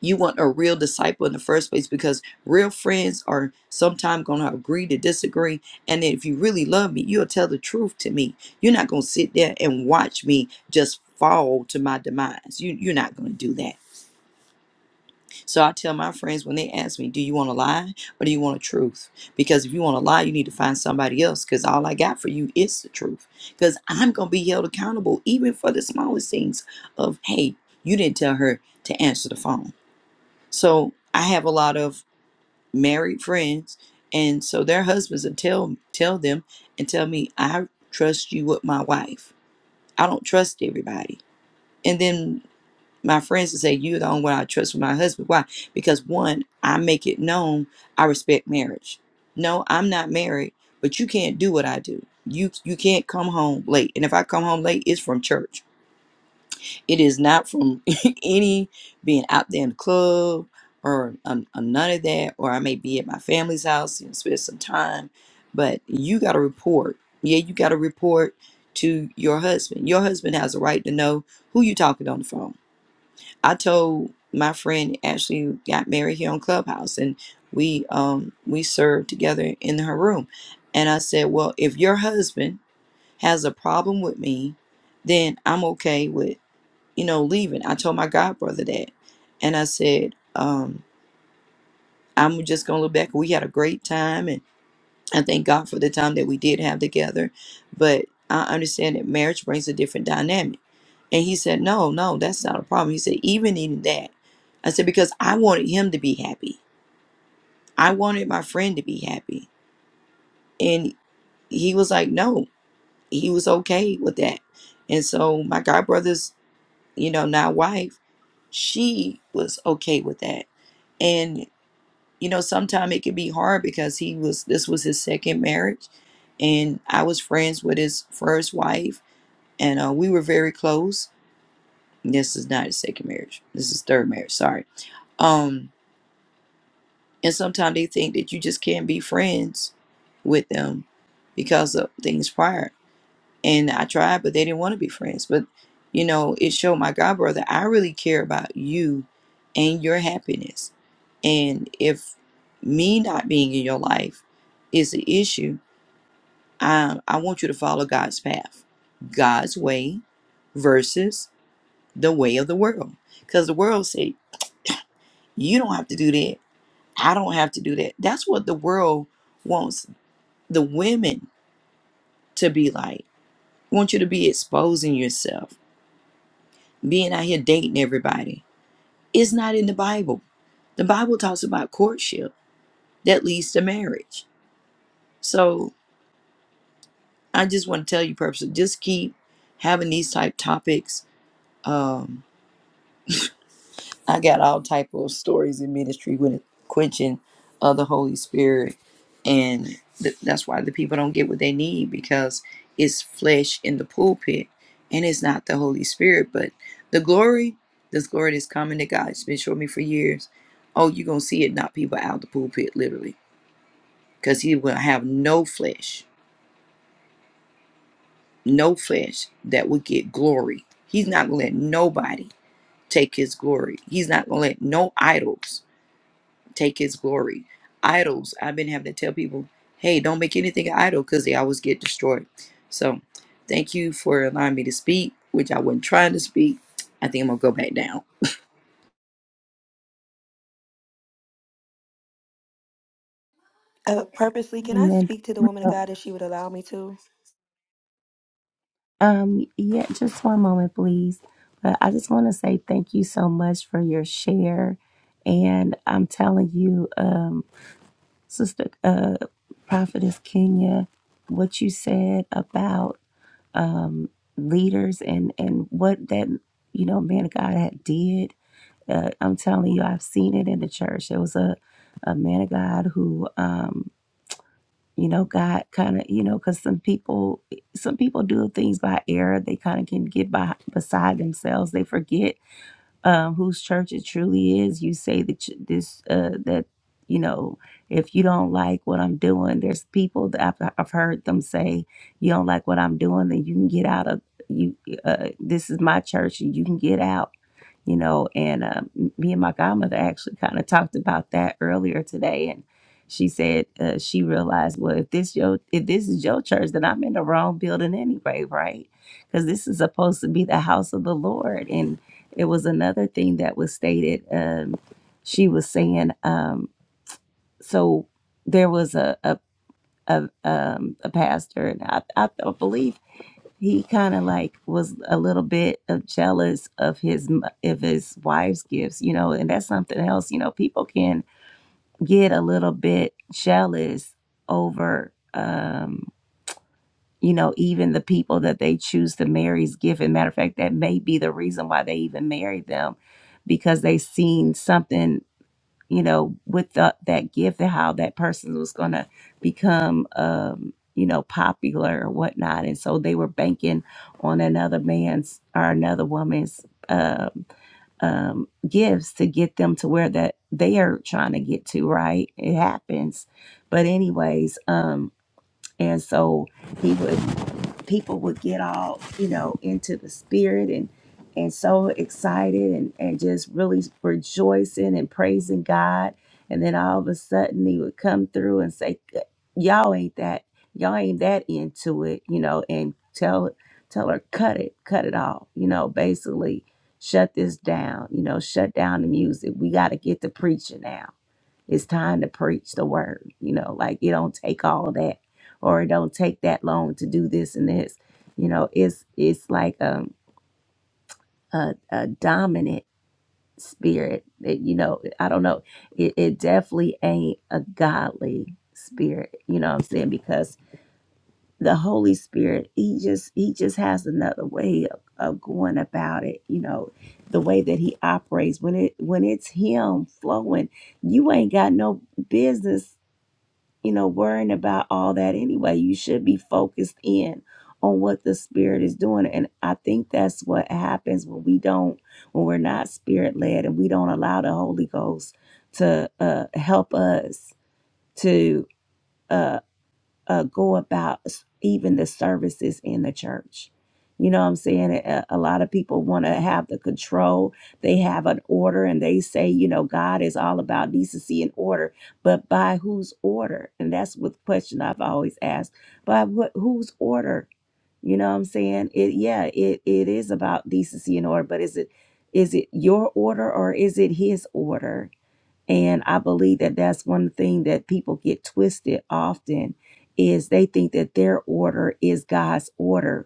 Speaker 7: you want a real disciple in the first place because real friends are sometimes going to agree to disagree. And if you really love me, you'll tell the truth to me. You're not going to sit there and watch me just fall to my demise. You, you're not going to do that. So I tell my friends when they ask me, Do you want to lie or do you want a truth? Because if you want to lie, you need to find somebody else because all I got for you is the truth. Because I'm going to be held accountable even for the smallest things of, Hey, you didn't tell her to answer the phone so I have a lot of married friends, and so their husbands will tell tell them and tell me, "I trust you with my wife. I don't trust everybody." And then my friends will say, "You're the only one I trust with my husband." Why? Because one, I make it known I respect marriage. No, I'm not married, but you can't do what I do. You you can't come home late, and if I come home late, it's from church. It is not from any being out there in the club or um, um, none of that. Or I may be at my family's house and spend some time, but you got to report. Yeah, you got to report to your husband. Your husband has a right to know who you talking on the phone. I told my friend Ashley who got married here on Clubhouse, and we um we served together in her room, and I said, well, if your husband has a problem with me, then I'm okay with you know, leaving. I told my god brother that. And I said, um, I'm just going to look back. We had a great time. And I thank God for the time that we did have together. But I understand that marriage brings a different dynamic. And he said, No, no, that's not a problem. He said, Even in that, I said, Because I wanted him to be happy. I wanted my friend to be happy. And he was like, No, he was okay with that. And so my godbrother's you know, now wife, she was okay with that. And, you know, sometimes it could be hard because he was, this was his second marriage. And I was friends with his first wife and uh, we were very close. This is not his second marriage. This is third marriage. Sorry. Um, and sometimes they think that you just can't be friends with them because of things prior. and I tried, but they didn't want to be friends. But you know, it showed my god brother I really care about you and your happiness. And if me not being in your life is the issue, I I want you to follow God's path, God's way versus the way of the world. Because the world say you don't have to do that. I don't have to do that. That's what the world wants the women to be like. Want you to be exposing yourself being out here dating everybody. It's not in the Bible. The Bible talks about courtship that leads to marriage. So I just want to tell you, purposely, just keep having these type topics. Um, I got all type of stories in ministry with quenching of the Holy Spirit, and th- that's why the people don't get what they need because it's flesh in the pulpit, and it's not the Holy Spirit. But the glory, this glory that's coming to God, it's been showing me for years. Oh, you're gonna see it knock people out the pulpit literally, because He will have no flesh, no flesh that will get glory. He's not gonna let nobody take His glory. He's not gonna let no idols. take his glory. Idols, I've been having to tell people, hey, don't make anything an idol because they always get destroyed. So thank you for allowing me to speak, which I wasn't trying to speak. I think I'm gonna go back down.
Speaker 3: Uh, purposely, can I
Speaker 1: Amen.
Speaker 3: speak to the woman of
Speaker 1: So,
Speaker 3: God if she would allow me to?
Speaker 1: Um, yeah, just one moment, please. But I just want to say thank you so much for your share. And I'm telling you, um, Sister uh, Prophetess Kenya, what you said about um, leaders and, and what that, you know, man of God had did. Uh, I'm telling you, I've seen it in the church. There was a, a man of God who um, you know god kind of you know because some people some people do things by error they kind of can get by beside themselves they forget um, whose church it truly is. You say that you, this uh, that you know if you don't like what I'm doing, there's people that I've, I've heard them say you don't like what I'm doing, then you can get out of you. Uh, this is my church, and you can get out. You know, and uh, me and my godmother actually kind of talked about that earlier today, and she said uh, she realized, well, if this your if this is your church, then I'm in the wrong building anyway, right? Because this is supposed to be the house of the Lord, and it was another thing that was stated. Um, she was saying, um, so there was a a a, um, a pastor, and I, I th- believe he kind of like was a little bit of jealous of his m- of his wife's gifts, you know, and that's something else. You know, people can get a little bit jealous over. Um, you know, even the people that they choose to marry is given. Matter of fact, that may be the reason why they even married them because they seen something, you know, with the, that gift and how that person was going to become, um, you know, popular or whatnot. And so they were banking on another man's or another woman's um, um, gifts to get them to where that they are trying to get to, right? It happens. But, anyways, um, and so, he would people would get all you know into the spirit and and so excited and and just really rejoicing and praising God. And then all of a sudden he would come through and say, "Y'all ain't that. Y'all ain't that into it," you know, and tell tell her cut it, cut it off, you know, basically shut this down, you know, shut down the music. We got to get to preaching now it's time to preach the word you know like it don't take all that or it don't take that long to do this and this you know it's it's like um a, a dominant spirit that you know i don't know it, it definitely ain't a godly spirit you know what i'm saying because the holy spirit he just he just has another way of, of going about it you know the way that he operates when it when it's him flowing you ain't got no business you know, worrying about all that anyway. You should be focused in on what the spirit is doing. And I think that's what happens when we don't, when we're not spirit led and we don't allow the Holy Ghost to uh, help us to. uh, uh, go about even the services in the church. You know what I'm saying? A, a lot of people want to have the control. They have an order and they say, you know, God is all about decency and order, but by whose order? And that's what the question I've always asked. By what whose order? You know what I'm saying? It yeah, it it is about decency and order, but is it is it your order or is it his order? And I believe that that's one thing that people get twisted often is they think that their order is God's order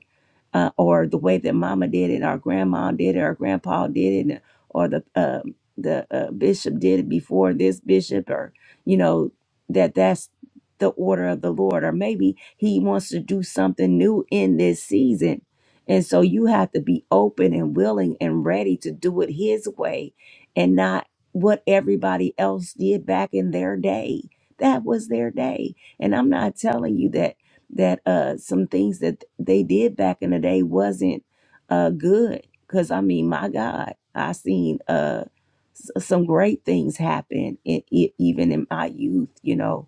Speaker 1: uh, or the way that mama did it, our grandma did it, our grandpa did it, or the um the uh, bishop did it before this bishop, or you know that that's the order of the Lord, or maybe He wants to do something new in this season, and so you have to be open and willing and ready to do it His way, and not what everybody else did back in their day. That was their day, and I'm not telling you that that uh some things that they did back in the day wasn't uh good because i mean my god i seen uh s- some great things happen in, e- even in my youth you know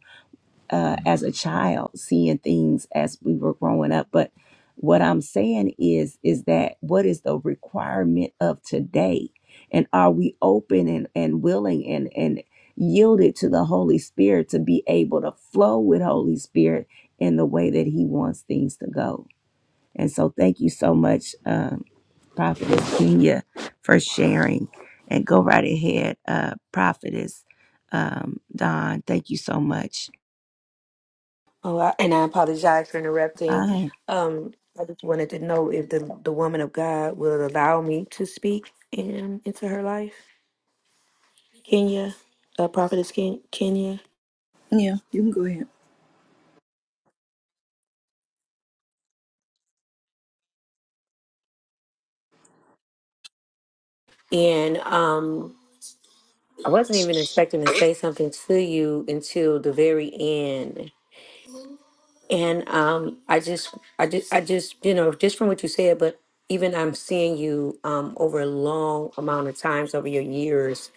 Speaker 1: uh, as a child, seeing things as we were growing up. But what I'm saying is, is that what is the requirement of today? And are we open and, and willing and, and yielded to the Holy Spirit to be able to flow with Holy Spirit in the way that He wants things to go? And so thank you so much, um, Prophetess Kenya, for sharing. And go right ahead, uh, Prophetess um, Don. Thank you so much.
Speaker 3: Oh, I, and I apologize for interrupting.
Speaker 1: Bye.
Speaker 3: Um, I just wanted to know if the the woman of God will allow me to speak in, into her life. Kenya, uh, prophetess Ken, Kenya.
Speaker 7: Yeah, you can go ahead.
Speaker 3: And um, I wasn't even expecting to say something to you until the very end. And um, I just, I just, I just, you know, just from what you said, but even I'm seeing you um, over a long amount of times over your years,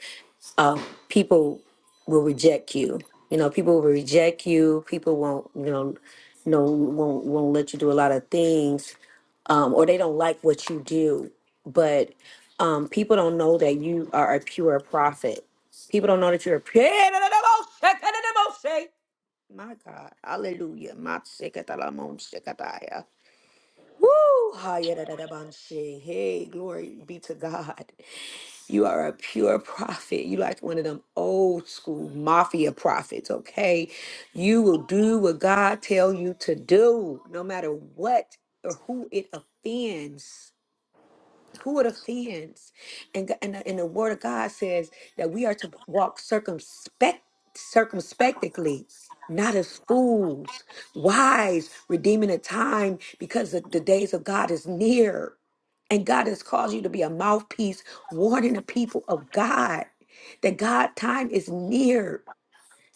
Speaker 3: uh, people will reject you. You know, people will reject you. People won't, you know, no, won't, won't let you do a lot of things um, or they don't like what you do. But um, people don't know that you are a pure prophet. People don't know that you're a pure. My God, Hallelujah, my shekatalamon Woo! Hayadadabanshi. Hey, glory be to God. You are a pure prophet. You like one of them old school mafia prophets, okay? You will do what God tell you to do, no matter what or who it offends. Who are the fans? And, g- and, the- and the word of God says that we are to walk circumspect, circumspectly, not as fools, wise, redeeming the time because the, the days of God is near. And God has caused you to be a mouthpiece warning the people of God that God time is near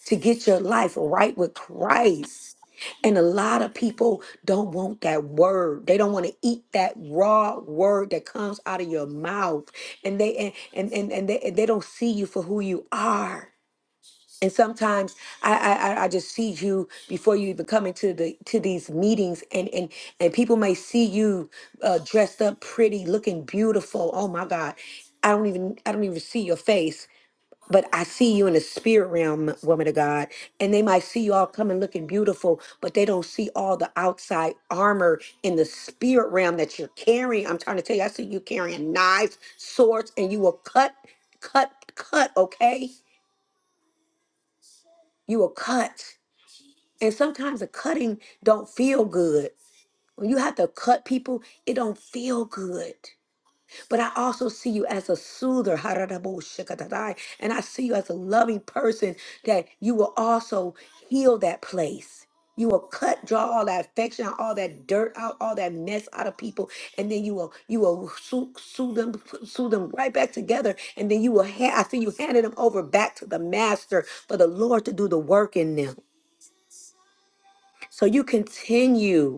Speaker 3: to get your life right with Christ. And a lot of people don't want that word. They don't want to eat that raw word that comes out of your mouth. And they and and and, and they and they don't see you for who you are. And sometimes I, I I I just see you before you even come into the to these meetings and and and people may see you uh, dressed up pretty, looking beautiful. Oh my God. I don't even I don't even see your face but I see you in the spirit realm, woman of God. And they might see you all coming looking beautiful, but they don't see all the outside armor in the spirit realm that you're carrying. I'm trying to tell you, I see you carrying knives, swords, and you will cut, cut, cut, okay? You will cut. And sometimes the cutting don't feel good. When you have to cut people, it don't feel good. But I also see you as a soother, and I see you as a loving person that you will also heal that place. You will cut, draw all that affection, all that dirt out, all that mess out of people, and then you will you will sue, sue them, put- sue them right back together, and then you will. Ha- I see you handing them over back to the master for the Lord to do the work in them. So you continue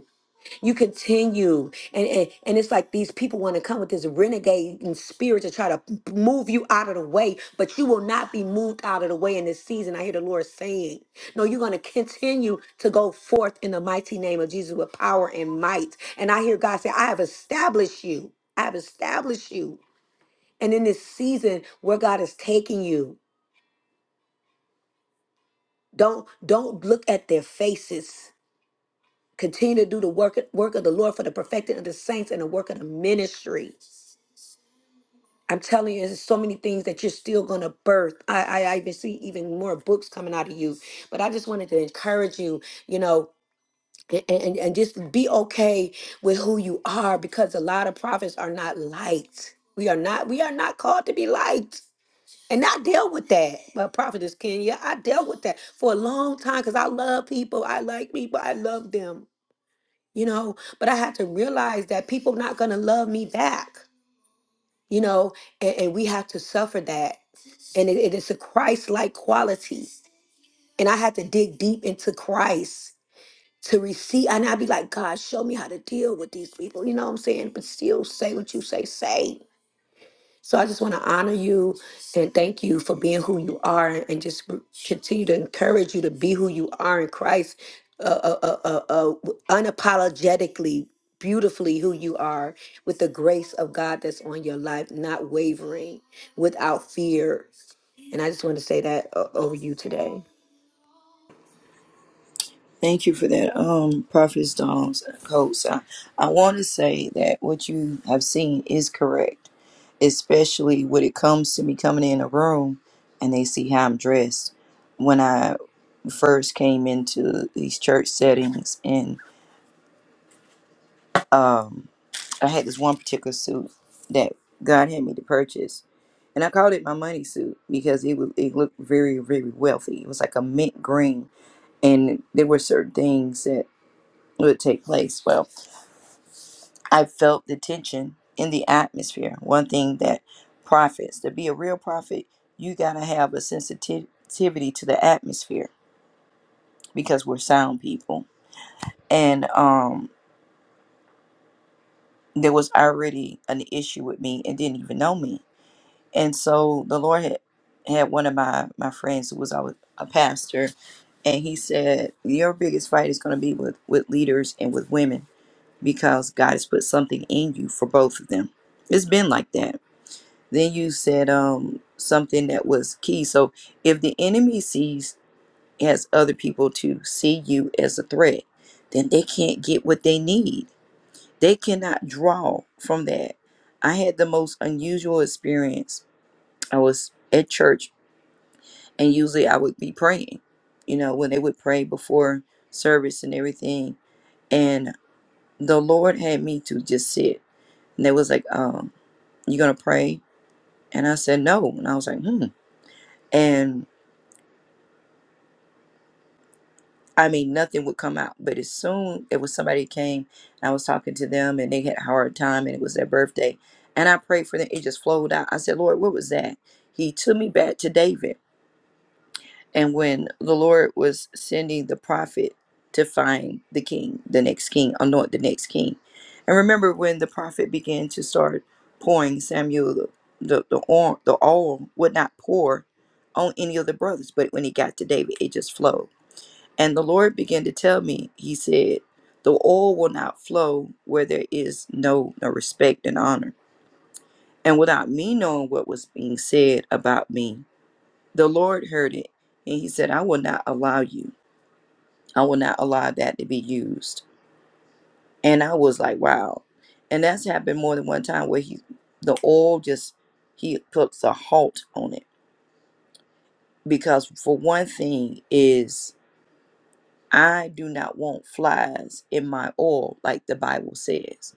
Speaker 3: you continue and, and and it's like these people want to come with this renegade spirit to try to move you out of the way but you will not be moved out of the way in this season i hear the lord saying no you're going to continue to go forth in the mighty name of jesus with power and might and i hear god say i have established you i have established you and in this season where god is taking you don't don't look at their faces continue to do the work work of the lord for the perfecting of the saints and the work of the ministry I'm telling you, there's so many things that you're still gonna birth. I, I, I even see even more books coming out of you. But I just wanted to encourage you, you know, a- a- and, and just be okay with who you are because a lot of prophets are not liked. We are not, we are not called to be liked. And I dealt with that. But Prophetess Kenya, I dealt with that for a long time because I love people. I like people. I love them, you know. But I had to realize that people not gonna love me back, you know, and, and we have to suffer that and it, it is a Christ-like quality. And I had to dig deep into Christ to receive. And I'd be like, God, show me how to deal with these people. You know what I'm saying? But still say what you say, say. So I just want to honor you and thank you for being who you are and and just r- continue to encourage you to be who you are in Christ, uh, uh, uh, uh, uh, w- unapologetically, beautifully who you are with the grace of God that's on your life, not wavering, without fear. And I just want to say that o- over you today.
Speaker 7: Thank you for that, um, Prophet's Dom's coach. I, I want to say that what you have seen is correct, especially when it comes to me coming in a room and they see how I'm dressed. When I first came into these church settings and um, I had this one particular suit that God had me to purchase, and I called it my money suit because it was it looked very very wealthy. It was like a mint green, and there were certain things that would take place. Well, I felt the tension in the atmosphere. One thing that prophets to be a real prophet, you gotta have a sensitivity to the atmosphere because we're sound people, and um, there was already an issue with me and didn't even know me And so the Lord had, had one of my, my friends who was always a pastor, and he said, Your biggest fight is going to be with, with leaders and with women because God has put something in you for both of them. It's been like that. Then you said um, something that was key. So if the enemy sees, has other people to see you as a threat, then they can't get what they need. They cannot draw from that. I had the most unusual experience. I was at church and usually I would be praying, you know, when they would pray before service and everything. And the Lord had me to just sit. And they was like, um, you gonna pray? And I said no. And I was like, hmm. And I mean nothing would come out. But as soon it was somebody that came and I was talking to them and they had a hard time and it was their birthday. And I prayed for them. It just flowed out. I said, Lord, what was that? He took me back to David And when the Lord was sending the prophet to find the king, the next king, anoint the next king. And remember when the prophet began to start pouring Samuel the the, the oil, the oil would not pour on any of the brothers, but when he got to David, it just flowed. And the Lord began to tell me, he said, the oil will not flow where there is no, no respect and honor. And without me knowing what was being said about me, the Lord heard it, and he said, I will not allow you. I will not allow that to be used. And I was like, wow. And that's happened more than one time where he the oil just he puts a halt on it. Because for one thing is I do not want flies in my oil, like the Bible says.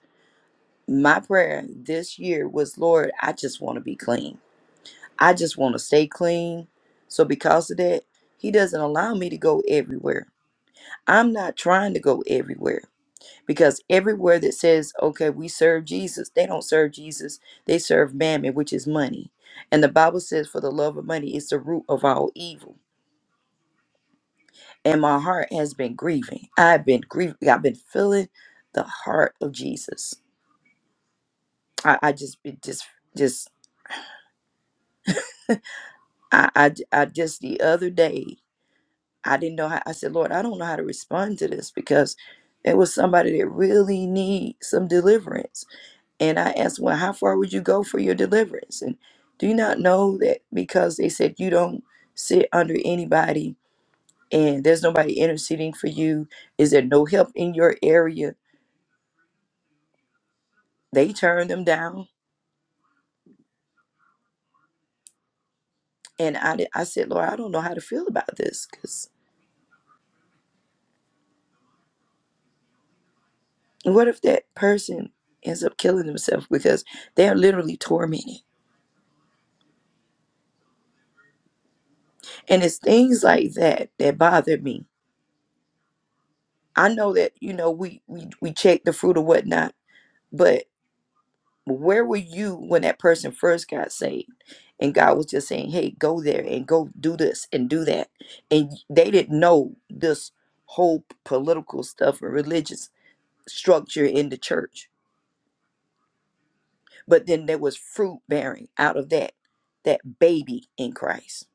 Speaker 7: My prayer this year was, Lord, I just want to be clean. I just want to stay clean. So because of that, he doesn't allow me to go everywhere I'm not trying to go everywhere because everywhere that says, okay, we serve Jesus, they don't serve Jesus. They serve mammon, which is money. And the Bible says, for the love of money is the root of all evil. And my heart has been grieving. I've been grieving. I've been feeling the heart of Jesus. I, I just, it just, just, I I, I just the other day, I didn't know how, I said, Lord, I don't know how to respond to this because it was somebody that really needs some deliverance And I asked, Well, how far would you go for your deliverance? And do you not know that because they said you don't sit under anybody and there's nobody interceding for you? Is there no help in your area? They turned them down. And I, did- I said, Lord, I don't know how to feel about this because what if that person ends up killing themselves because they're literally tormented? And it's things like that that bother me. I know that, you know, we, we, we check the fruit or whatnot, but. where were you when that person first got saved and god was just saying hey go there and go do this and do that and they didn't know this whole political stuff and religious structure in the church but then there was fruit bearing out of that that baby in christ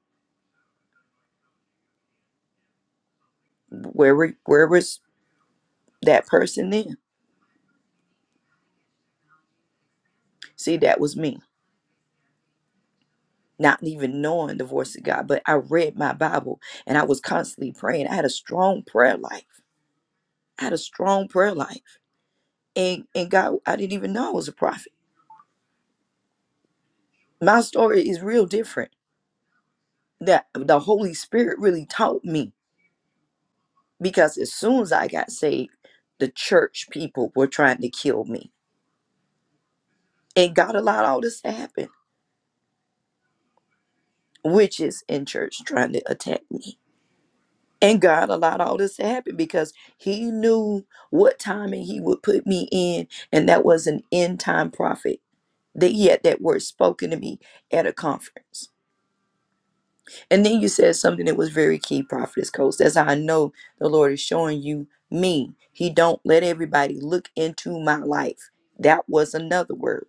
Speaker 7: where were, where was that person then see that was me not even knowing the voice of god but i read my bible and i was constantly praying i had a strong prayer life i had a strong prayer life and and God, I didn't even know I was a prophet. My story is real different. That the Holy Spirit really taught me because as soon as I got saved, the church people were trying to kill me, and God allowed all this to happen. Witches in church trying to attack me, and God allowed all this to happen because He knew what timing He would put me in, and that was an end time prophet. That He had that word spoken to me at a conference And then you said something that was very key, Prophetess Coach. That's how I know the Lord is showing you me. He don't let everybody look into my life. That was another word.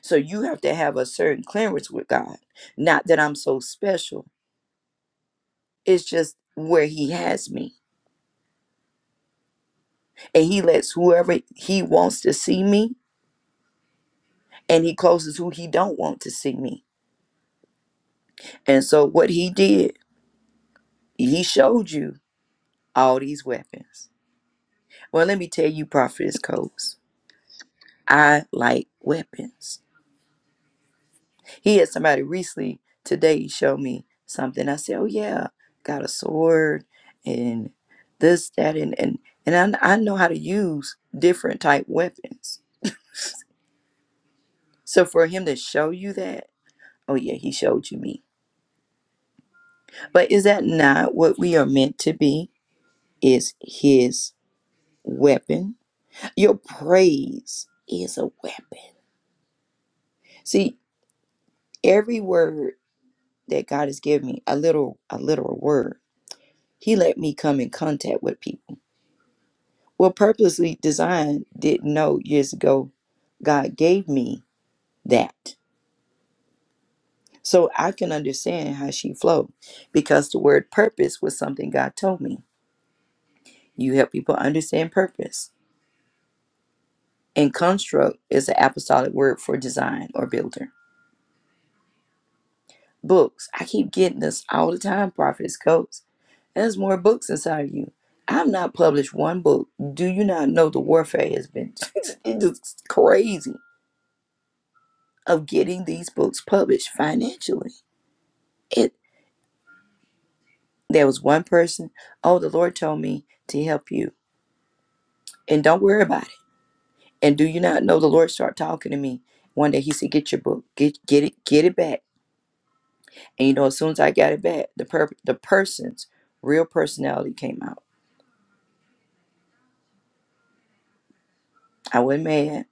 Speaker 7: So you have to have a certain clearance with God. Not that I'm so special. It's just where he has me. And he lets whoever he wants to see me and he closes who he don't want to see me. And so what he did, he showed you all these weapons. Well, let me tell you, Prophetess Coach. I like weapons. He had somebody recently today show me something. I said, "Oh yeah, got a sword and this, that, and and and I, I know how to use different type weapons." So for him to show you that, oh yeah, he showed you me. But is that not what we are meant to be? Is his weapon? Your praise is a weapon. See, every word that God has given me, a little, a literal word He let me come in contact with people. Well, purposely designed didn't know years ago God gave me that. So I can understand how she flowed because the word purpose was something God told me. You help people understand purpose. And construct is an apostolic word for design or builder. Books. I keep getting this all the time, prophetess coats. There's more books inside of you. I've not published one book. Do you not know the warfare has been it's just crazy? of getting these books published financially. It there was one person, oh the Lord told me to help you. And don't worry about it. And do you not know the Lord started talking to me? One day he said, Get your book. Get get it get it back. And you know, as soon as I got it back, the per- the person's real personality came out. I wasn't mad.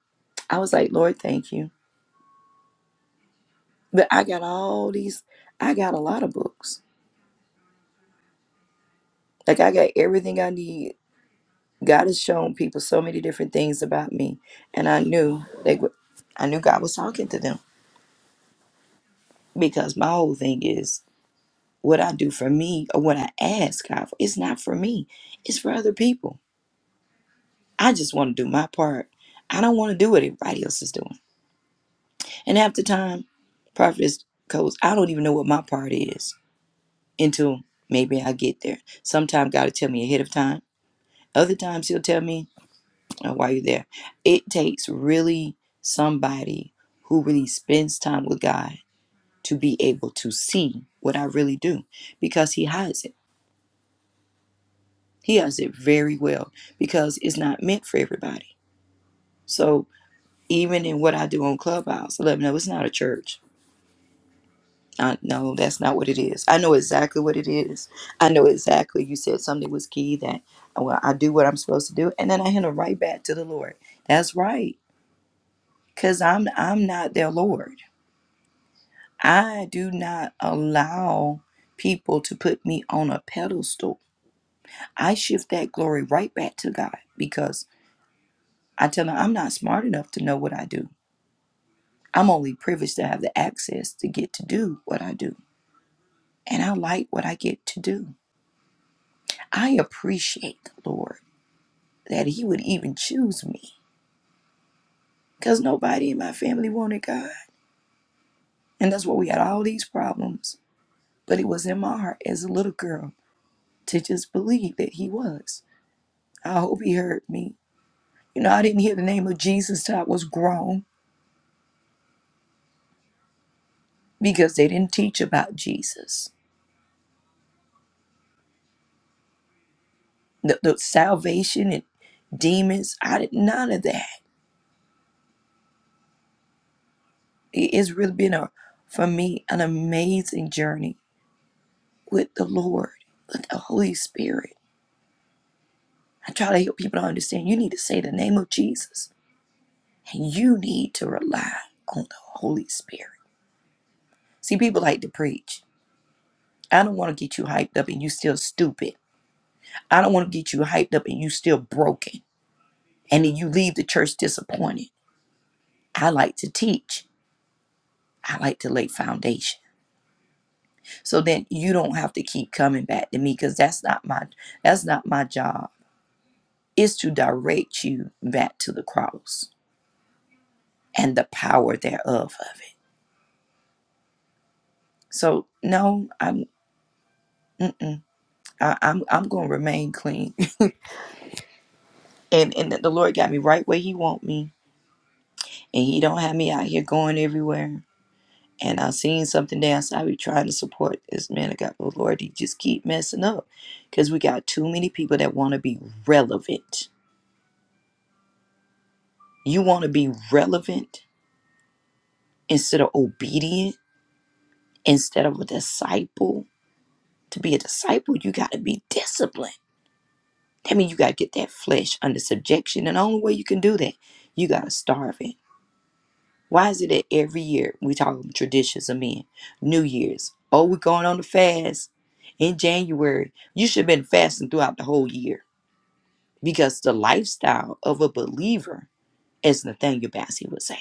Speaker 7: I was like, Lord, thank you. But I got all these I got a lot of books. Like I got everything I need God has shown people so many different things about me, and I knew they were, I knew God was talking to them because my whole thing is what I do for me or what I ask God for. It's not for me; it's for other people. I just want to do my part. I don't want to do what everybody else is doing. And half the time, prophets codes, I don't even know what my part is until maybe I get there. Sometimes God will tell me ahead of time. Other times He'll tell me uh, while you're there. It takes really somebody who really spends time with God to be able to see what I really do because He hides it. He hides it very well because it's not meant for everybody. So even in what I do on Clubhouse, I let them know it's not a church. I, no, that's not what it is. I know exactly what it is. I know exactly. You said something was key that well, I do what I'm supposed to do, and then I hand it right back to the Lord. That's right, cause I'm I'm not their Lord. I do not allow people to put me on a pedestal. I shift that glory right back to God because I tell them I'm not smart enough to know what I do. I'm only privileged to have the access to get to do what I do. And I like what I get to do. I appreciate the Lord that He would even choose me because nobody in my family wanted God. And that's why we had all these problems. But it was in my heart as a little girl to just believe that He was. I hope He heard me You know, I didn't hear the name of Jesus till I was grown because they didn't teach about Jesus. The, the salvation and demons, I did none of that. It- It's really been a for me an amazing journey with the Lord, with the Holy Spirit. I try to help people to understand you need to say the name of Jesus and you need to rely on the Holy Spirit. See, people like to preach. I don't want to get you hyped up and you still stupid. I don't want to get you hyped up and you still broken. and then you leave the church disappointed. I like to teach. I like to lay foundation. So then you don't have to keep coming back to me because that's not my that's not my job. It's to direct you back to the cross and the power thereof of it. So no, I'm mm-mm, I, I'm I'm gonna remain clean. And and the Lord got me right where He want me, and He don't have me out here going everywhere. And I seen something down so I be trying to support this man of God. But Lord, he just keep messing up. Because we got too many people that want to be relevant. You want to be relevant instead of obedient, instead of a disciple. To be a disciple, you got to be disciplined. That means you got to get that flesh under subjection. And the only way you can do that, you got to starve it. Why is it that every year we talk about traditions of men? New Year's. Oh, we're going on the fast in January. You should have been fasting throughout the whole year because the lifestyle of a believer, as Nathaniel Bassey would say,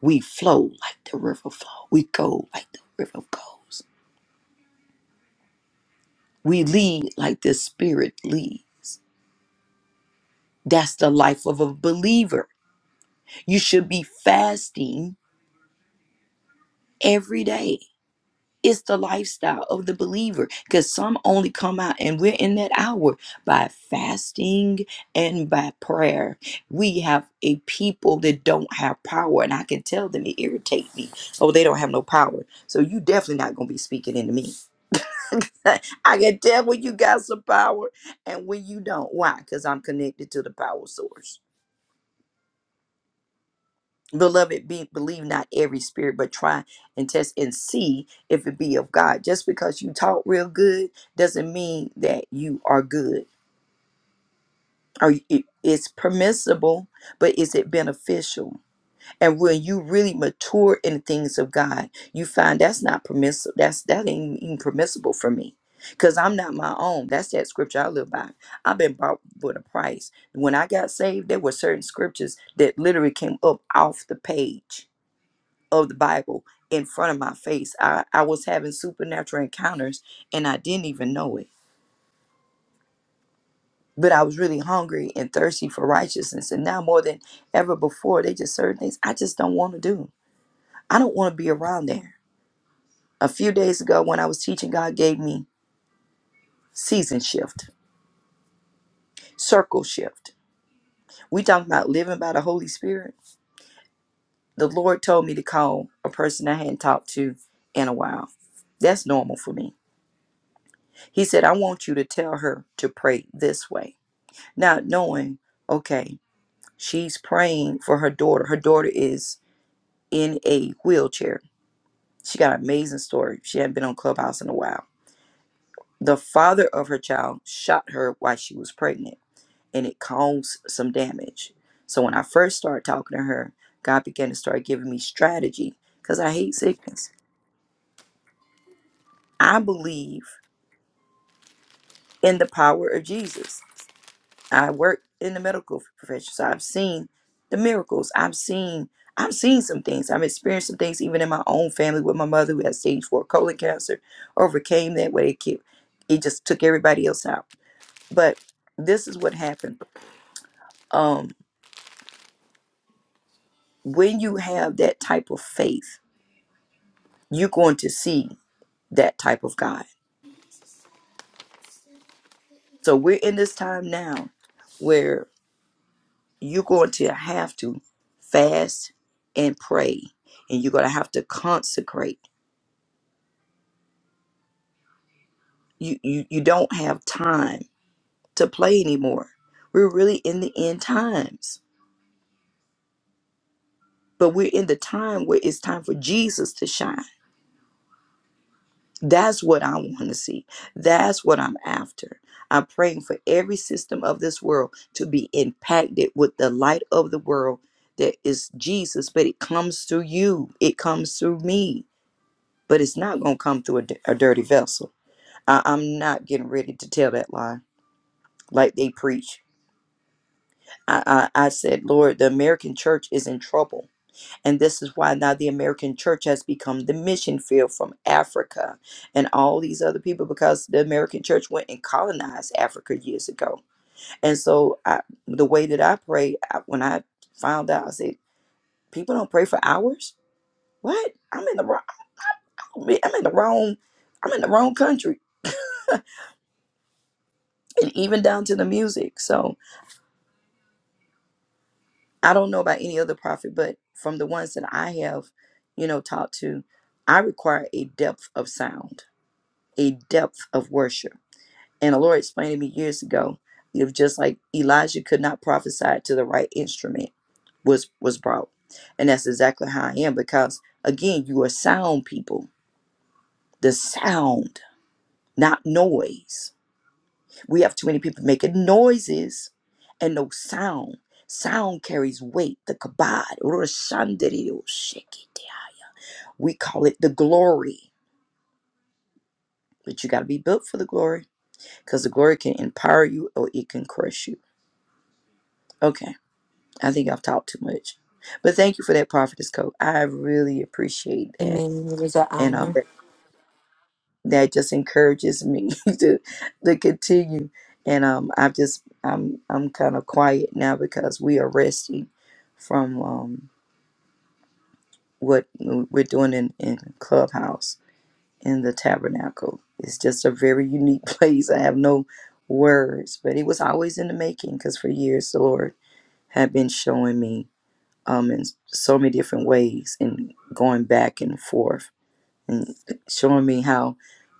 Speaker 7: we flow like the river flow. We go like the river goes. We lead like the spirit leads. That's the life of a believer. You should be fasting every day. It's the lifestyle of the believer because some only come out and we're in that hour by fasting and by prayer. We have a people that don't have power, and I can tell them it irritates me. Oh, they don't have no power. So you definitely not gonna be speaking into me. I can tell when you got some power and when you don't. Why? Because I'm connected to the power source. Beloved, be, believe not every spirit, but try and test and see if it be of God. Just because you talk real good doesn't mean that you are good. Or it- it's permissible, but is it beneficial? And when you really mature in the things of God, you find that's not permissible. That's that ain't even permissible for me, because I'm not my own. That's that scripture I live by. I've been bought with a price. When I got saved, there were certain scriptures that literally came up off the page of the Bible in front of my face. I, I was having supernatural encounters and I didn't even know it. But I was really hungry and thirsty for righteousness. And now more than ever before, they just certain things I just don't want to do. I don't want to be around there. A few days ago when I was teaching, God gave me season shift, circle shift. We talking about living by the Holy Spirit. The Lord told me to call a person I hadn't talked to in a while. That's normal for me. He said, I want you to tell her to pray this way. not knowing, okay, she's praying for her daughter. Her daughter is in a wheelchair. She got an amazing story. She hadn't been on Clubhouse in a while. The father of her child shot her while she was pregnant, and it caused some damage. So when I first started talking to her, God began to start giving me strategy because I hate sickness. I believe in the power of Jesus. I work in the medical profession, so I've seen the miracles. I've seen I've seen some things. I've experienced some things even in my own family with my mother who had stage four colon cancer, overcame that way. It kept, it just took everybody else out. But this is what happened. Um, when you have that type of faith, you're going to see that type of God. So we're in this time now where you're going to have to fast and pray, and you're going to have to consecrate you you you don't have time to play anymore. We're really in the end times. But we're in the time where it's time for Jesus to shine. That's what I want to see. That's what I'm after. I'm praying for every system of this world to be impacted with the light of the world that is Jesus, but it comes through you. It comes through me, but it's not going to come through a, di- a dirty vessel. I, I'm not getting ready to tell that lie like they preach I, I, I said, Lord, the American church is in trouble. And this is why now the American church has become the mission field from Africa and all these other people because the American church went and colonized Africa years ago. And so I, the way that I pray, I, when I found out, I said, people don't pray for hours? What? I'm in the wrong, I'm in the wrong, I'm in the wrong country. And even down to the music. So, I don't know about any other prophet, but from the ones that I have, you know, talked to, I require a depth of sound, a depth of worship. And the Lord explained to me years ago, if just like Elijah could not prophesy to the right instrument was was brought. And that's exactly how I am because again, you are sound people. The sound, not noise. We have too many people making noises and no sound. Sound carries weight, the kabod. We call it the glory, but you got to be built for the glory because the glory can empower you or it can crush you. Okay, I think I've talked too much, but thank you for that prophetess code. I really appreciate that.
Speaker 3: Amen. It was an
Speaker 7: And um,
Speaker 3: honor.
Speaker 7: that just encourages me to to continue. And um, I've just I'm I'm kind of quiet now because we are resting from um, what we're doing in, in Clubhouse in the Tabernacle. It's just a very unique place. I have no words, but it was always in the making because for years the Lord had been showing me um, in so many different ways and going back and forth and showing me how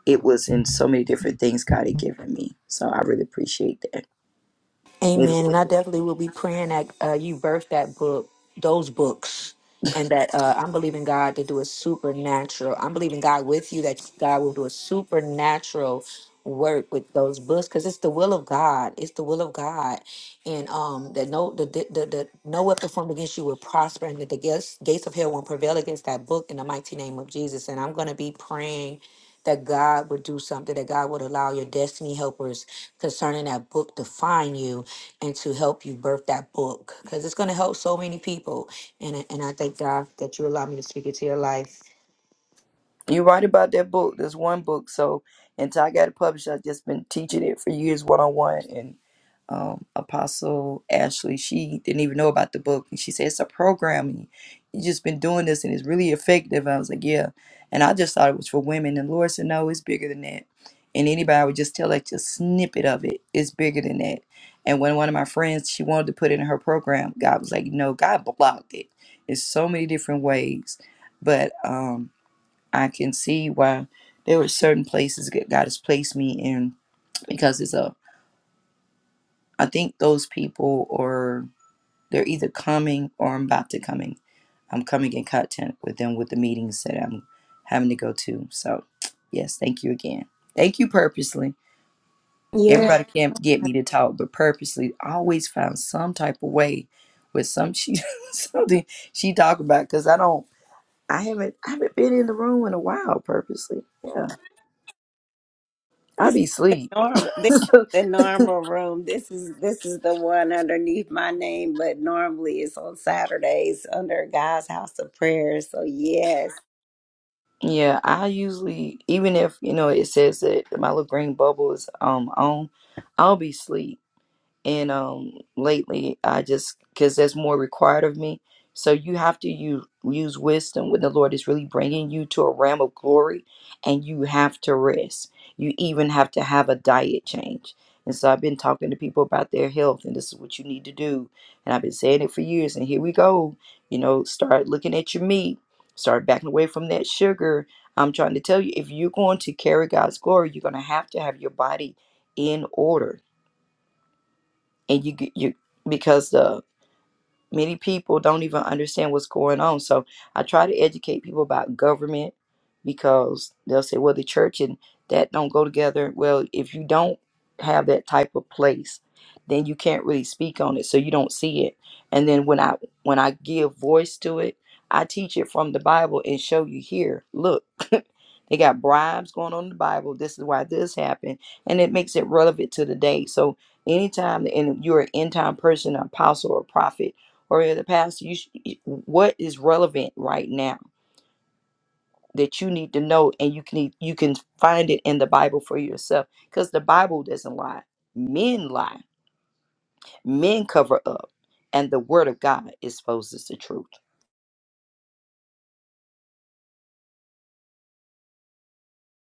Speaker 7: it was in so many different things God had given me. So I really appreciate that.
Speaker 3: Amen. And I definitely will be praying that uh, you birth that book, those books, and that uh, I'm believing God to do a supernatural. I'm believing God with you that God will do a supernatural work with those books because it's the will of God. It's the will of God, and um, that no the, the, the, the no weapon formed against you will prosper, and that the gates gates of hell won't prevail against that book in the mighty name of Jesus. And I'm going to be praying. That God would do something, that God would allow your destiny helpers concerning that book to find you, and to help you birth that book because it's going to help so many people. And I- and I thank God that you allow me to speak into your life.
Speaker 7: You're right about that book. There's one book. So until I got it published, I've just been teaching it for years one on one. and. um, Apostle Ashley, she didn't even know about the book. And she said, It's a program. And you just been doing this and it's really effective. I was like, Yeah. And I just thought it was for women. And Lord said, No, it's bigger than that. And anybody would just tell like just snippet of it. It's bigger than that. And when one of my friends, she wanted to put it in her program, God was like, No, God blocked it. It's so many different ways. But um, I can see why there were certain places that God has placed me in because it's a I think those people are they're either coming or I'm about to coming. I'm coming in content with them with the meetings that I'm having to go to. So yes, thank you again. Thank you purposely.
Speaker 1: Yeah,
Speaker 7: Everybody can't get me to talk, but purposely I always found some type of way with some she something she talk about because I don't I haven't I haven't been in the room in a while purposely. Yeah. I
Speaker 1: this
Speaker 7: be
Speaker 1: ain't the
Speaker 7: asleep.
Speaker 1: normal. This ain't the normal room. This is this is the one underneath my name, but normally it's on Saturdays under God's House of Prayer. So yes,
Speaker 7: Yeah, I usually even if you know it says that my little green bubble is um on, I'll be asleep and um lately i just because there's more required of me so you have to use, use wisdom when the lord is really bringing you to a realm of glory and you have to rest you even have to have a diet change and so i've been talking to people about their health and this is what you need to do and i've been saying it for years and here we go you know start looking at your meat start backing away from that sugar i'm trying to tell you if you're going to carry god's glory you're going to have to have your body in order and you g- you because the many people don't even understand what's going on. So I try to educate people about government because they'll say, well, the church and that don't go together. Well, if you don't have that type of place, then you can't really speak on it. So you don't see it. And then when I when I give voice to it, I teach it from the Bible and show you here, look, they got bribes going on in the Bible. This is why this happened. And it makes it relevant to the day. So anytime and if you're an end time person, an apostle or prophet, or in the past you sh- what is relevant right now that you need to know and you can e, you can find it in the bible for yourself because the bible doesn't lie men lie men cover up and the word of god exposes the truth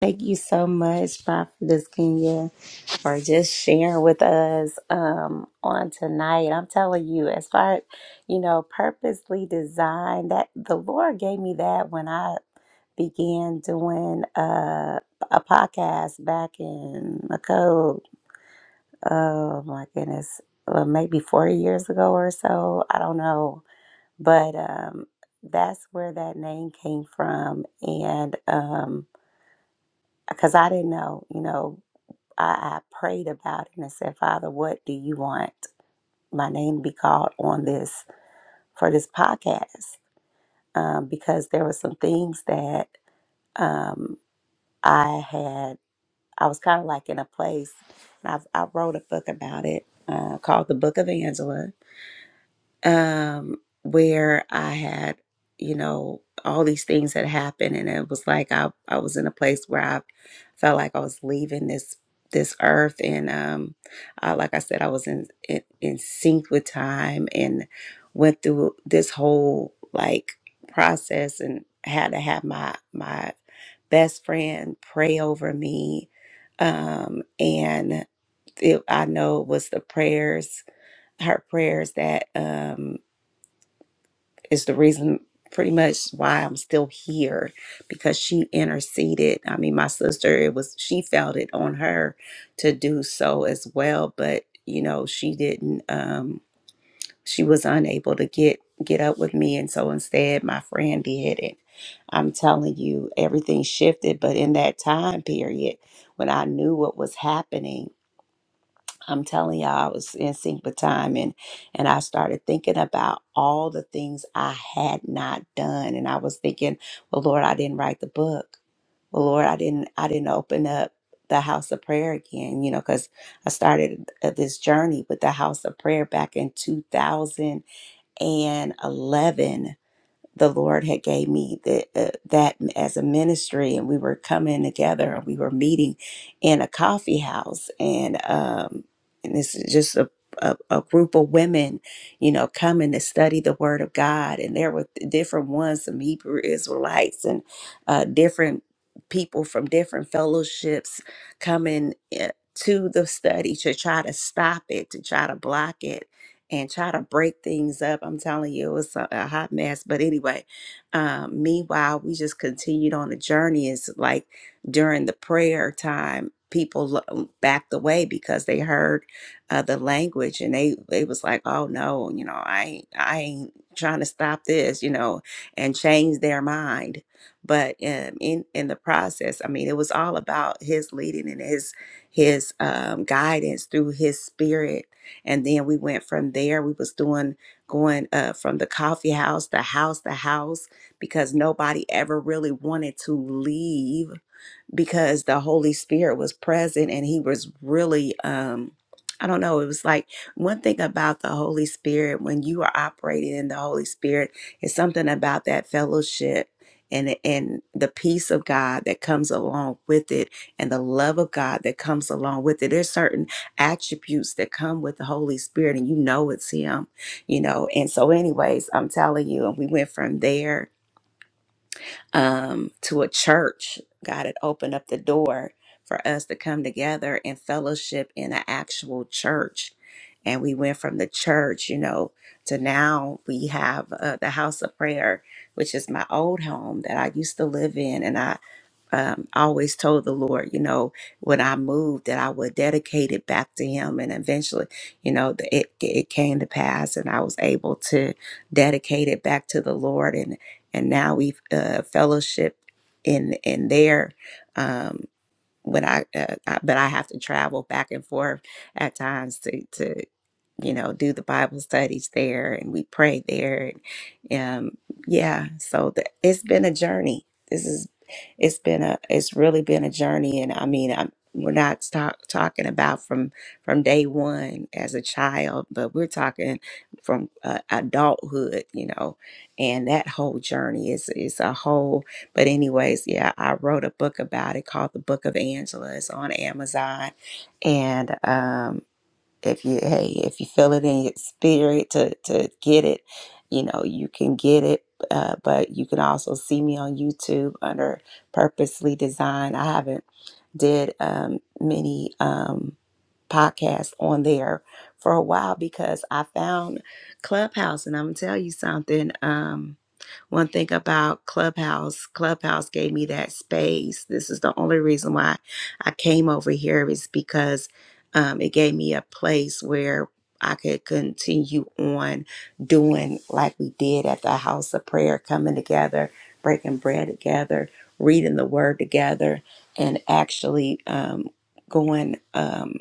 Speaker 1: thank you so much, Prophetess Kenya, for just sharing with us um, on tonight. I'm telling you, as far you know, purposely designed that the Lord gave me that when I began doing uh, a podcast back in Macau oh my goodness, well, maybe four years ago or so. I don't know. But um, that's where that name came from. And because I didn't know, you know, I, I prayed about it and I said, Father, what do you want my name to be called on this for this podcast? Um, because there were some things that um, I had, I was kind of like in a place, and I've, I wrote a book about it uh, called The Book of Angela um, where I had, you know, all these things had happened, and it was like I I was in a place where I felt like I was leaving this this earth, and um, I, like I said, I was in, in in sync with time, and went through this whole like process, and had to have my my best friend pray over me, um, and it, I know it was the prayers, her prayers that. um is the reason pretty much why I'm still here because she interceded. I mean, my sister, it was she felt it on her to do so as well, but you know, she didn't um she was unable to get get up with me and so instead my friend did it. I'm telling you, everything shifted, but in that time period when I knew what was happening, I'm telling y'all, I was in sync with time, and and I started thinking about all the things I had not done, and I was thinking, well, Lord, I didn't write the book. Well, Lord, I didn't I didn't open up the house of prayer again, you know, because I started uh, this journey with the house of prayer back in 2011, the Lord had gave me the, uh, that as a ministry, and we were coming together and we were meeting in a coffee house, and um, and this is just a, a a group of women, you know, coming to study the Word of God, and there were different ones, some Hebrew Israelites, and uh, different people from different fellowships coming. uh, To the study to try to stop it, to try to block it, and try to break things up. I'm telling you, it was a, a hot mess. But anyway, um, meanwhile, we just continued on the journey. It's like during the prayer time, people lo- backed away because they heard uh, the language and they they was like, oh no, you know, I ain't- I ain't trying to stop this, you know, and change their mind. But um, in in the process, I mean, it was all about his leading and his his um, guidance through his spirit and then we went from there we was doing going uh, from the coffee house to house to house because nobody ever really wanted to leave because the Holy Spirit was present and he was really um I don't know, it was like one thing about the Holy Spirit when you are operating in the Holy Spirit is something about that fellowship and and the peace of God that comes along with it and the love of God that comes along with it. There's certain attributes that come with the Holy Spirit and you know it's him, you know. And so anyways, I'm telling you, and we went from there um, to a church. God had opened up the door for us to come together and fellowship in an actual church. And we went from the church, you know, to now we have uh, the house of prayer, which is my old home that I used to live in. And I um, always told the Lord, you know, when I moved, that I would dedicate it back to Him. And eventually, you know, the, it, it came to pass and I was able to dedicate it back to the Lord and now we've uh, fellowship in in there. Um, when I, uh, I but I have to travel back and forth at times to to you know, do the Bible studies there and we pray there. And, um, yeah, so the, it's been a journey. This is, it's been a, it's really been a journey. And I mean, I'm, we're not talk, talking about from from day one as a child, but we're talking from uh, adulthood, you know, and that whole journey is is a whole. But anyways, yeah, I wrote a book about it called The Book of Angela. It's on Amazon, and um, if you hey if you feel it in your spirit to to get it you know you can get it uh, but you can also see me on youtube under purposely designed i haven't did um, many um, podcasts on there for a while because i found clubhouse and i'm gonna tell you something Um, one thing about Clubhouse, Clubhouse gave me that space. This is the only reason why I came over here is because um, it gave me a place where I could continue on doing like we did at the house of prayer, coming together, breaking bread together, reading the word together, and actually um, going um,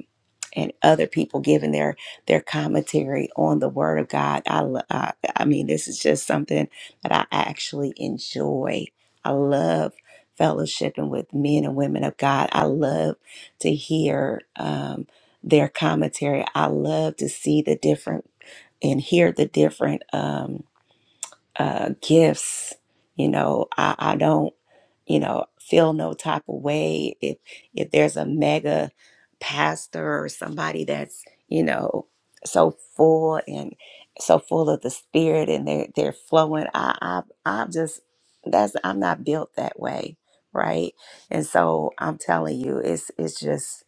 Speaker 1: and other people giving their their commentary on the word of God. I, lo- I I mean, this is just something that I actually enjoy. I love fellowshipping with men and women of God. I love to hear um, their commentary. I love to see the different and hear the different um, uh, gifts. You know, I, I don't you know feel no type of way if if there's a mega pastor or somebody that's you know so full and so full of the spirit and they're they're flowing i i i'm just that's i'm not built that way right and so i'm telling you it's it's just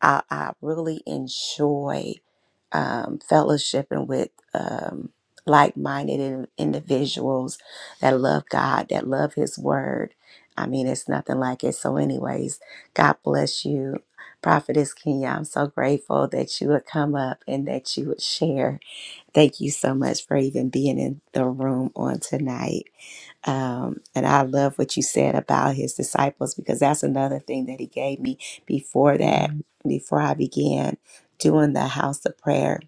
Speaker 1: I, I really enjoy um, fellowshipping with um, like minded individuals that love God, that love His Word. I mean, it's nothing like it. So, anyways, God bless you. Prophetess Kenya, I'm so grateful that you would come up and that you would share. Thank you so much for even being in the room on tonight. Um, and I love what you said about his disciples because that's another thing that he gave me before that, Mhm. before I began doing the house of prayer.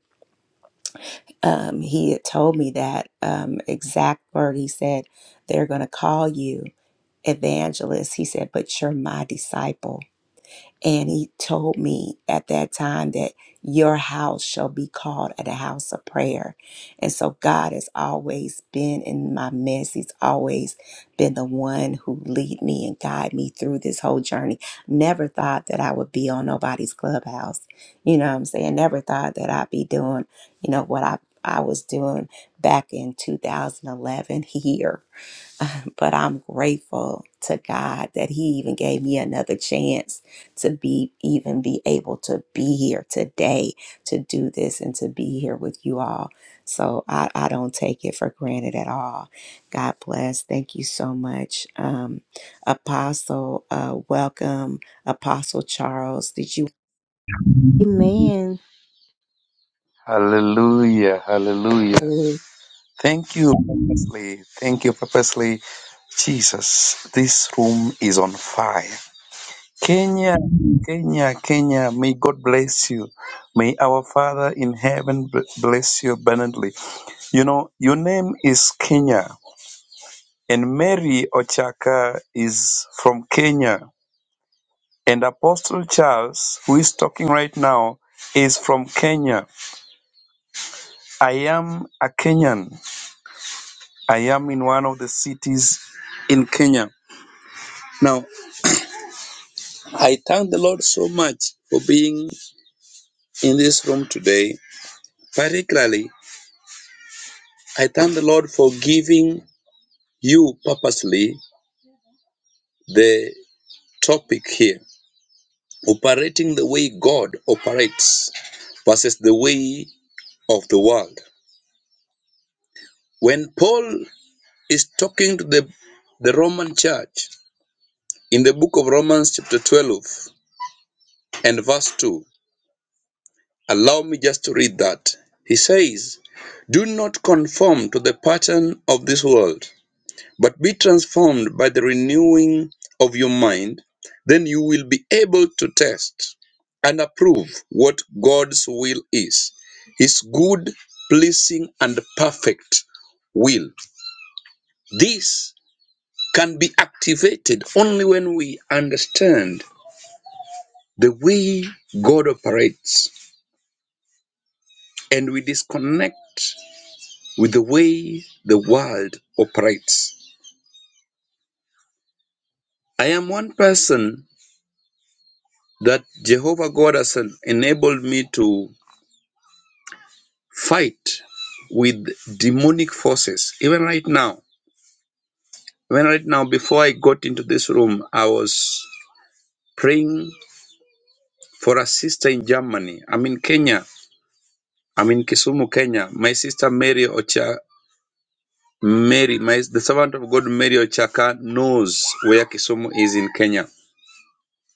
Speaker 1: Um, he had told me that um, exact word. He said, They're going to call you evangelist. He said, But you're my disciple. And he told me at that time that your house shall be called a house of prayer. And so God has always been in my midst. He's always been the one who lead me and guide me through this whole journey. Never thought that I would be on nobody's clubhouse. You know what I'm saying? Never thought that I'd be doing, you know, what I, I was doing back in 2011 here but I'm grateful to God that He even gave me another chance to be even be able to be here today to do this and to be here with you all. So I, I don't take it for granted at all. God bless. Thank you so much. Um, Apostle, uh, welcome. Apostle Charles, did you? Amen.
Speaker 8: Hallelujah. Hallelujah. Thank you, purposely. Thank you, purposely. Jesus, this room is on fire. Kenya, Kenya, Kenya, may God bless you. May our Father in heaven b- bless you abundantly. You know, your name is Kenya, and Mary Ochaka is from Kenya, and Apostle Charles, who is talking right now, is from Kenya. I am a Kenyan. I am in one of the cities in Kenya. Now, I thank the Lord so much for being in this room today. Particularly, I thank the Lord for giving you purposely the topic here operating the way God operates versus the way of the world. When Paul is talking to the, the Roman church in the book of Romans, chapter 12 and verse 2, Allow me just to read that. He says, Do not conform to the pattern of this world, but be transformed by the renewing of your mind. Then you will be able to test and approve what God's will is His good, pleasing, and perfect will. This can be activated only when we understand the way God operates and we disconnect with the way the world operates. I am one person that Jehovah God has enabled me to fight with demonic forces. Even right now, even right now, before I got into this room, I was praying for a sister in Germany. I'm in Kenya. I'm in Kisumu, Kenya. My sister Mary Ocha, Mary, my the servant of God Mary Ochaka knows where Kisumu is in Kenya.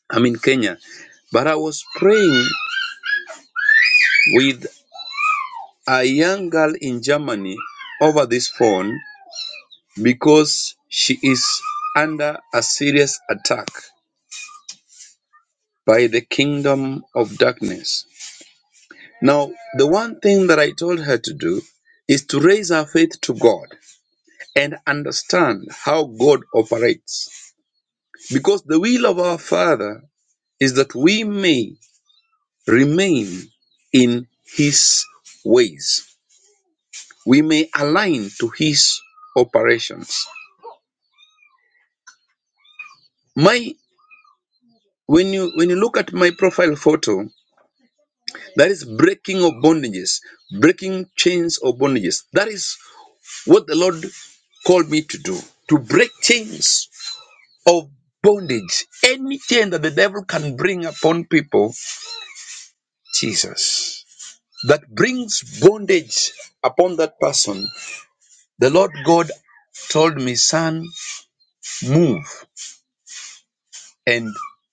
Speaker 8: I'm in Kenya. But I was praying with a young girl in Germany over this phone because she is under a serious attack by the kingdom of darkness. Now, the one thing that I told her to do is to raise her faith to God and understand how God operates. Because the will of our Father is that we may remain in His ways, we may align to His operations. My When you when you look at my profile photo, that is breaking of bondages, breaking chains of bondages. That is what the Lord called me to do, to break chains of bondage. Any chain that the devil can bring upon people, Jesus. That brings bondage upon that person. The Lord God told me, son, move and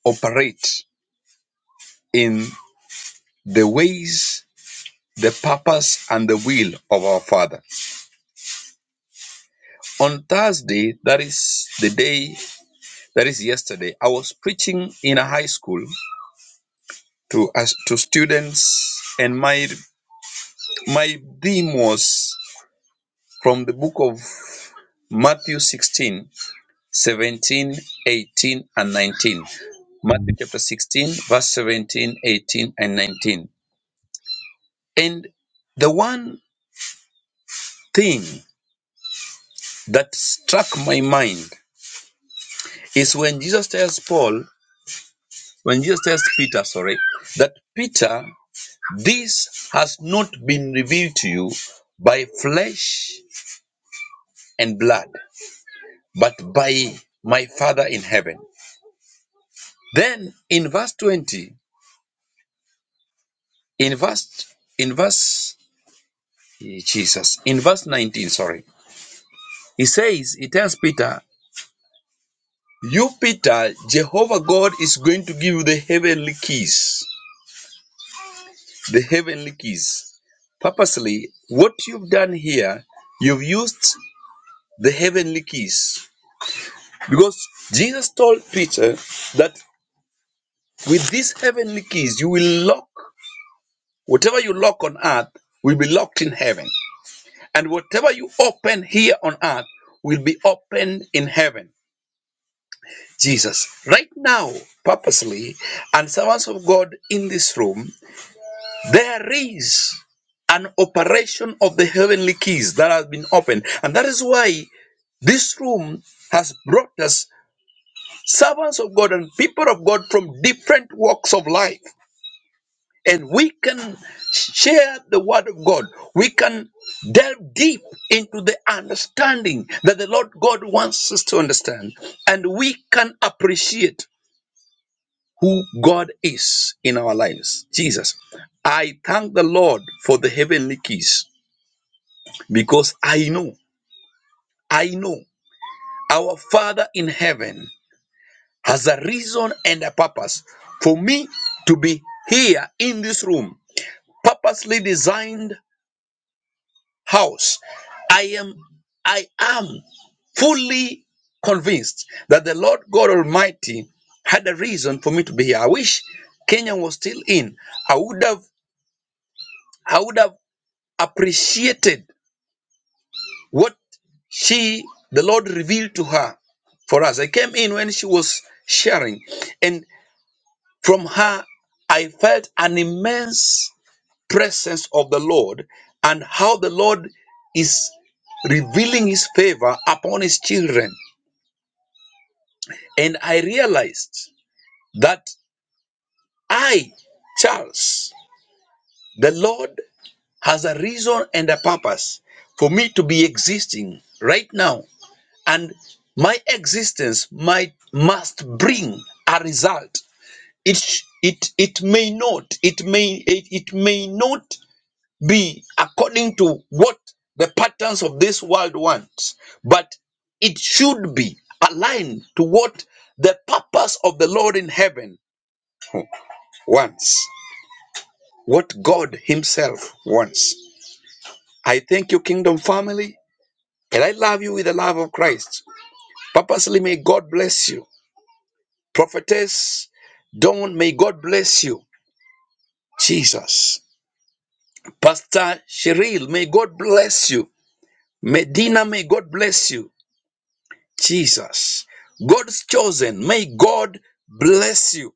Speaker 8: operate in the ways, the purpose, and the will of our Father. On Thursday, that is the day, that is yesterday, I was preaching in a high school to us to students, and my my theme was from the book of Matthew 16, 17, 18, and 19. Matthew chapter 16, verse 17, 18, and 19. And the one thing that struck my mind is when Jesus tells Paul, when Jesus tells Peter, sorry, that Peter This has not been revealed to you by flesh and blood, but by my Father in heaven. Then in verse 20, in verse, in verse, Jesus, in verse 19, sorry, he says, he tells Peter, You, Peter, Jehovah God is going to give you the heavenly keys. The heavenly keys purposely what you've done here you've used the heavenly keys Because Jesus told Peter that with these heavenly keys, you will lock whatever you lock on earth will be locked in heaven, and whatever you open here on earth will be opened in heaven. Jesus, right now, purposely, and servants of God in this room, there is an operation of the heavenly keys that has been opened, and that is why this room has brought us servants of God and people of God from different walks of life and we can share the word of God. We can delve deep into the understanding that the Lord God wants us to understand, and we can appreciate who God is in our lives. Jesus, I thank the Lord for the heavenly keys because I know, I know our Father in heaven has a reason and a purpose for me to be here in this room, purposely designed house. I am, I am fully convinced that the Lord God Almighty had a reason for me to be here. I wish Kenya was still in. I would have, I would have appreciated what she, the Lord revealed to her for us. I came in when she was sharing, and from her, I felt an immense presence of the Lord and how the Lord is revealing his favor upon his children. And I realized that I, Charles, the Lord has a reason and a purpose for me to be existing right now. And my existence might must bring a result. It sh- it it may not, it may it, it may not be according to what the patterns of this world wants, but it should be aligned to what the purpose of the Lord in heaven wants, what God Himself wants. I thank you, Kingdom family, and I love you with the love of Christ. Purposely, may God bless you. Prophetess Dawn, may God bless you. Jesus. Pastor Cheryl, may God bless you. Medina, may God bless you. Jesus. God's chosen. May God bless you.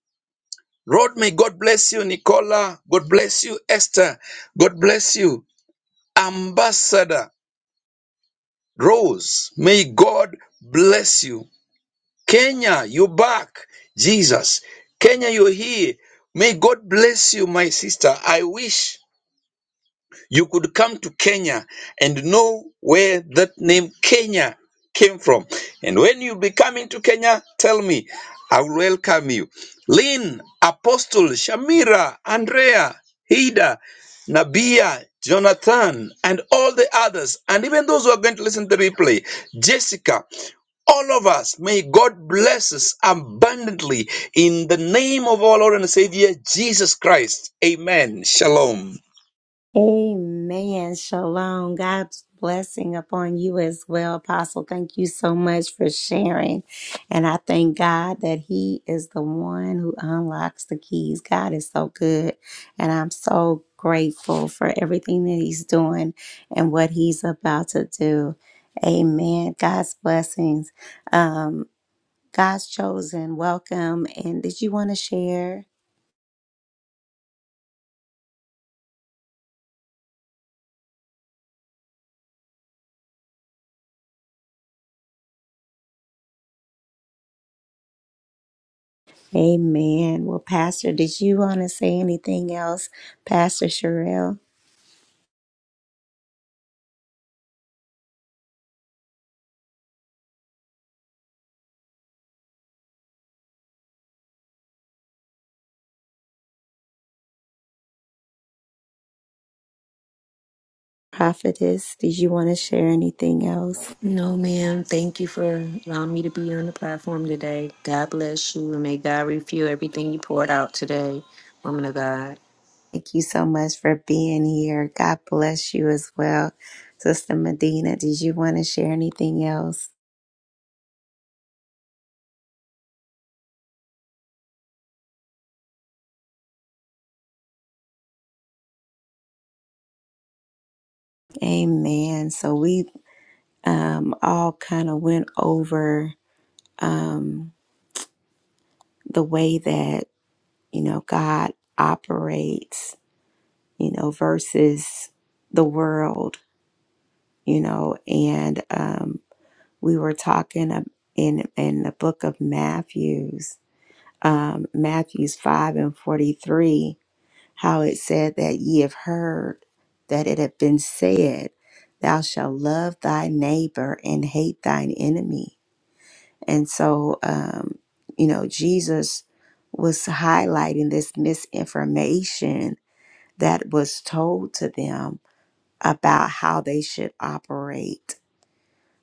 Speaker 8: Rod. may God bless you, Nicola. God bless you, Esther. God bless you, Ambassador Rose. May God bless you. Kenya, you're back. Jesus. Kenya, you're here. May God bless you, my sister. I wish You could come to Kenya and know where that name Kenya came from. And when you be coming to Kenya, tell me. I will welcome you. Lynn, Apostle, Shamira, Andrea, Hida, Nabia, Jonathan, and all the others, and even those who are going to listen to the replay, Jessica, all of us, may God bless us abundantly in the name of our Lord and Savior, Jesus Christ. Amen. Shalom.
Speaker 1: Amen. Shalom. God's blessing upon you as well, Apostle. Thank you so much for sharing. And I thank God that He is the one who unlocks the keys. God is so good. And I'm so grateful for everything that He's doing and what He's about to do. Amen. God's blessings. Um, God's chosen. Welcome. And did you want to share? Amen. Well, Pastor, did you want to say anything else? Pastor Sherelle, prophetess, did you want to share anything else?
Speaker 3: No, ma'am. Thank you for allowing me to be on the platform today. God bless you and may God refuel everything you poured out today, woman of God.
Speaker 1: Thank you so much for being here. God bless you as well. Sister Medina, did you want to share anything else? Amen. So we um, all kind of went over um, the way that, you know, God operates, you know, versus the world, you know, and, um. we were talking in in the book of Matthew's um, Matthew's five and forty three, how it said that ye have heard that it had been said, Thou shalt love thy neighbor and hate thine enemy. And so, um, you know, Jesus was highlighting this misinformation that was told to them about how they should operate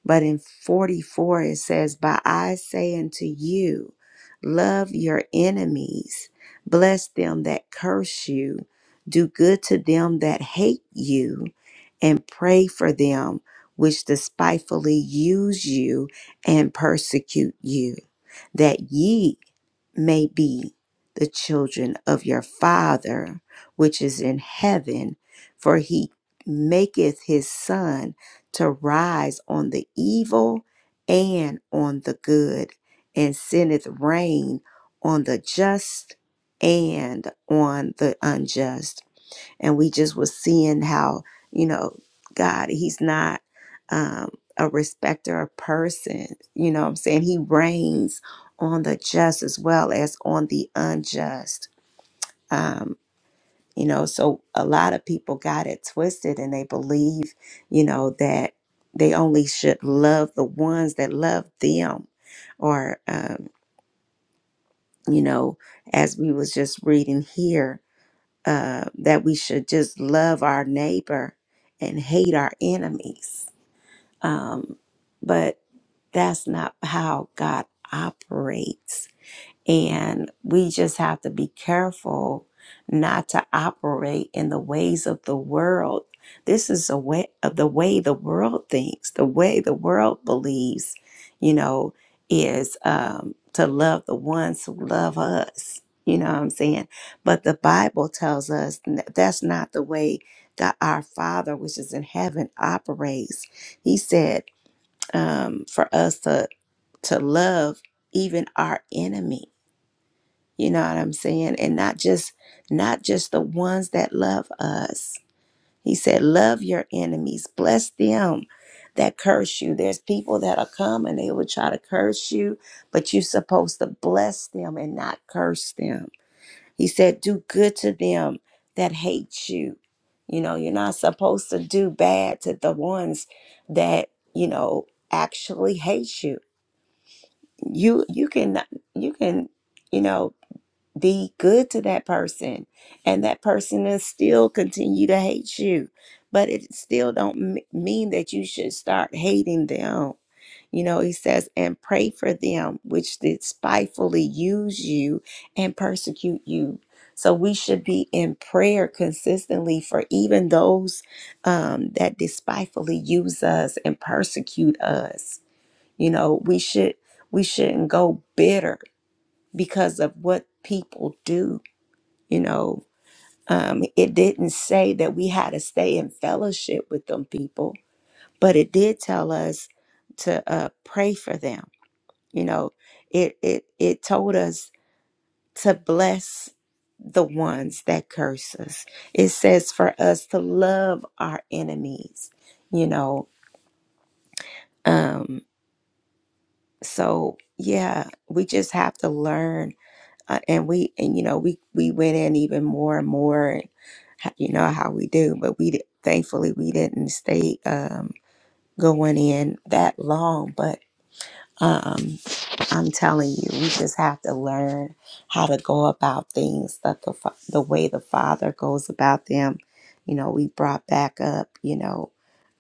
Speaker 1: but in 44, it says, But I say unto you, love your enemies, bless them that curse you, do good to them that hate you, and pray for them which despitefully use you and persecute you, that ye may be the children of your Father which is in heaven, for he maketh his sun to rise on the evil and on the good, and sendeth rain on the just and on the unjust. And we just was seeing how, you know, God, He's not um, a respecter of person. You know what I'm saying? He reigns on the just as well as on the unjust. Um, you know, so a lot of people got it twisted and they believe, you know, that they only should love the ones that love them. Or, um, you know, as we was just reading here, uh, that we should just love our neighbor and hate our enemies. Um, but that's not how God operates and we just have to be careful not to operate in the ways of the world. This is a way of the way the world thinks, the way the world believes, you know, is um, to love the ones who love us. You know what I'm saying? But the Bible tells us n- that's not the way God, our Father, which is in heaven, operates. He said um, for us to to love even our enemies you know what I'm saying? And not just not just the ones that love us. He said, "Love your enemies, bless them that curse you." There's people that'll come and they will try to curse you, but you're supposed to bless them and not curse them. He said, "Do good to them that hate you." You know, you're not supposed to do bad to the ones that, you know, actually hate you. You you can you can, you know, be good to that person and that person will still continue to hate you but it still don't m- mean that you should start hating them you know he says and pray for them which despitefully use you and persecute you so we should be in prayer consistently for even those um, that despitefully use us and persecute us you know we should we shouldn't go bitter because of what people do you know, um, it didn't say that we had to stay in fellowship with them people, but it did tell us to uh, pray for them. You know, it it it told us to bless the ones that curse us. It says for us to love our enemies. You know, um, so yeah, we just have to learn uh, and we and you know we we went in even more and more and ha- you know how we do but we did, thankfully we didn't stay um going in that long but um, I'm telling you, we just have to learn how to go about things that the fa- the way the Father goes about them. You know, we brought back up, you know,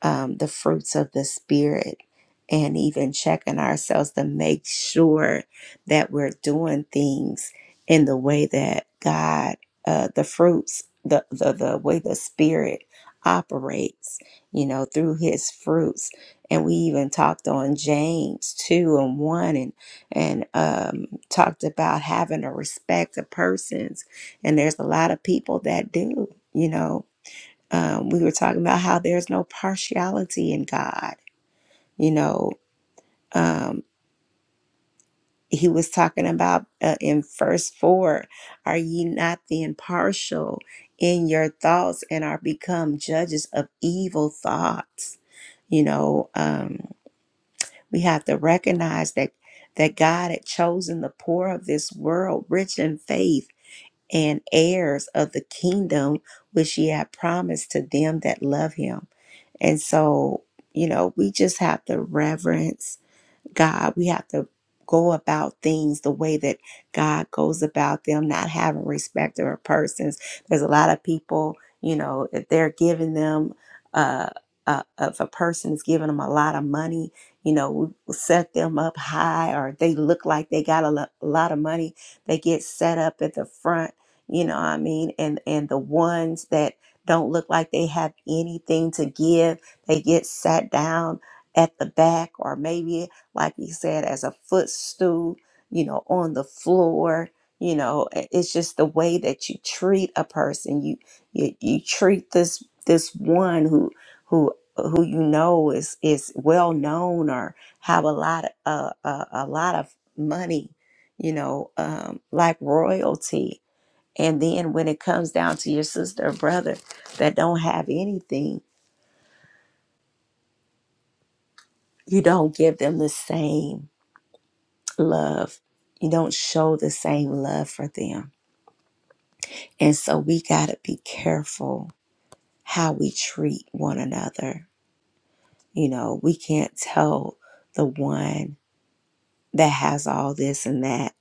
Speaker 1: um, the fruits of the Spirit, and even checking ourselves to make sure that we're doing things in the way that God, uh, the fruits, the the the way the Spirit operates. You know, through His fruits, and we even talked on James two and one and and um, talked about having a respect of persons. And there's a lot of people that do, you know. Um, we were talking about how there's no partiality in God, you know. Um, he was talking about uh, in verse 4 are ye not the impartial in your thoughts and are become judges of evil thoughts you know um, we have to recognize that that god had chosen the poor of this world rich in faith and heirs of the kingdom which he had promised to them that love him. And so, you know, we just have to reverence God. We have to go about things the way that God goes about them, not having respect of persons. There's a lot of people, you know, if they're giving them, uh, uh, if a person is giving them a lot of money, you know, we set them up high, or they look like they got a, lo- a lot of money, they get set up at the front. You know, what I mean, and and the ones that don't look like they have anything to give, they get sat down at the back, or maybe like he said, as a footstool, you know, on the floor. You know, it's just the way that you treat a person. You you, you treat this this one who who who you know is is well known or have a lot of uh, uh, a lot of money, you know, um, like royalty. And then when it comes down to your sister or brother that don't have anything, you don't give them the same love. You don't show the same love for them. And so we got to be careful how we treat one another. You know, we can't tell the one that has all this and that,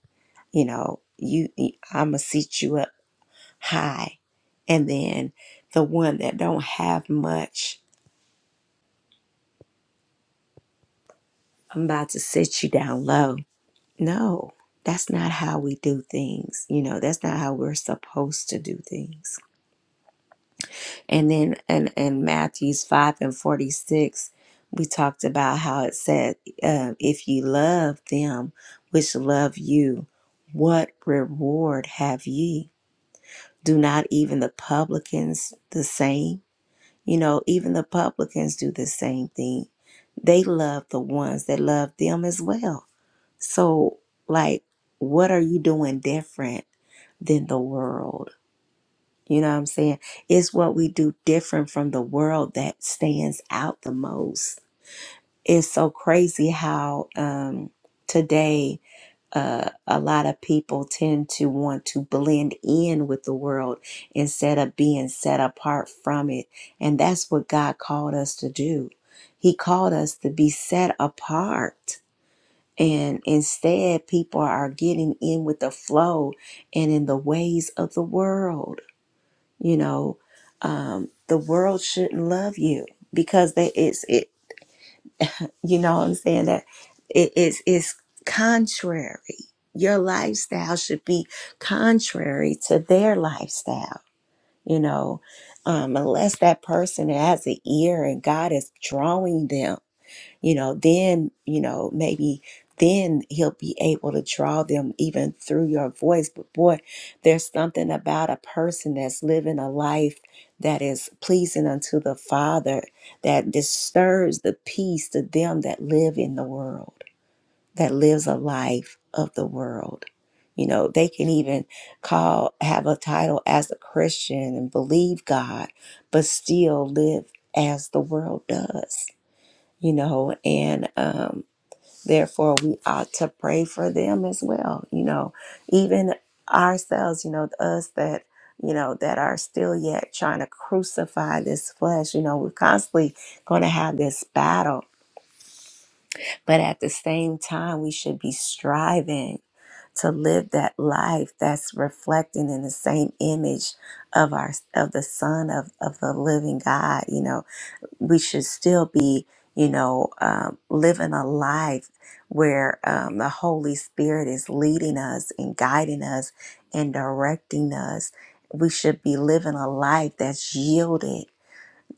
Speaker 1: you know, you I'm going to seat you up high. And then the one that don't have much, I'm about to sit you down low. No, that's not how we do things. You know, that's not how we're supposed to do things. And then in, in Matthews 5 and 46, we talked about how it said, uh, If ye love them which love you, what reward have ye? Do not even the publicans the same? You know, even the publicans do the same thing. They love the ones that love them as well. So, like, what are you doing different than the world? You know what I'm saying? It's what we do different from the world that stands out the most. It's so crazy how um, today uh, a lot of people tend to want to blend in with the world instead of being set apart from it. And that's what God called us to do. He called us to be set apart. And instead, people are getting in with the flow and in the ways of the world you know um, the world shouldn't love you because they it's it you know what i'm saying that it is is contrary your lifestyle should be contrary to their lifestyle you know um, unless that person has an ear and god is drawing them you know then you know maybe then he'll be able to draw them even through your voice but boy there's something about a person that's living a life that is pleasing unto the father that disturbs the peace to them that live in the world that lives a life of the world you know they can even call have a title as a christian and believe god but still live as the world does you know, and um, therefore we ought to pray for them as well, you know, even ourselves, you know, us that, you know, that are still yet trying to crucify this flesh, you know, we're constantly going to have this battle, but at the same time, we should be striving to live that life that's reflecting in the same image of our of the son of, of the living god you know we should still be, you know, um, living a life where um, the Holy Spirit is leading us and guiding us and directing us. We should be living a life that's yielded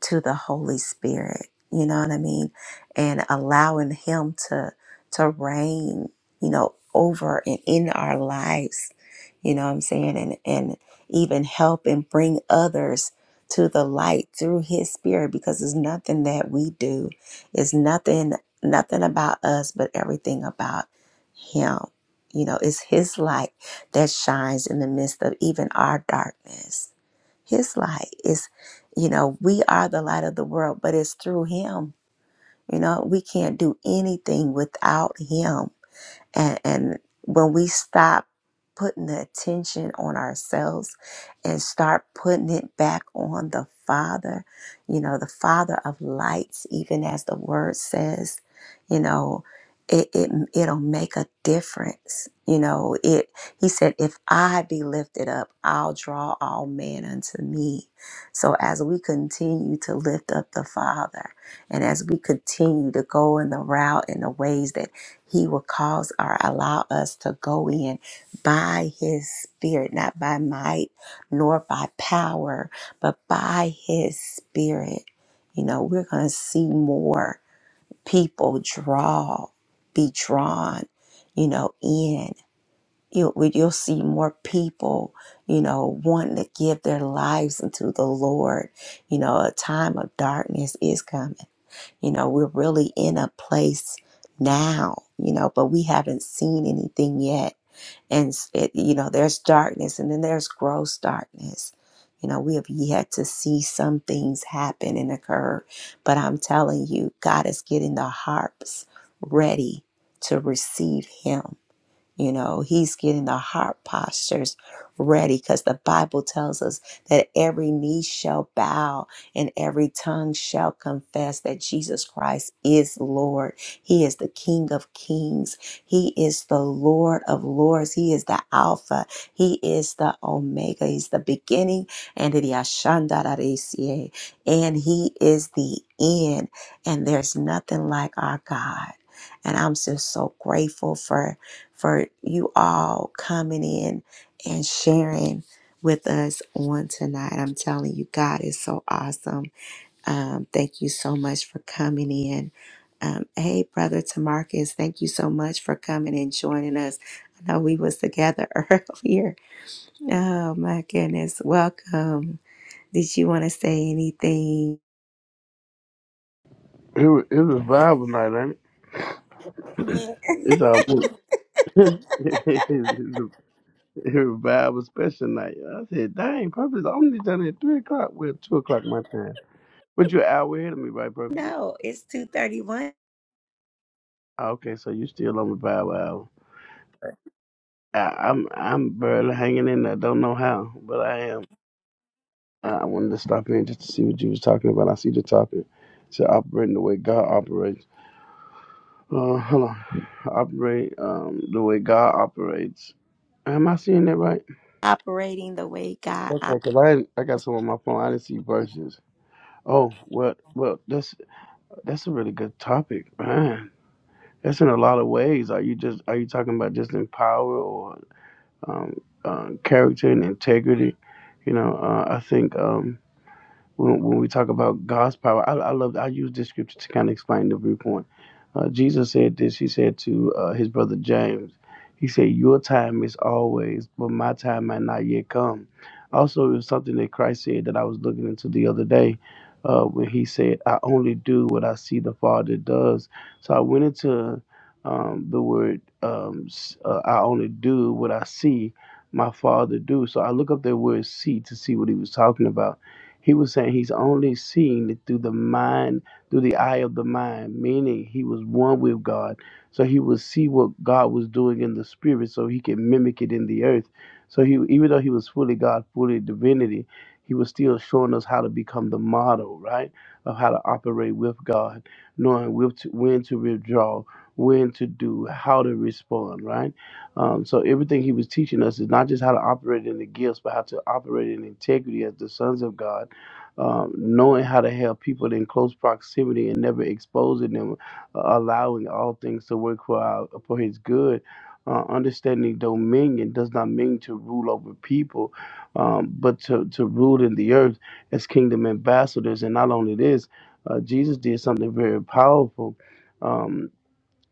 Speaker 1: to the Holy Spirit. You know what I mean? And allowing Him to to reign, you know, over and in our lives. You know what I'm saying? And and even help and bring others to the light through His Spirit, because it's nothing that we do. It's nothing nothing about us, but everything about Him. You know, it's His light that shines in the midst of even our darkness his light is, you know, we are the light of the world, but it's through Him. You know, we can't do anything without Him and, and when we stop putting the attention on ourselves and start putting it back on the father you know the father of lights even as the word says you know it, it it'll make a difference you know it he said if i be lifted up i'll draw all men unto me so as we continue to lift up the father and as we continue to go in the route and the ways that he will cause or allow us to go in by His Spirit, not by might nor by power, but by His Spirit. You know, we're going to see more people draw, be drawn, you know, in. You'll, you'll see more people, you know, wanting to give their lives unto the Lord. You know, a time of darkness is coming you know, we're really in a place now, you know, but we haven't seen anything yet. And, it, you know, there's darkness and then there's gross darkness. You know, we have yet to see some things happen and occur. But I'm telling you, God is getting the harps ready to receive Him you know, he's getting the heart postures ready because the Bible tells us that every knee shall bow and every tongue shall confess that Jesus Christ is Lord. He is the King of kings. He is the Lord of lords. He is the Alpha. He is the Omega. He's the beginning and the Ashandararesie. And he is the end. And there's nothing like our God. And I'm just so grateful for for you all coming in and sharing with us on tonight. I'm telling you, God is so awesome. Um, thank you so much for coming in. Um, hey, brother Tamarcus, thank you so much for coming and joining us. I know we was together earlier. Oh my goodness, welcome. Did you want to say anything?
Speaker 9: It was, it was Bible night, ain't it? It's almost it was it was Bible special night. I said, "Dang, purpose! I only done at three o'clock. Well, two o'clock my time, but you're an hour ahead of me, right, purpose?
Speaker 1: No, it's two thirty one.
Speaker 9: Okay, so you still on the Bible hour? I, I'm I'm barely hanging in there. Don't know how, but I am. I I wanted to stop in just to see what you was talking about. I see the topic. So operating the way God operates. Uh, hold on, operate um the way God operates. Am I seeing that right?
Speaker 1: Operating the way God
Speaker 9: Okay,
Speaker 1: operates.
Speaker 9: cause I I got some on my phone. I didn't see verses. Oh well, well that's that's a really good topic, man. That's in a lot of ways. Are you just are you talking about just in power or um, uh, character and integrity? You know, uh, I think. Um, when, when we talk about God's power, I, I love I use this scripture to kind of explain the viewpoint. Uh, Jesus said this. He said to uh, his brother James, he said, "Your time is always, but my time might not yet come." Also, it was something that Christ said that I was looking into the other day. Uh, when he said, "I only do what I see the Father does," so I went into um, the word, um, s- uh, "I only do what I see my Father do." So I look up that word "see" to see what he was talking about he was saying he's only seeing it through the mind, through the eye of the mind, meaning he was one with God. So he would see what God was doing in the spirit so he can mimic it in the earth. So he even though he was fully God, fully divinity, he was still showing us how to become the model, right? Of how to operate with God, knowing with to, when to withdraw, when to do, how to respond, right? Um, so everything he was teaching us is not just how to operate in the gifts, but how to operate in integrity as the sons of God um, knowing how to help people in close proximity and never exposing them, uh, allowing all things to work for our, for His good. Uh, understanding dominion does not mean to rule over people, um, but to, to rule in the earth as kingdom ambassadors. And not only this, uh, Jesus did something very powerful. Um,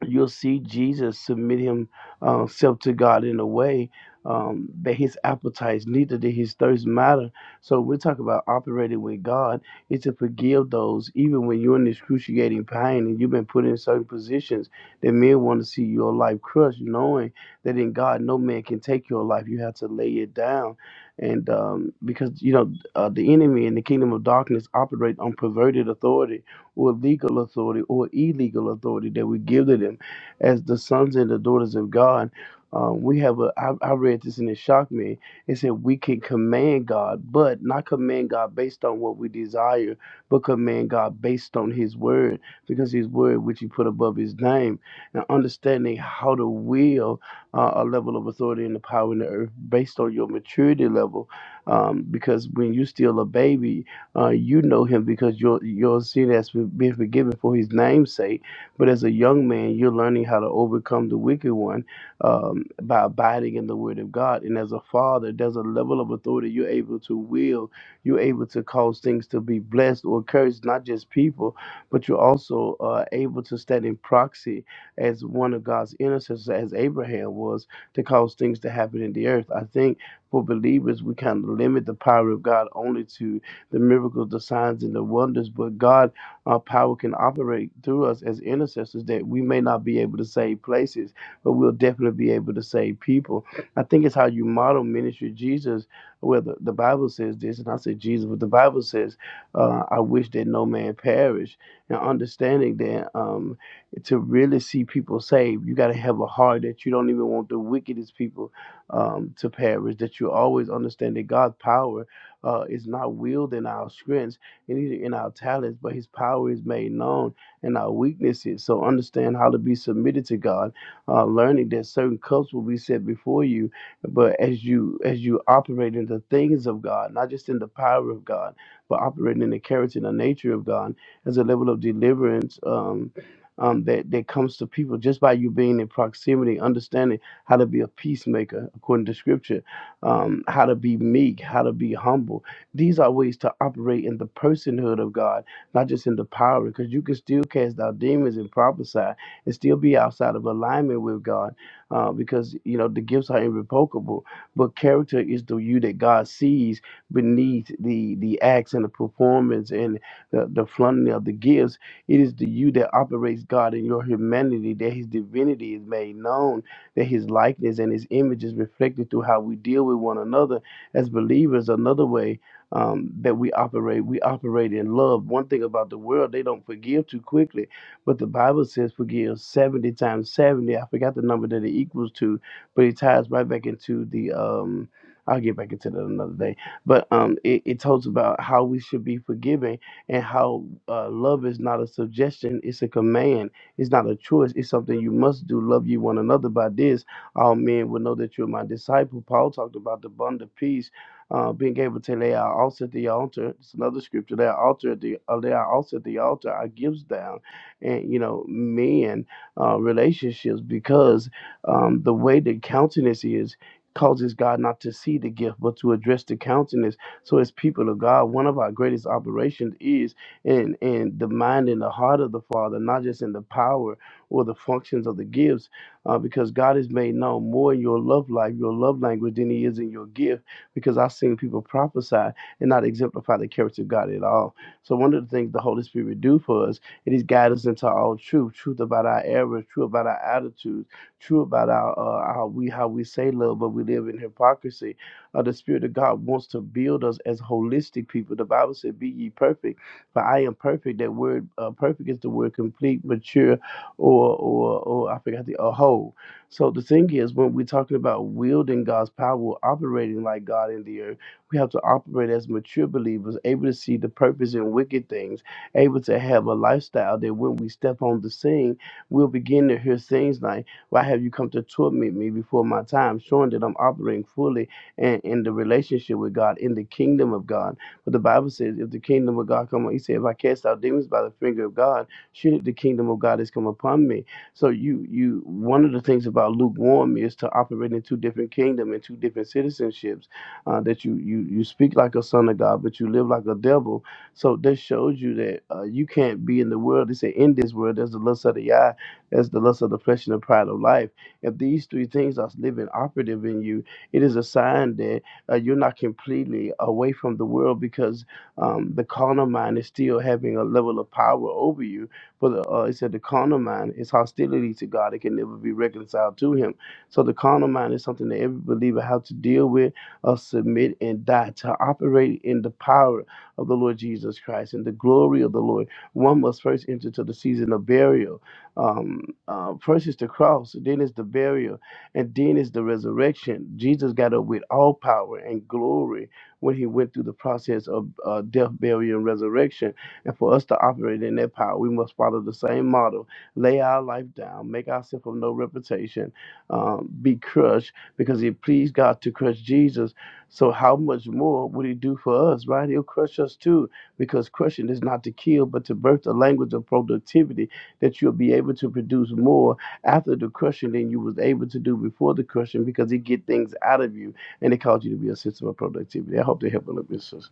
Speaker 9: you'll see Jesus submit himself to God in a way um, that his appetites, neither did his thirst matter. So we talk about operating with God is to forgive those, even when you're in excruciating pain and you've been put in certain positions that men want to see your life crushed, knowing that in God no man can take your life. You have to lay it down, and um, because you know uh, the enemy and the kingdom of darkness operate on perverted authority or legal authority or illegal authority that we give to them as the sons and the daughters of God. Um, we have a, I, I read this and it shocked me. It said we can command God, but not command God based on what we desire, but command God based on His word, because His word, which He put above His name, and understanding how to wield uh, a level of authority and the power in the earth based on your maturity level. Um, because when you're still a baby, uh, you know him because your your sin has been forgiven for his name's sake. But as a young man, you're learning how to overcome the wicked one um, by abiding in the Word of God. And as a father, there's a level of authority you're able to will. You're able to cause things to be blessed or cursed, not just people, but you're also uh, able to stand in proxy as one of God's intercessors, as Abraham was, to cause things to happen in the earth. I think for believers, we kind of limit the power of God only to the miracles, the signs, and the wonders. But God, our power can operate through us as intercessors that we may not be able to save places, but we'll definitely be able to save people. I think it's how you model ministry. Jesus, well, the, the Bible says this, and I say Jesus, but the Bible says, uh, I wish that no man perish. And understanding that um, to really see people saved, you got to have a heart that you don't even want the wickedest people um, to perish, that you always understand that God's power uh, is not willed in our strengths and neither in our talents, but his power is made known in our weaknesses. So understand how to be submitted to God, uh, learning that certain cups will be set before you, but as you as you operate in the things of God, not just in the power of God, but operating in the character and the nature of God, as a level of deliverance. Um, um, that, that comes to people just by you being in proximity, understanding how to be a peacemaker according to scripture um, how to be meek, how to be humble. These are ways to operate in the personhood of God, not just in the power, because you can still cast out demons and prophesy and still be outside of alignment with God, uh, because you know the gifts are irrevocable. But character is the you that God sees beneath the the acts and the performance and the, the flaunting of the gifts. It is the you that operates God in your humanity that His divinity is made known that his likeness and his image is reflected through how we deal with one another as believers. Another way um, that we operate, we operate in love. One thing about the world, they don't forgive too quickly, but the Bible says forgive 70 times 70. I forgot the number that it equals to, but it ties right back into the. Um, I'll get back into that another day. But um, it, it talks about how we should be forgiving and how uh, love is not a suggestion, it's a command it's not a choice. It's something you must do. Love you one another. By this, all men will know that you're my disciple. Paul talked about the bond of peace, uh, being able to lay our altar at the altar. It's another scripture. Lay our altar at the uh, lay our altar at the altar. Our gifts down, and you know, men, uh, relationships, because um, the way the countenance is causes God not to see the gift, but to address the countenance. So, as people of God, one of our greatest operations is and and the mind and the heart of the Father, not just in the power or the functions of the gifts, uh, because God has made known more in your love life, your love language, than He is in your gift. Because I've seen people prophesy and not exemplify the character of God at all. So one of the things the Holy Spirit do for us it is guide us into all truth, truth about our errors, true about our attitudes, true about our, uh, our we how we say love, but we live in hypocrisy. Uh, the Spirit of God wants to build us as holistic people. The Bible said, "Be ye perfect." For I am perfect. That word uh, perfect is the word complete, mature, or or or I forgot the or whole. So the thing is, when we're talking about wielding God's power, operating like God in the earth, we have to operate as mature believers, able to see the purpose in wicked things, able to have a lifestyle that when we step on the scene, we'll begin to hear things like, "Why have you come to torment me before my time?" Showing that I'm operating fully in, in the relationship with God, in the kingdom of God. But the Bible says, if the kingdom of God come on, he said, if I cast out demons by the finger of God, surely the kingdom of God has come upon me. So you you one of the things about lukewarm is to operate in two different kingdoms and two different citizenships. Uh, that you you you speak like a son of God, but you live like a devil. So this shows you that uh, you can't be in the world. They say in this world there's the lust of the eye, there's the lust of the flesh and the pride of life. If these three things are living operative in you, it is a sign that uh, you're not completely away from the world because um, the carnal mind is still having a level of power over you. But uh, it said the carnal mind is hostility to God; it can never be reconciled to Him. So the carnal mind is something that every believer has to deal with, uh, submit, and die to operate in the power of the Lord Jesus Christ and the glory of the Lord. One must first enter to the season of burial. Um, uh, first is the cross, then is the burial and then is the resurrection. Jesus got up with all power and glory when he went through the process of uh, death, burial, and resurrection. And for us to operate in that power, we must follow the same model lay our life down, make ourselves of no reputation, um, be crushed, because it pleased God to crush Jesus. So, how much more would he do for us, right? He'll crush us too, because crushing is not to kill, but to birth a language of productivity that you'll be able to produce more after the crushing than you was able to do before the crushing because it get things out of you and it caused you to be a system of productivity. I hope they help a little bit, sis.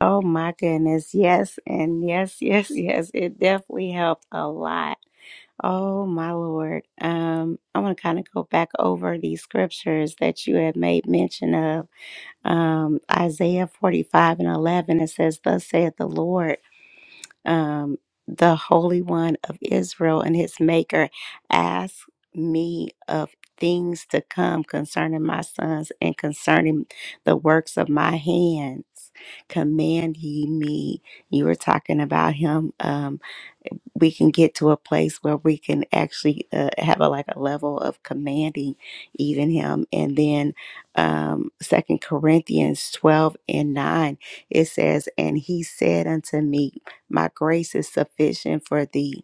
Speaker 1: Oh my goodness. Yes. And yes, yes, yes. It definitely helped a lot. Oh my Lord. Um, I want to kind of go back over these scriptures that you had made mention of. Um, Isaiah 45 and 11, it says, Thus saith the Lord um, the Holy One of Israel and his Maker, ask me of things to come concerning my sons and concerning the works of my hands. Command ye me. You were talking about him, Um we can get to a place where we can actually uh, have a, like a level of commanding even him and then um second corinthians 12 and 9 it says and he said unto me my grace is sufficient for thee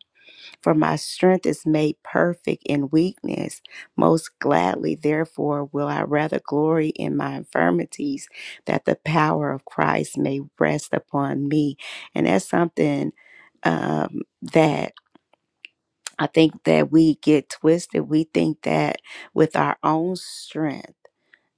Speaker 1: for my strength is made perfect in weakness most gladly therefore will i rather glory in my infirmities that the power of christ may rest upon me and that's something um that I think that we get twisted. We think that with our own strength,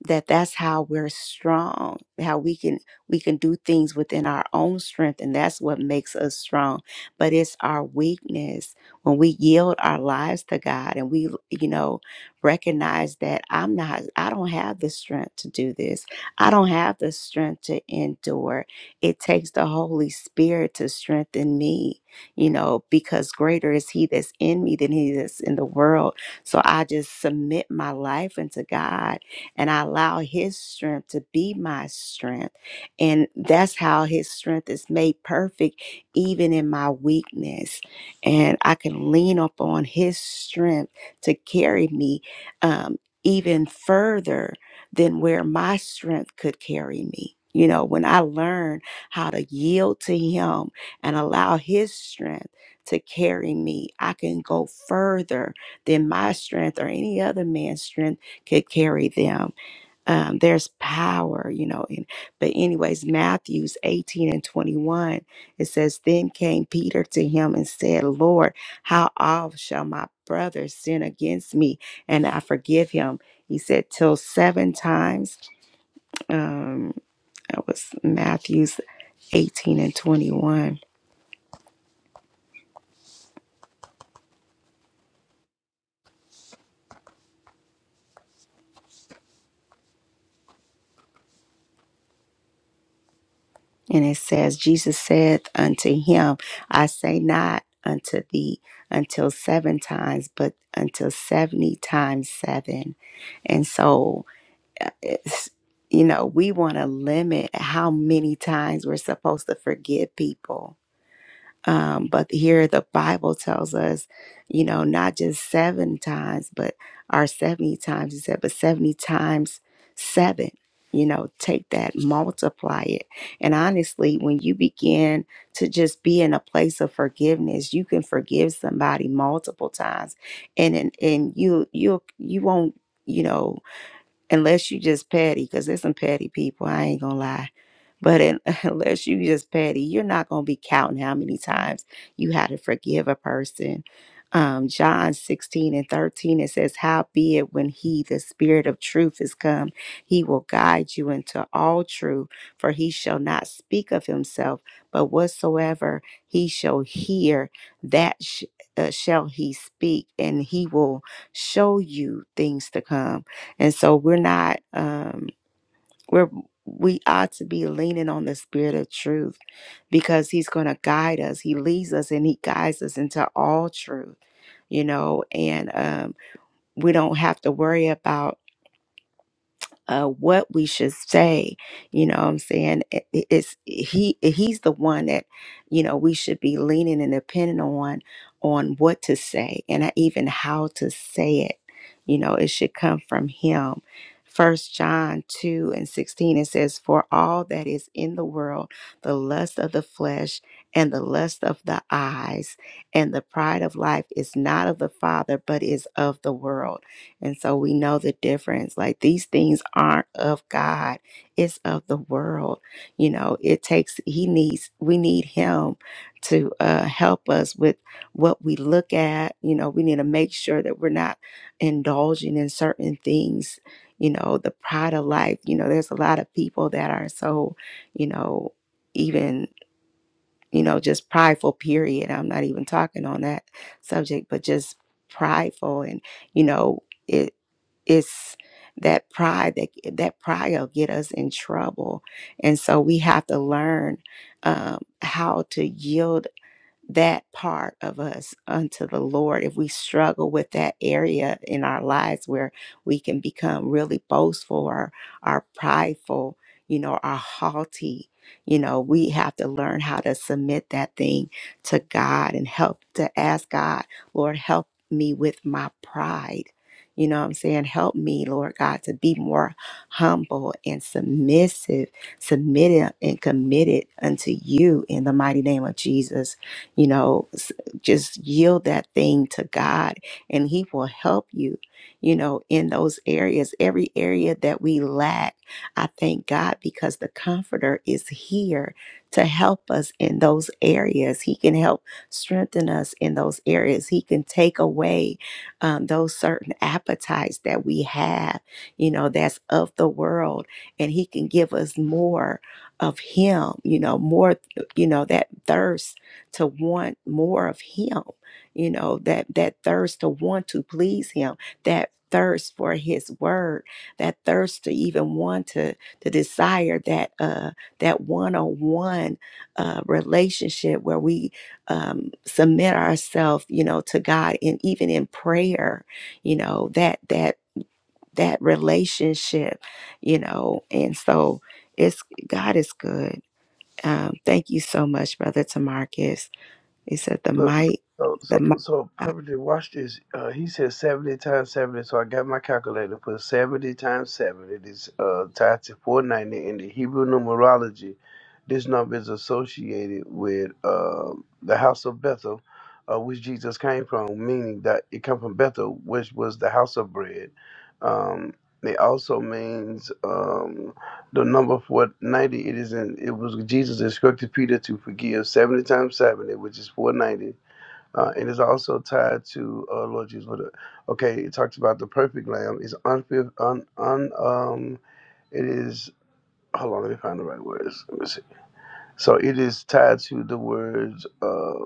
Speaker 1: that that's how we're strong how we can we can do things within our own strength and that's what makes us strong but it's our weakness when we yield our lives to god and we you know recognize that i'm not i don't have the strength to do this i don't have the strength to endure it takes the holy spirit to strengthen me you know because greater is he that's in me than he that's in the world so i just submit my life into god and I allow His strength to be my strength. And that's how His strength is made perfect, even in my weakness. And I can lean upon His strength to carry me um, even further than where my strength could carry me. You know, when I learn how to yield to Him and allow His strength to carry me, I can go further than my strength or any other man's strength could carry them. Um, there's power, you know. In, but anyways, Matthew's 18 and 21, it says, Then came Peter to him and said, Lord, how oft shall my brother sin against me and I forgive him? He said, Till seven times. Um, that was Matthew's 18 and 21 And it says, Jesus saith unto him, I say not unto thee until seven times, but until 70 times seven. And so, uh, it's, you know, we want to limit how many times we're supposed to forgive people um, but here the Bible tells us, you know, not just seven times, but our 70 times, he said, but 70 times seven. You know, take that, multiply it. And honestly, when you begin to just be in a place of forgiveness, you can forgive somebody multiple times. And and, and you you you won't, you know, unless you just petty, because there's some petty people, I ain't gonna lie but in, unless you just petty, you're not going to be counting how many times you had to forgive a person. Um, John 16 and 13, it says, "Howbeit, when he, the spirit of truth, is come, he will guide you into all truth, for he shall not speak of himself, but whatsoever he shall hear, that sh- uh, shall he speak, and he will show you things to come. And so we're not. Um, we're, we ought to be leaning on the spirit of truth because he's going to guide us. He leads us and he guides us into all truth, you know, and um, we don't have to worry about uh, what we should say. You know what I'm saying? It- it- It's he he's the one that, you know, we should be leaning and depending on on what to say and even how to say it. You know, it should come from him. First John 2 and 16, it says, For all that is in the world, the lust of the flesh and the lust of the eyes and the pride of life is not of the Father, but is of the world and so we know the difference. Like these things aren't of God, it's of the world. You know, it takes, He needs, we need Him to uh, help us with what we look at. You know, we need to make sure that we're not indulging in certain things. You know, the pride of life. You know, there's a lot of people that are so, you know, even you know, just prideful, period. I'm not even talking on that subject, but just prideful. And, you know, it, it's that pride that that pride will get us in trouble and so we have to learn um, how to yield that part of us unto the Lord. If we struggle with that area in our lives where we can become really boastful or are prideful, you know, are haughty, you know, we have to learn how to submit that thing to God and help to ask God, Lord, help me with my pride. You know what I'm saying? Help me, Lord God, to be more humble and submissive, submitted and committed unto you in the mighty name of Jesus. You know, s- just yield that thing to God and He will help you, you know, in those areas. Every area that we lack, I thank God because the Comforter is here to help us in those areas. He can help strengthen us in those areas. He can take away um, those certain appetites that we have, you know, that's of the world, and He can give us more of Him, you know, more, you know, that thirst to want more of him you know that that thirst to want to please him that thirst for his word that thirst to even want to to desire that uh that one-on-one uh relationship where we um submit ourselves you know to god and even in prayer you know that that that relationship you know and so it's god is good um thank you so much brother tamarcus he said, The
Speaker 9: Look,
Speaker 1: might,
Speaker 9: so so
Speaker 1: the might
Speaker 9: so
Speaker 1: of God.
Speaker 9: perfectly. Watch this. Uh, he said seventy times seventy. So I got my calculator. Put seventy times seventy. This uh tied to four ninety in the Hebrew numerology. This number is associated with uh, the house of Bethel, uh, which Jesus came from, meaning that it come from Bethel, which was the house of bread. Um, it also means um, the number four ninety. It is in. It was Jesus instructed Peter to forgive seventy times seventy, which is four ninety uh, it is also tied to uh, Lord Jesus. What, a- okay, it talks about the perfect lamb is un, un, un um it is hold on, let me find the right words. Let me see. So it is tied to the words. Uh,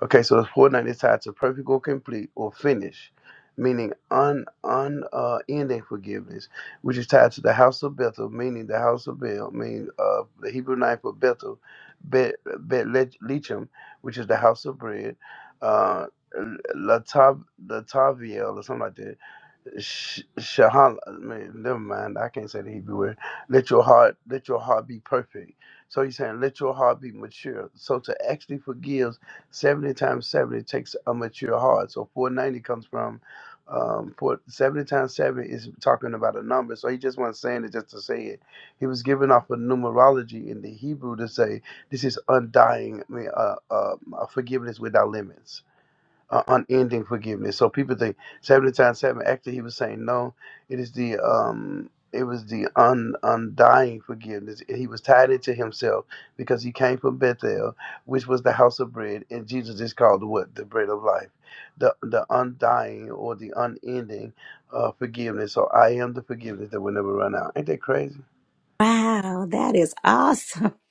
Speaker 9: Okay, so it's coordinate is tied to perfect or complete or finish, meaning un un uh, ending forgiveness, which is tied to the house of Bethel, meaning the house of Bel, meaning uh, the Hebrew name for Bethel, Bet Bet Lech- Lechem, which is the house of bread, uh, Latab Lataviel or something like that Sh- Shahal, man, never mind. I can't say the Hebrew word. Let your heart, let your heart be perfect. So he's saying, let your heart be mature. So to actually forgive seventy times seventy takes a mature heart. So four ninety comes from um for times seven is talking about a number. So he just wasn't saying it just to say it. He was giving off a numerology in the Hebrew to say this is undying. I mean, uh, uh, forgiveness without limits uh, unending forgiveness. So people think seventy times seven. Actually, he was saying no. It is the um. It was the un, undying forgiveness. He was tied into himself because he came from Bethel, which was the house of bread, and Jesus is called what the bread of life, the the undying or the unending uh, forgiveness. So I am the forgiveness that will never run out. Ain't that crazy?
Speaker 1: Wow, that is awesome.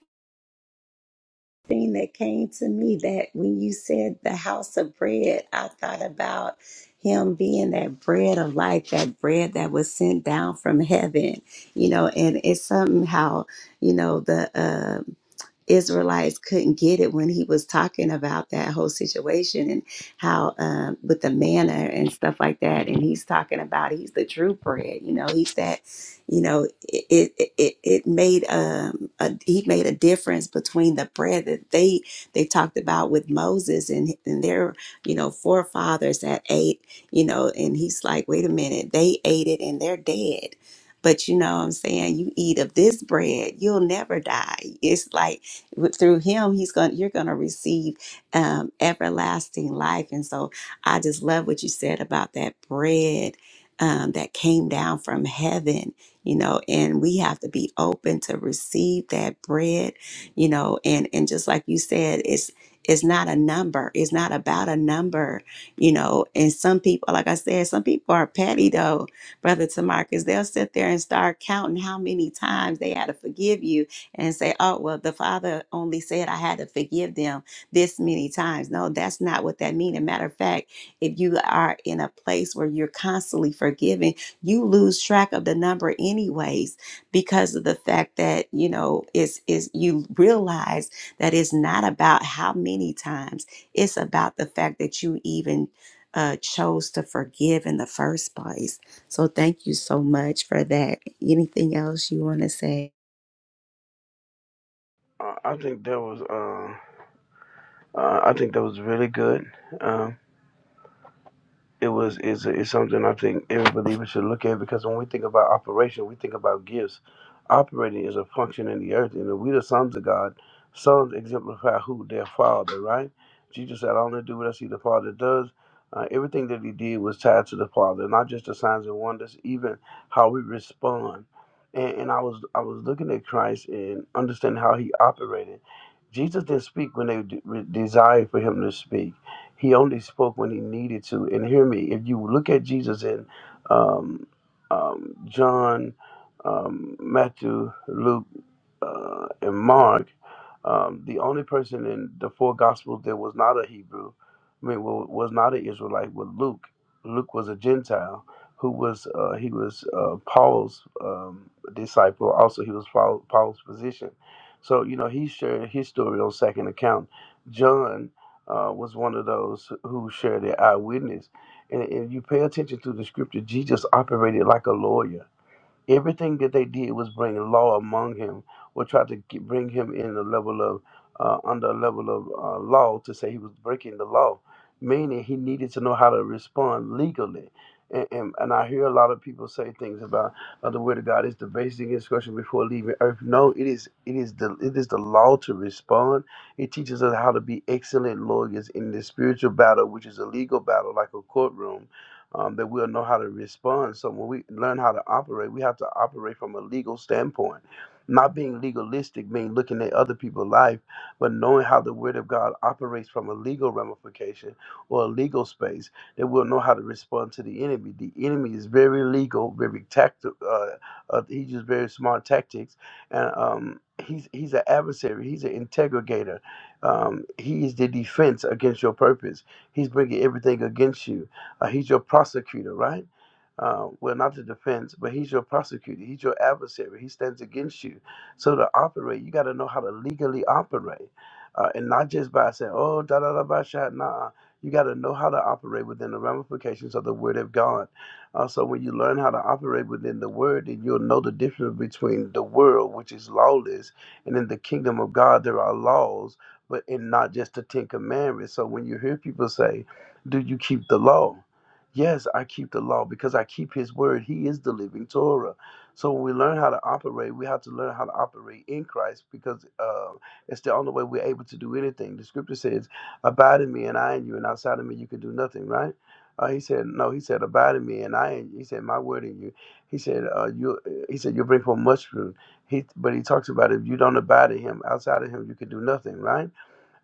Speaker 1: Thing that came to me that when you said the house of bread, I thought about him being that bread of life, that bread that was sent down from heaven, you know, and it's somehow, you know, the um Israelites couldn't get it when he was talking about that whole situation and how um, with the manna and stuff like that. And he's talking about he's the true bread, you know, he's that you know it it it, it made um a, he made a difference between the bread that they they talked about with Moses and and their you know forefathers that ate you know and he's like wait a minute they ate it and they're dead but you know what I'm saying you eat of this bread you'll never die it's like with- through him he's going to you're going to receive um everlasting life and so I just love what you said about that bread um, that came down from heaven you know and we have to be open to receive that bread you know and and just like you said it's it's not a number it's not about a number you know and some people like i said some people are petty though brother tamarcus they'll sit there and start counting how many times they had to forgive you and say oh well the father only said i had to forgive them this many times no that's not what that means a matter of fact if you are in a place where you're constantly forgiving you lose track of the number anyways because of the fact that you know it's is you realize that it's not about how many times it's about the fact that you even uh, chose to forgive in the first place so thank you so much for that anything else you want to say
Speaker 9: Uh, I think that was uh, uh, I think that was really good. Um, it was is is something I think every believer should look at because when we think about operation, we think about gifts. Operating is a function in the earth, and if we the sons of God, sons exemplify who their father, right? Jesus said, "I only do what I see the Father does." Uh, everything that he did was tied to the Father, not just the signs and wonders, even how we respond. And, and I was I was looking at Christ and understanding how he operated. Jesus didn't speak when they de- re- desired for him to speak. He only spoke when he needed to. And hear me, if you look at Jesus in um, um, John, um, Matthew, Luke, uh, and Mark, um, the only person in the four Gospels that was not a Hebrew, I mean, wa- was not an Israelite, was Luke. Luke was a Gentile who was uh, he was uh, Paul's um, disciple. Also, he was Paul, Paul's physician. So you know he shared his story on second account. John uh, was one of those who shared their eyewitness. And if you pay attention to the scripture, Jesus operated like a lawyer. Everything that they did was bring law among him, or try to get, bring him in a level of uh, under a level of uh, law to say he was breaking the law, meaning he needed to know how to respond legally. And, and, and I hear a lot of people say things about uh, the word of God is the basic instruction before leaving earth. No, it is it is the it is the law to respond. It teaches us how to be excellent lawyers in the spiritual battle, which is a legal battle, like a courtroom um, that we'll know how to respond. So when we learn how to operate, we have to operate from a legal standpoint. Not being legalistic, mean looking at other people's life, but knowing how the Word of God operates from a legal ramification or a legal space, that we'll know how to respond to the enemy. The enemy is very legal, very tactical. Uh, uh, he uses very smart tactics, and um, he's he's an adversary. He's an integrator. Um, he is the defense against your purpose. He's bringing everything against you. Uh, he's your prosecutor, right? Uh, well, not the defense, but he's your prosecutor. He's your adversary. He stands against you. So to operate, you got to know how to legally operate, uh, and not just by saying, "Oh, da da da, ba sha." Nah, you got to know how to operate within the ramifications of the Word of God. Uh, so when you learn how to operate within the Word, then you'll know the difference between the world, which is lawless, and in the kingdom of God, there are laws, but and not just the Ten Commandments. So when you hear people say, "Do you keep the law?" Yes, I keep the law because I keep his word. He is the living Torah. So when we learn how to operate, we have to learn how to operate in Christ because uh, it's the only way we're able to do anything. The scripture says, Abide in me and I in you, and outside of me you can do nothing, right? Uh, he said, No, he said, Abide in me and I in you. He said, My word in you. He said, uh, you he said, You'll bring forth much fruit. He but he talks about if you don't abide in him, outside of him you can do nothing, right?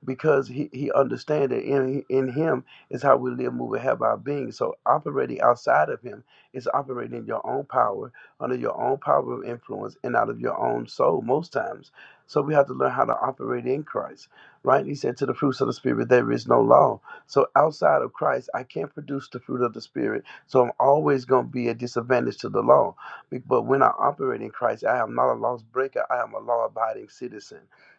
Speaker 9: because he, he understands that in, in him is how we live, move, and have our being. So operating outside of him is operating in your own power, under your own power of influence, and out of your own soul most times. So we have to learn how to operate in Christ, right? He said, to the fruits of the Spirit, there is no law. So outside of Christ, I can't produce the fruit of the Spirit. So I'm always going to be a disadvantage to the law. Be- But when I operate in Christ, I am not a lost breaker. I am a law abiding citizen.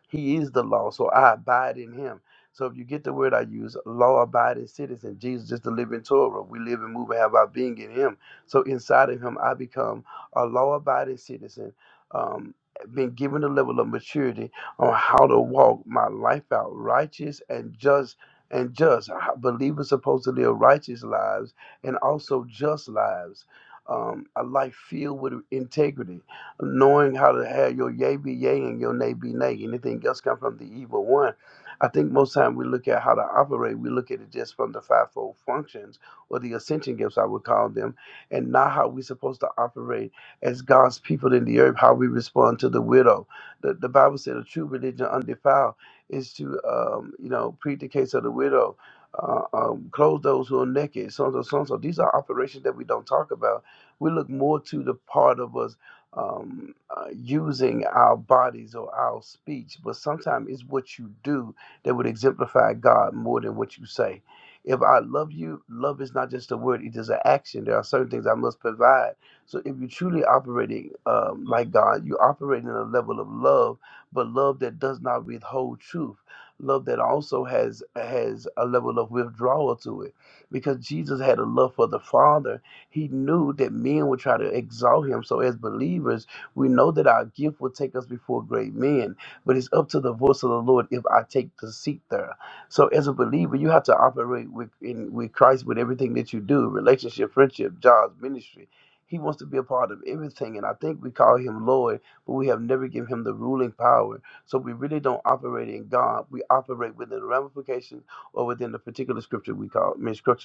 Speaker 9: He is the law, so I abide in him. So if you get the word I use, law abiding citizen, Jesus is the living Torah. We live and move and have our being in him. So inside of him, I become a law abiding citizen, um, been given a level of maturity on how to walk my life out righteous and just and just. How- Believers supposed to live righteous lives and also just lives. Um, a life filled with integrity knowing how to have your yay be yay and your nay be nay. Anything else come from the evil one. I think most time we look at how to operate, we look at it just from the fivefold functions or the ascension gifts I would call them, and not how we're supposed to operate as God's people in the earth, how we respond to the widow. The, the Bible said a true religion undefiled is to um, you know plead the case of the widow. Uh, um, clothe those who are naked, so and so, so and so. These are operations that we don't talk about. We look more to the part of us um, uh, using our bodies or our speech, but sometimes it's what you do that would exemplify God more than what you say. If I love you, love is not just a word, it is an action. There are certain things I must provide. So if you're truly operating um, like God, you operate in a level of love, but love that does not withhold truth. Love that also has has a level of withdrawal to it. Because Jesus had a love for the Father he knew that men would try to exalt him. So, as believers, we know that our gift will take us before great men, but it's up to the voice of the Lord if I take the seat there. So, as a believer, you have to operate with, in, with Christ with everything that you do relationship, friendship, jobs, ministry. He wants to be a part of everything. And I think we call him Lord, but we have never given him the ruling power. So, we really don't operate in God. We operate within the ramifications or within the particular scripture we call, I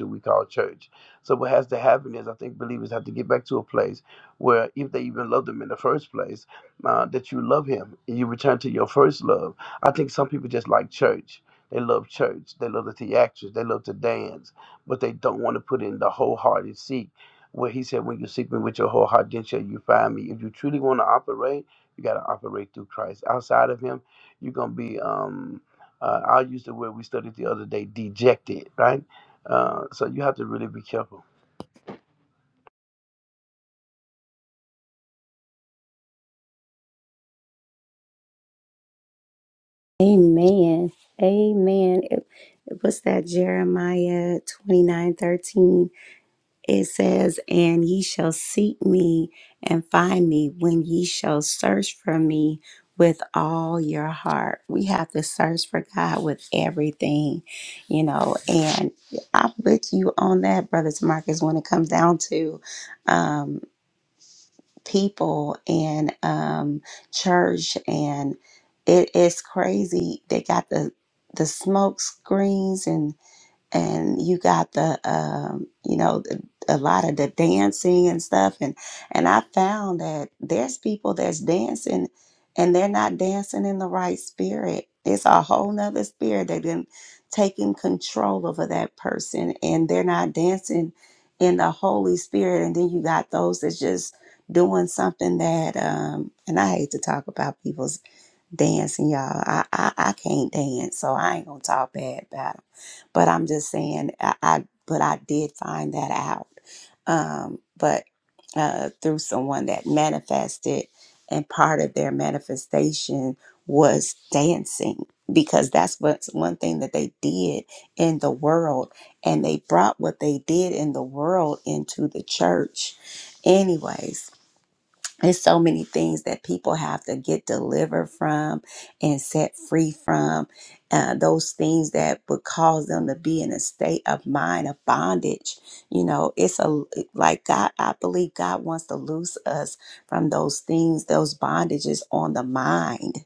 Speaker 9: we call church. So what has to happen is, I think believers have to get back to a place where, if they even loved him in the first place, uh, that you love him and you return to your first love. I think some people just like church. They love church. They love the theatrics. They love to dance, but they don't want to put in the wholehearted seek. Where he said, "When you seek me with your whole heart, then shall you find me." If you truly want to operate, you got to operate through Christ. Outside of Him, you're gonna be. Um, uh, I'll use the word we studied the other day, dejected. Right. Uh, so you have to really be careful.
Speaker 1: amen amen It- what's that jeremiah twenty nine thirteen? It says, And ye shall seek me and find me when ye shall search for me with all your heart. We have to search for God with everything, you know. And I'm with you on that, Brother Marcus, when it comes down to um, people and um, church. And it is crazy. They got the, the smoke screens and and you got the um, you know the- a lot of the dancing and stuff and and I found that there's people that's dancing and they're not dancing in the right spirit. It's a whole nother spirit that then taking control over that person and they're not dancing in the Holy Spirit. And then you got those that's just doing something that um and I hate to talk about people's dancing, y'all. I, I, I can't dance, so I ain't gonna talk bad about them. But I'm just saying, I, I but I did find that out, um, but uh, through someone that manifested, and part of their manifestation was dancing because that's what's one thing that they did in the world and they brought what they did in the world into the church anyways there's so many things that people have to get delivered from and set free from. Uh, those things that would cause them to be in a state of mind of bondage. You know, it's a like God, I believe God wants to loose us from those things, those bondages on the mind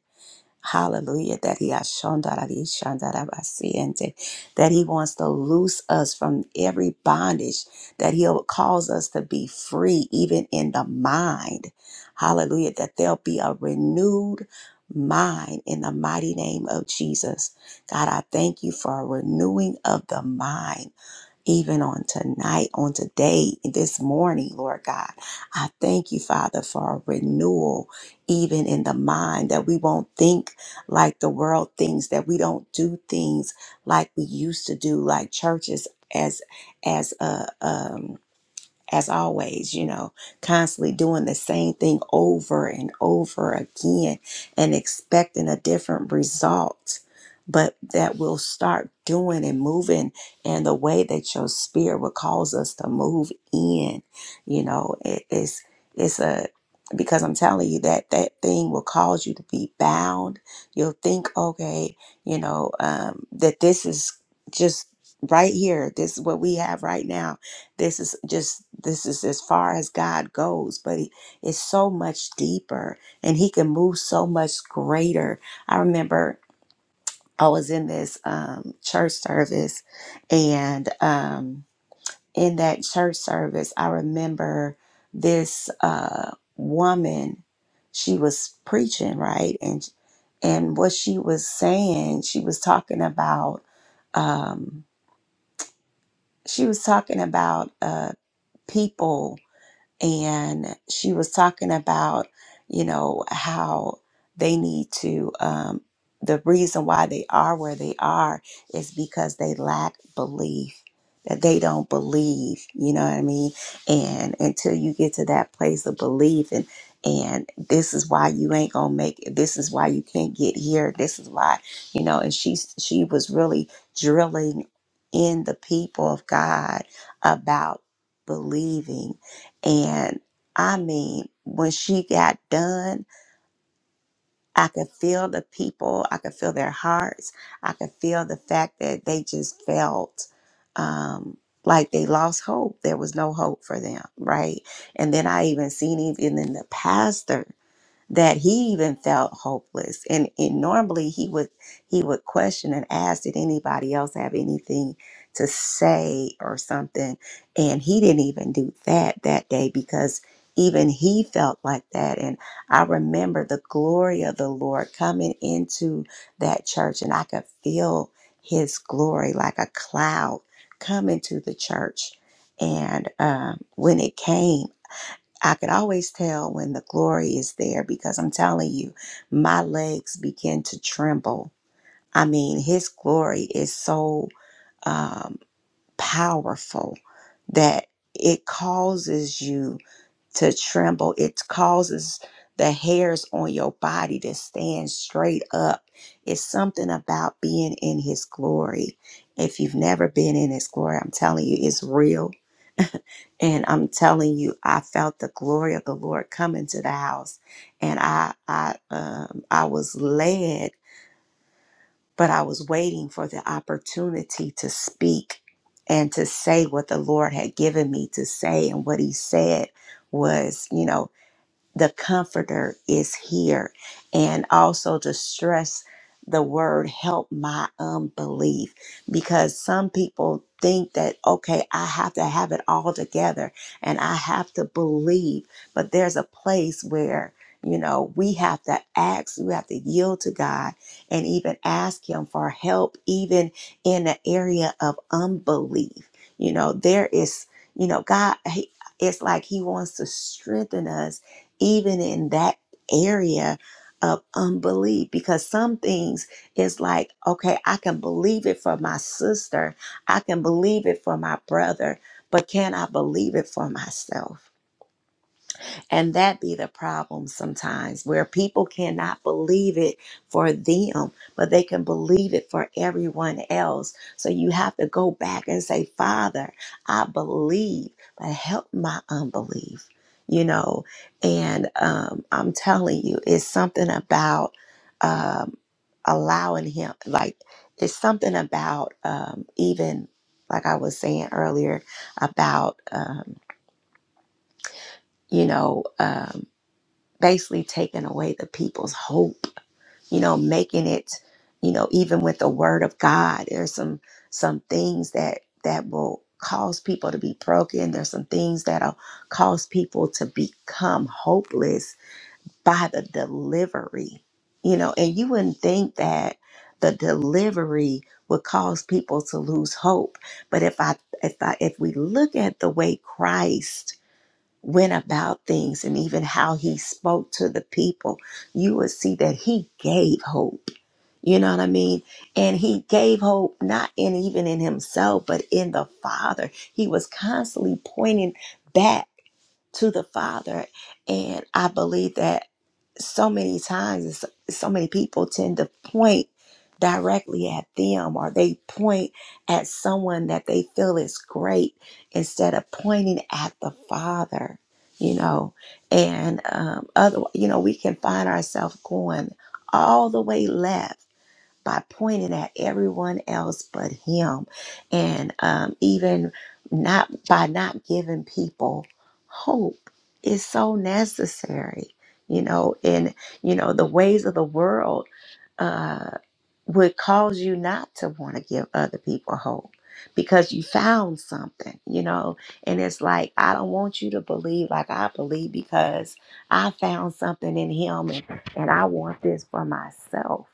Speaker 1: Hallelujah. That he ashondarari shandarabasiente, that he wants to loose us from every bondage, that he'll cause us to be free, even in the mind. Hallelujah. That there'll be a renewed mind in the mighty name of Jesus. God, I thank you for a renewing of the mind even on tonight, on today, this morning, Lord God. I thank you, Father, for a renewal, even in the mind, that we won't think like the world thinks, that we don't do things like we used to do, like churches as as a um as always, you know, constantly doing the same thing over and over again and expecting a different result. But that we'll start doing and moving in the way that your spirit will cause us to move in. You know, it, it's it's a because I'm telling you that that thing will cause you to be bound. You'll think, okay, you know, um, that this is just right here. This is what we have right now this is just this is as far as God goes, but he, it's so much deeper, and He can move so much greater. I remember I was in this um, church service, and um, in that church service, I remember this uh, woman. She was preaching right, and and what she was saying, she was talking about. Um, she was talking about uh, people and she was talking about you know how they need to um, the reason why they are where they are is because they lack belief that they don't believe you know what i mean and until you get to that place of belief and and this is why you ain't gonna make it this is why you can't get here this is why you know and she she was really drilling in the people of god about believing and I mean, when she got done, I could feel the people, I could feel their hearts, I could feel the fact that they just felt um, like they lost hope. There was no hope for them, right? And then I even seen even the pastor that he even felt hopeless and, and normally he would he would question and ask did anybody else have anything to say or something and he didn't even do that that day because even he felt like that and i remember the glory of the lord coming into that church and i could feel his glory like a cloud come into the church and um, when it came I could always tell when the glory is there because I'm telling you, my legs begin to tremble. I mean, His glory is so um, powerful that it causes you to tremble. It causes the hairs on your body to stand straight up. It's something about being in His glory. If you've never been in His glory, I'm telling you, it's real and I'm telling you, I felt the glory of the Lord come into the house, and I I um, I was led, but I was waiting for the opportunity to speak and to say what the Lord had given me to say, and what He said was, you know the comforter is here and also to stress the word help my unbelief because some people think that okay i have to have it all together and i have to believe but there's a place where you know we have to ask we have to yield to god and even ask him for help even in the area of unbelief you know there is you know god he, it's like he wants to strengthen us even in that area of unbelief because some things is like okay i can believe it for my sister i can believe it for my brother but can i believe it for myself and that be the problem sometimes where people cannot believe it for them, but they can believe it for everyone else. So you have to go back and say, Father, I believe, but help my unbelief, you know. And um, I'm telling you, it's something about um, allowing Him, like, it's something about um, even, like I was saying earlier, about, um, you know, um, basically taking away the people's hope you know making it you know even with the word of god there's some some things that that will cause people to be broken there's some things that'll cause people to become hopeless by the delivery you know and you wouldn't think that the delivery would cause people to lose hope but if i if i if we look at the way christ went about things and even how he spoke to the people, you would see that he gave hope. You know what I mean? And he gave hope not in even in himself, but in the Father. He was constantly pointing back to the Father. And I believe that so many times so, so many people tend to point directly at them or they point at someone that they feel is great instead of pointing at the father you know and um other you know we can find ourselves going all the way left by pointing at everyone else but him and um, even not by not giving people hope is so necessary you know and you know the ways of the world uh, would cause you not to want to give other people hope because you found something you know and it's like i don't want you to believe like i believe because i found something in him and, and i want this for myself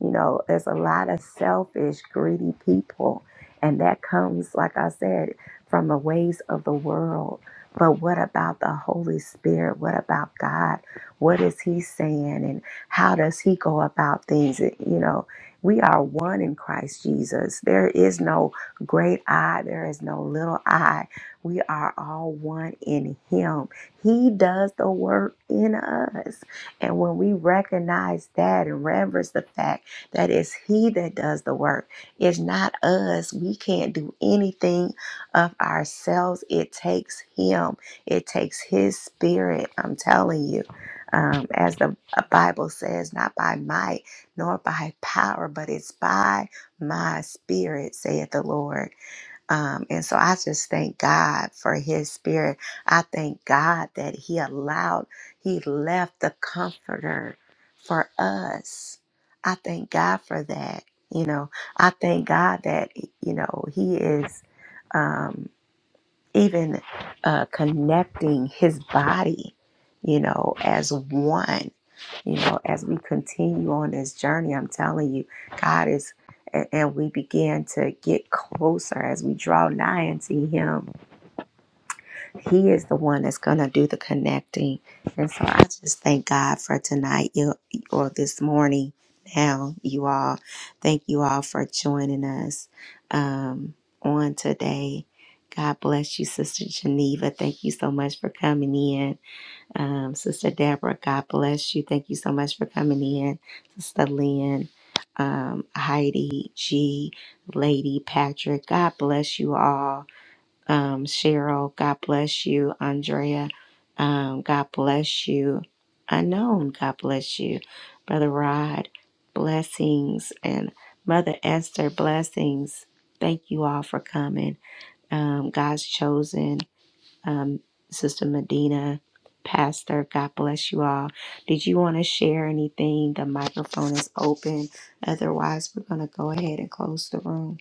Speaker 1: you know, there's a lot of selfish, greedy people, and that comes, like I said, from the ways of the world. But what about the Holy Spirit? What about God? What is He saying? And how does He go about things? You know, we are one in Christ Jesus. There is no great I, there is no little I. We are all one in Him. He does the work in us. And when we recognize that and reverence the fact, that it's He that does the work. It's not us. We can't do anything of ourselves. It takes Him, it takes His Spirit. I'm telling you. Um, as the uh, Bible says, not by might nor by power, but it's by my spirit, saith the Lord. Um, and so I just thank God for his spirit. I thank God that he allowed, he left the comforter for us. I thank God for that. You know, I thank God that, you know, he is. Um, even uh, connecting his body, you know, as one, you know, as we continue on this journey, I'm telling you, God is, and we begin to get closer as we draw nigh unto him he is the one that's going to do the connecting. And so I just thank God for tonight you, or this morning now, you all. Thank you all for joining us um, on today. God bless you, Sister Geneva. Thank you so much for coming in. Um, Sister Deborah, God bless you. Thank you so much for coming in. Sister Lynn, um, Heidi, G, Lady, Patrick, God bless you all um, Cheryl. God bless you, Andrea. Um, God bless you, Unknown. God bless you, Brother Rod. Blessings and Mother Esther. Blessings. Thank you all for coming. Um, God's chosen, um, Sister Medina, Pastor. God bless you all. Did you want to share anything? The microphone is open. Otherwise, we're going to go ahead and close the room.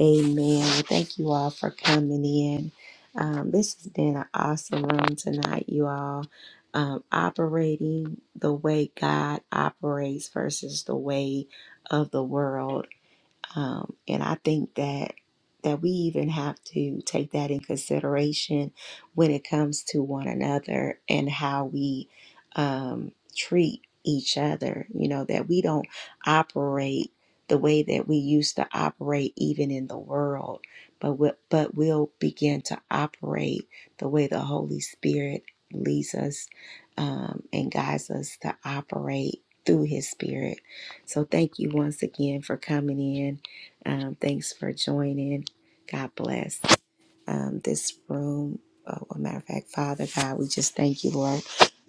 Speaker 1: Amen. Well, thank you all for coming in. Um, this has been an awesome room tonight, you all. Um, operating the way God operates versus the way of the world. Um, and I think that that we even have to take that in consideration when it comes to one another and how we um, treat each other. You know that we don't operate the way that we used to operate even in the world, but we, but we'll begin to operate the way the Holy Spirit leads us um, and guides us to operate through His Spirit. So thank you once again for coming in um, thanks for joining. God bless um, this room. Uh, well, matter of fact, Father God, we just thank you, Lord,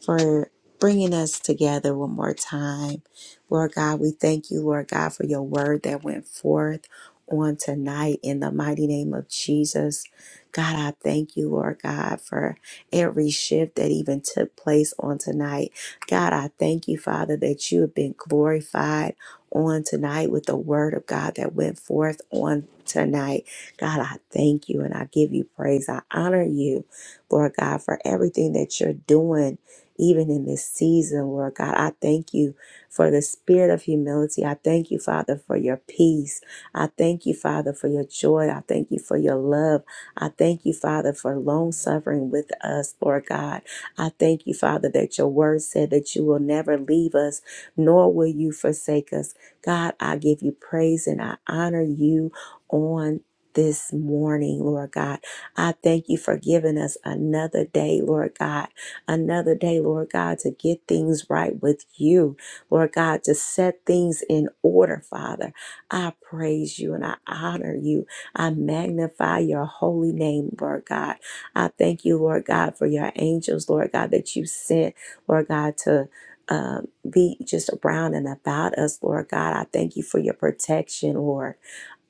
Speaker 1: for bringing us together one more time. Lord God, we thank you, Lord God, for your word that went forth on tonight in the mighty name of Jesus. God, I thank you, Lord God, for every shift that even took place on tonight. God, I thank you, Father, that you have been glorified on tonight with the word of God that went forth on tonight. God, I thank you and I give you praise. I honor you, Lord God, for everything that you're doing, even in this season, Lord God. I thank you for the spirit of humility. I thank you, Father, for your peace. I thank you, Father, for your joy. I thank you for your love. I thank you, Father, for long suffering with us, Lord God. I thank you, Father, that your word said that you will never leave us, nor will you forsake us. God, I give you praise and I honor you. On this morning, Lord God. I thank you for giving us another day, Lord God. Another day, Lord God, to get things right with you, Lord God, to set things in order, Father. I praise you and I honor you. I magnify your holy name, Lord God. I thank you, Lord God, for your angels, Lord God, that you sent, Lord God, to um, be just around and about us, Lord God. I thank you for your protection, Lord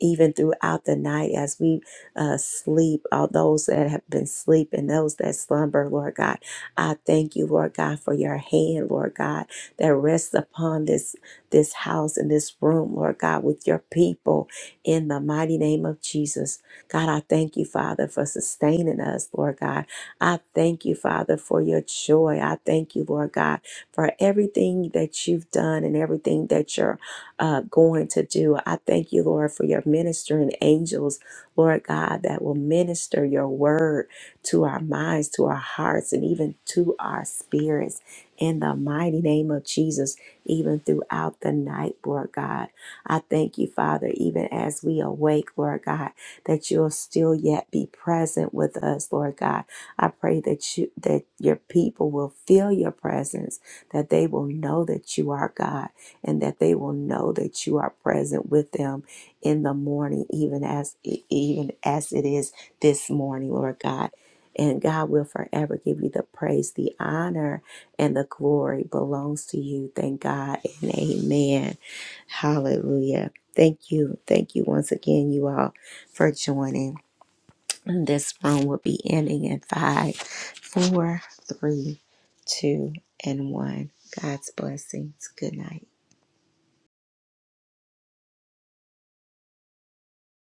Speaker 1: even throughout the night as we uh, sleep, all those that have been sleeping, those that slumber, Lord God. I thank you, Lord God, for your hand, Lord God, that rests upon this this house and this room, Lord God, with your people in the mighty name of Jesus. God, I thank you, Father, for sustaining us, Lord God. I thank you, Father, for your joy. I thank you, Lord God, for everything that you've done and everything that you're uh, going to do. I thank you, Lord, for your ministering angels, Lord God, that will minister your word to our minds, to our hearts, and even to our spirits. In the mighty name of Jesus, even throughout the night, Lord God. I thank you, Father, even as we awake, Lord God, that you'll still yet be present with us, Lord God. I pray that you that your people will feel your presence, that they will know that you are God and that they will know that you are present with them in the morning, even as e, even as it is this morning, Lord God. And God will forever give you the praise, the honor, and the glory belongs to you. Thank God and amen. Hallelujah. Thank you. Thank you once again, you all, for joining. This room will be ending in five, four, three, two, and one. God's blessings. Good night.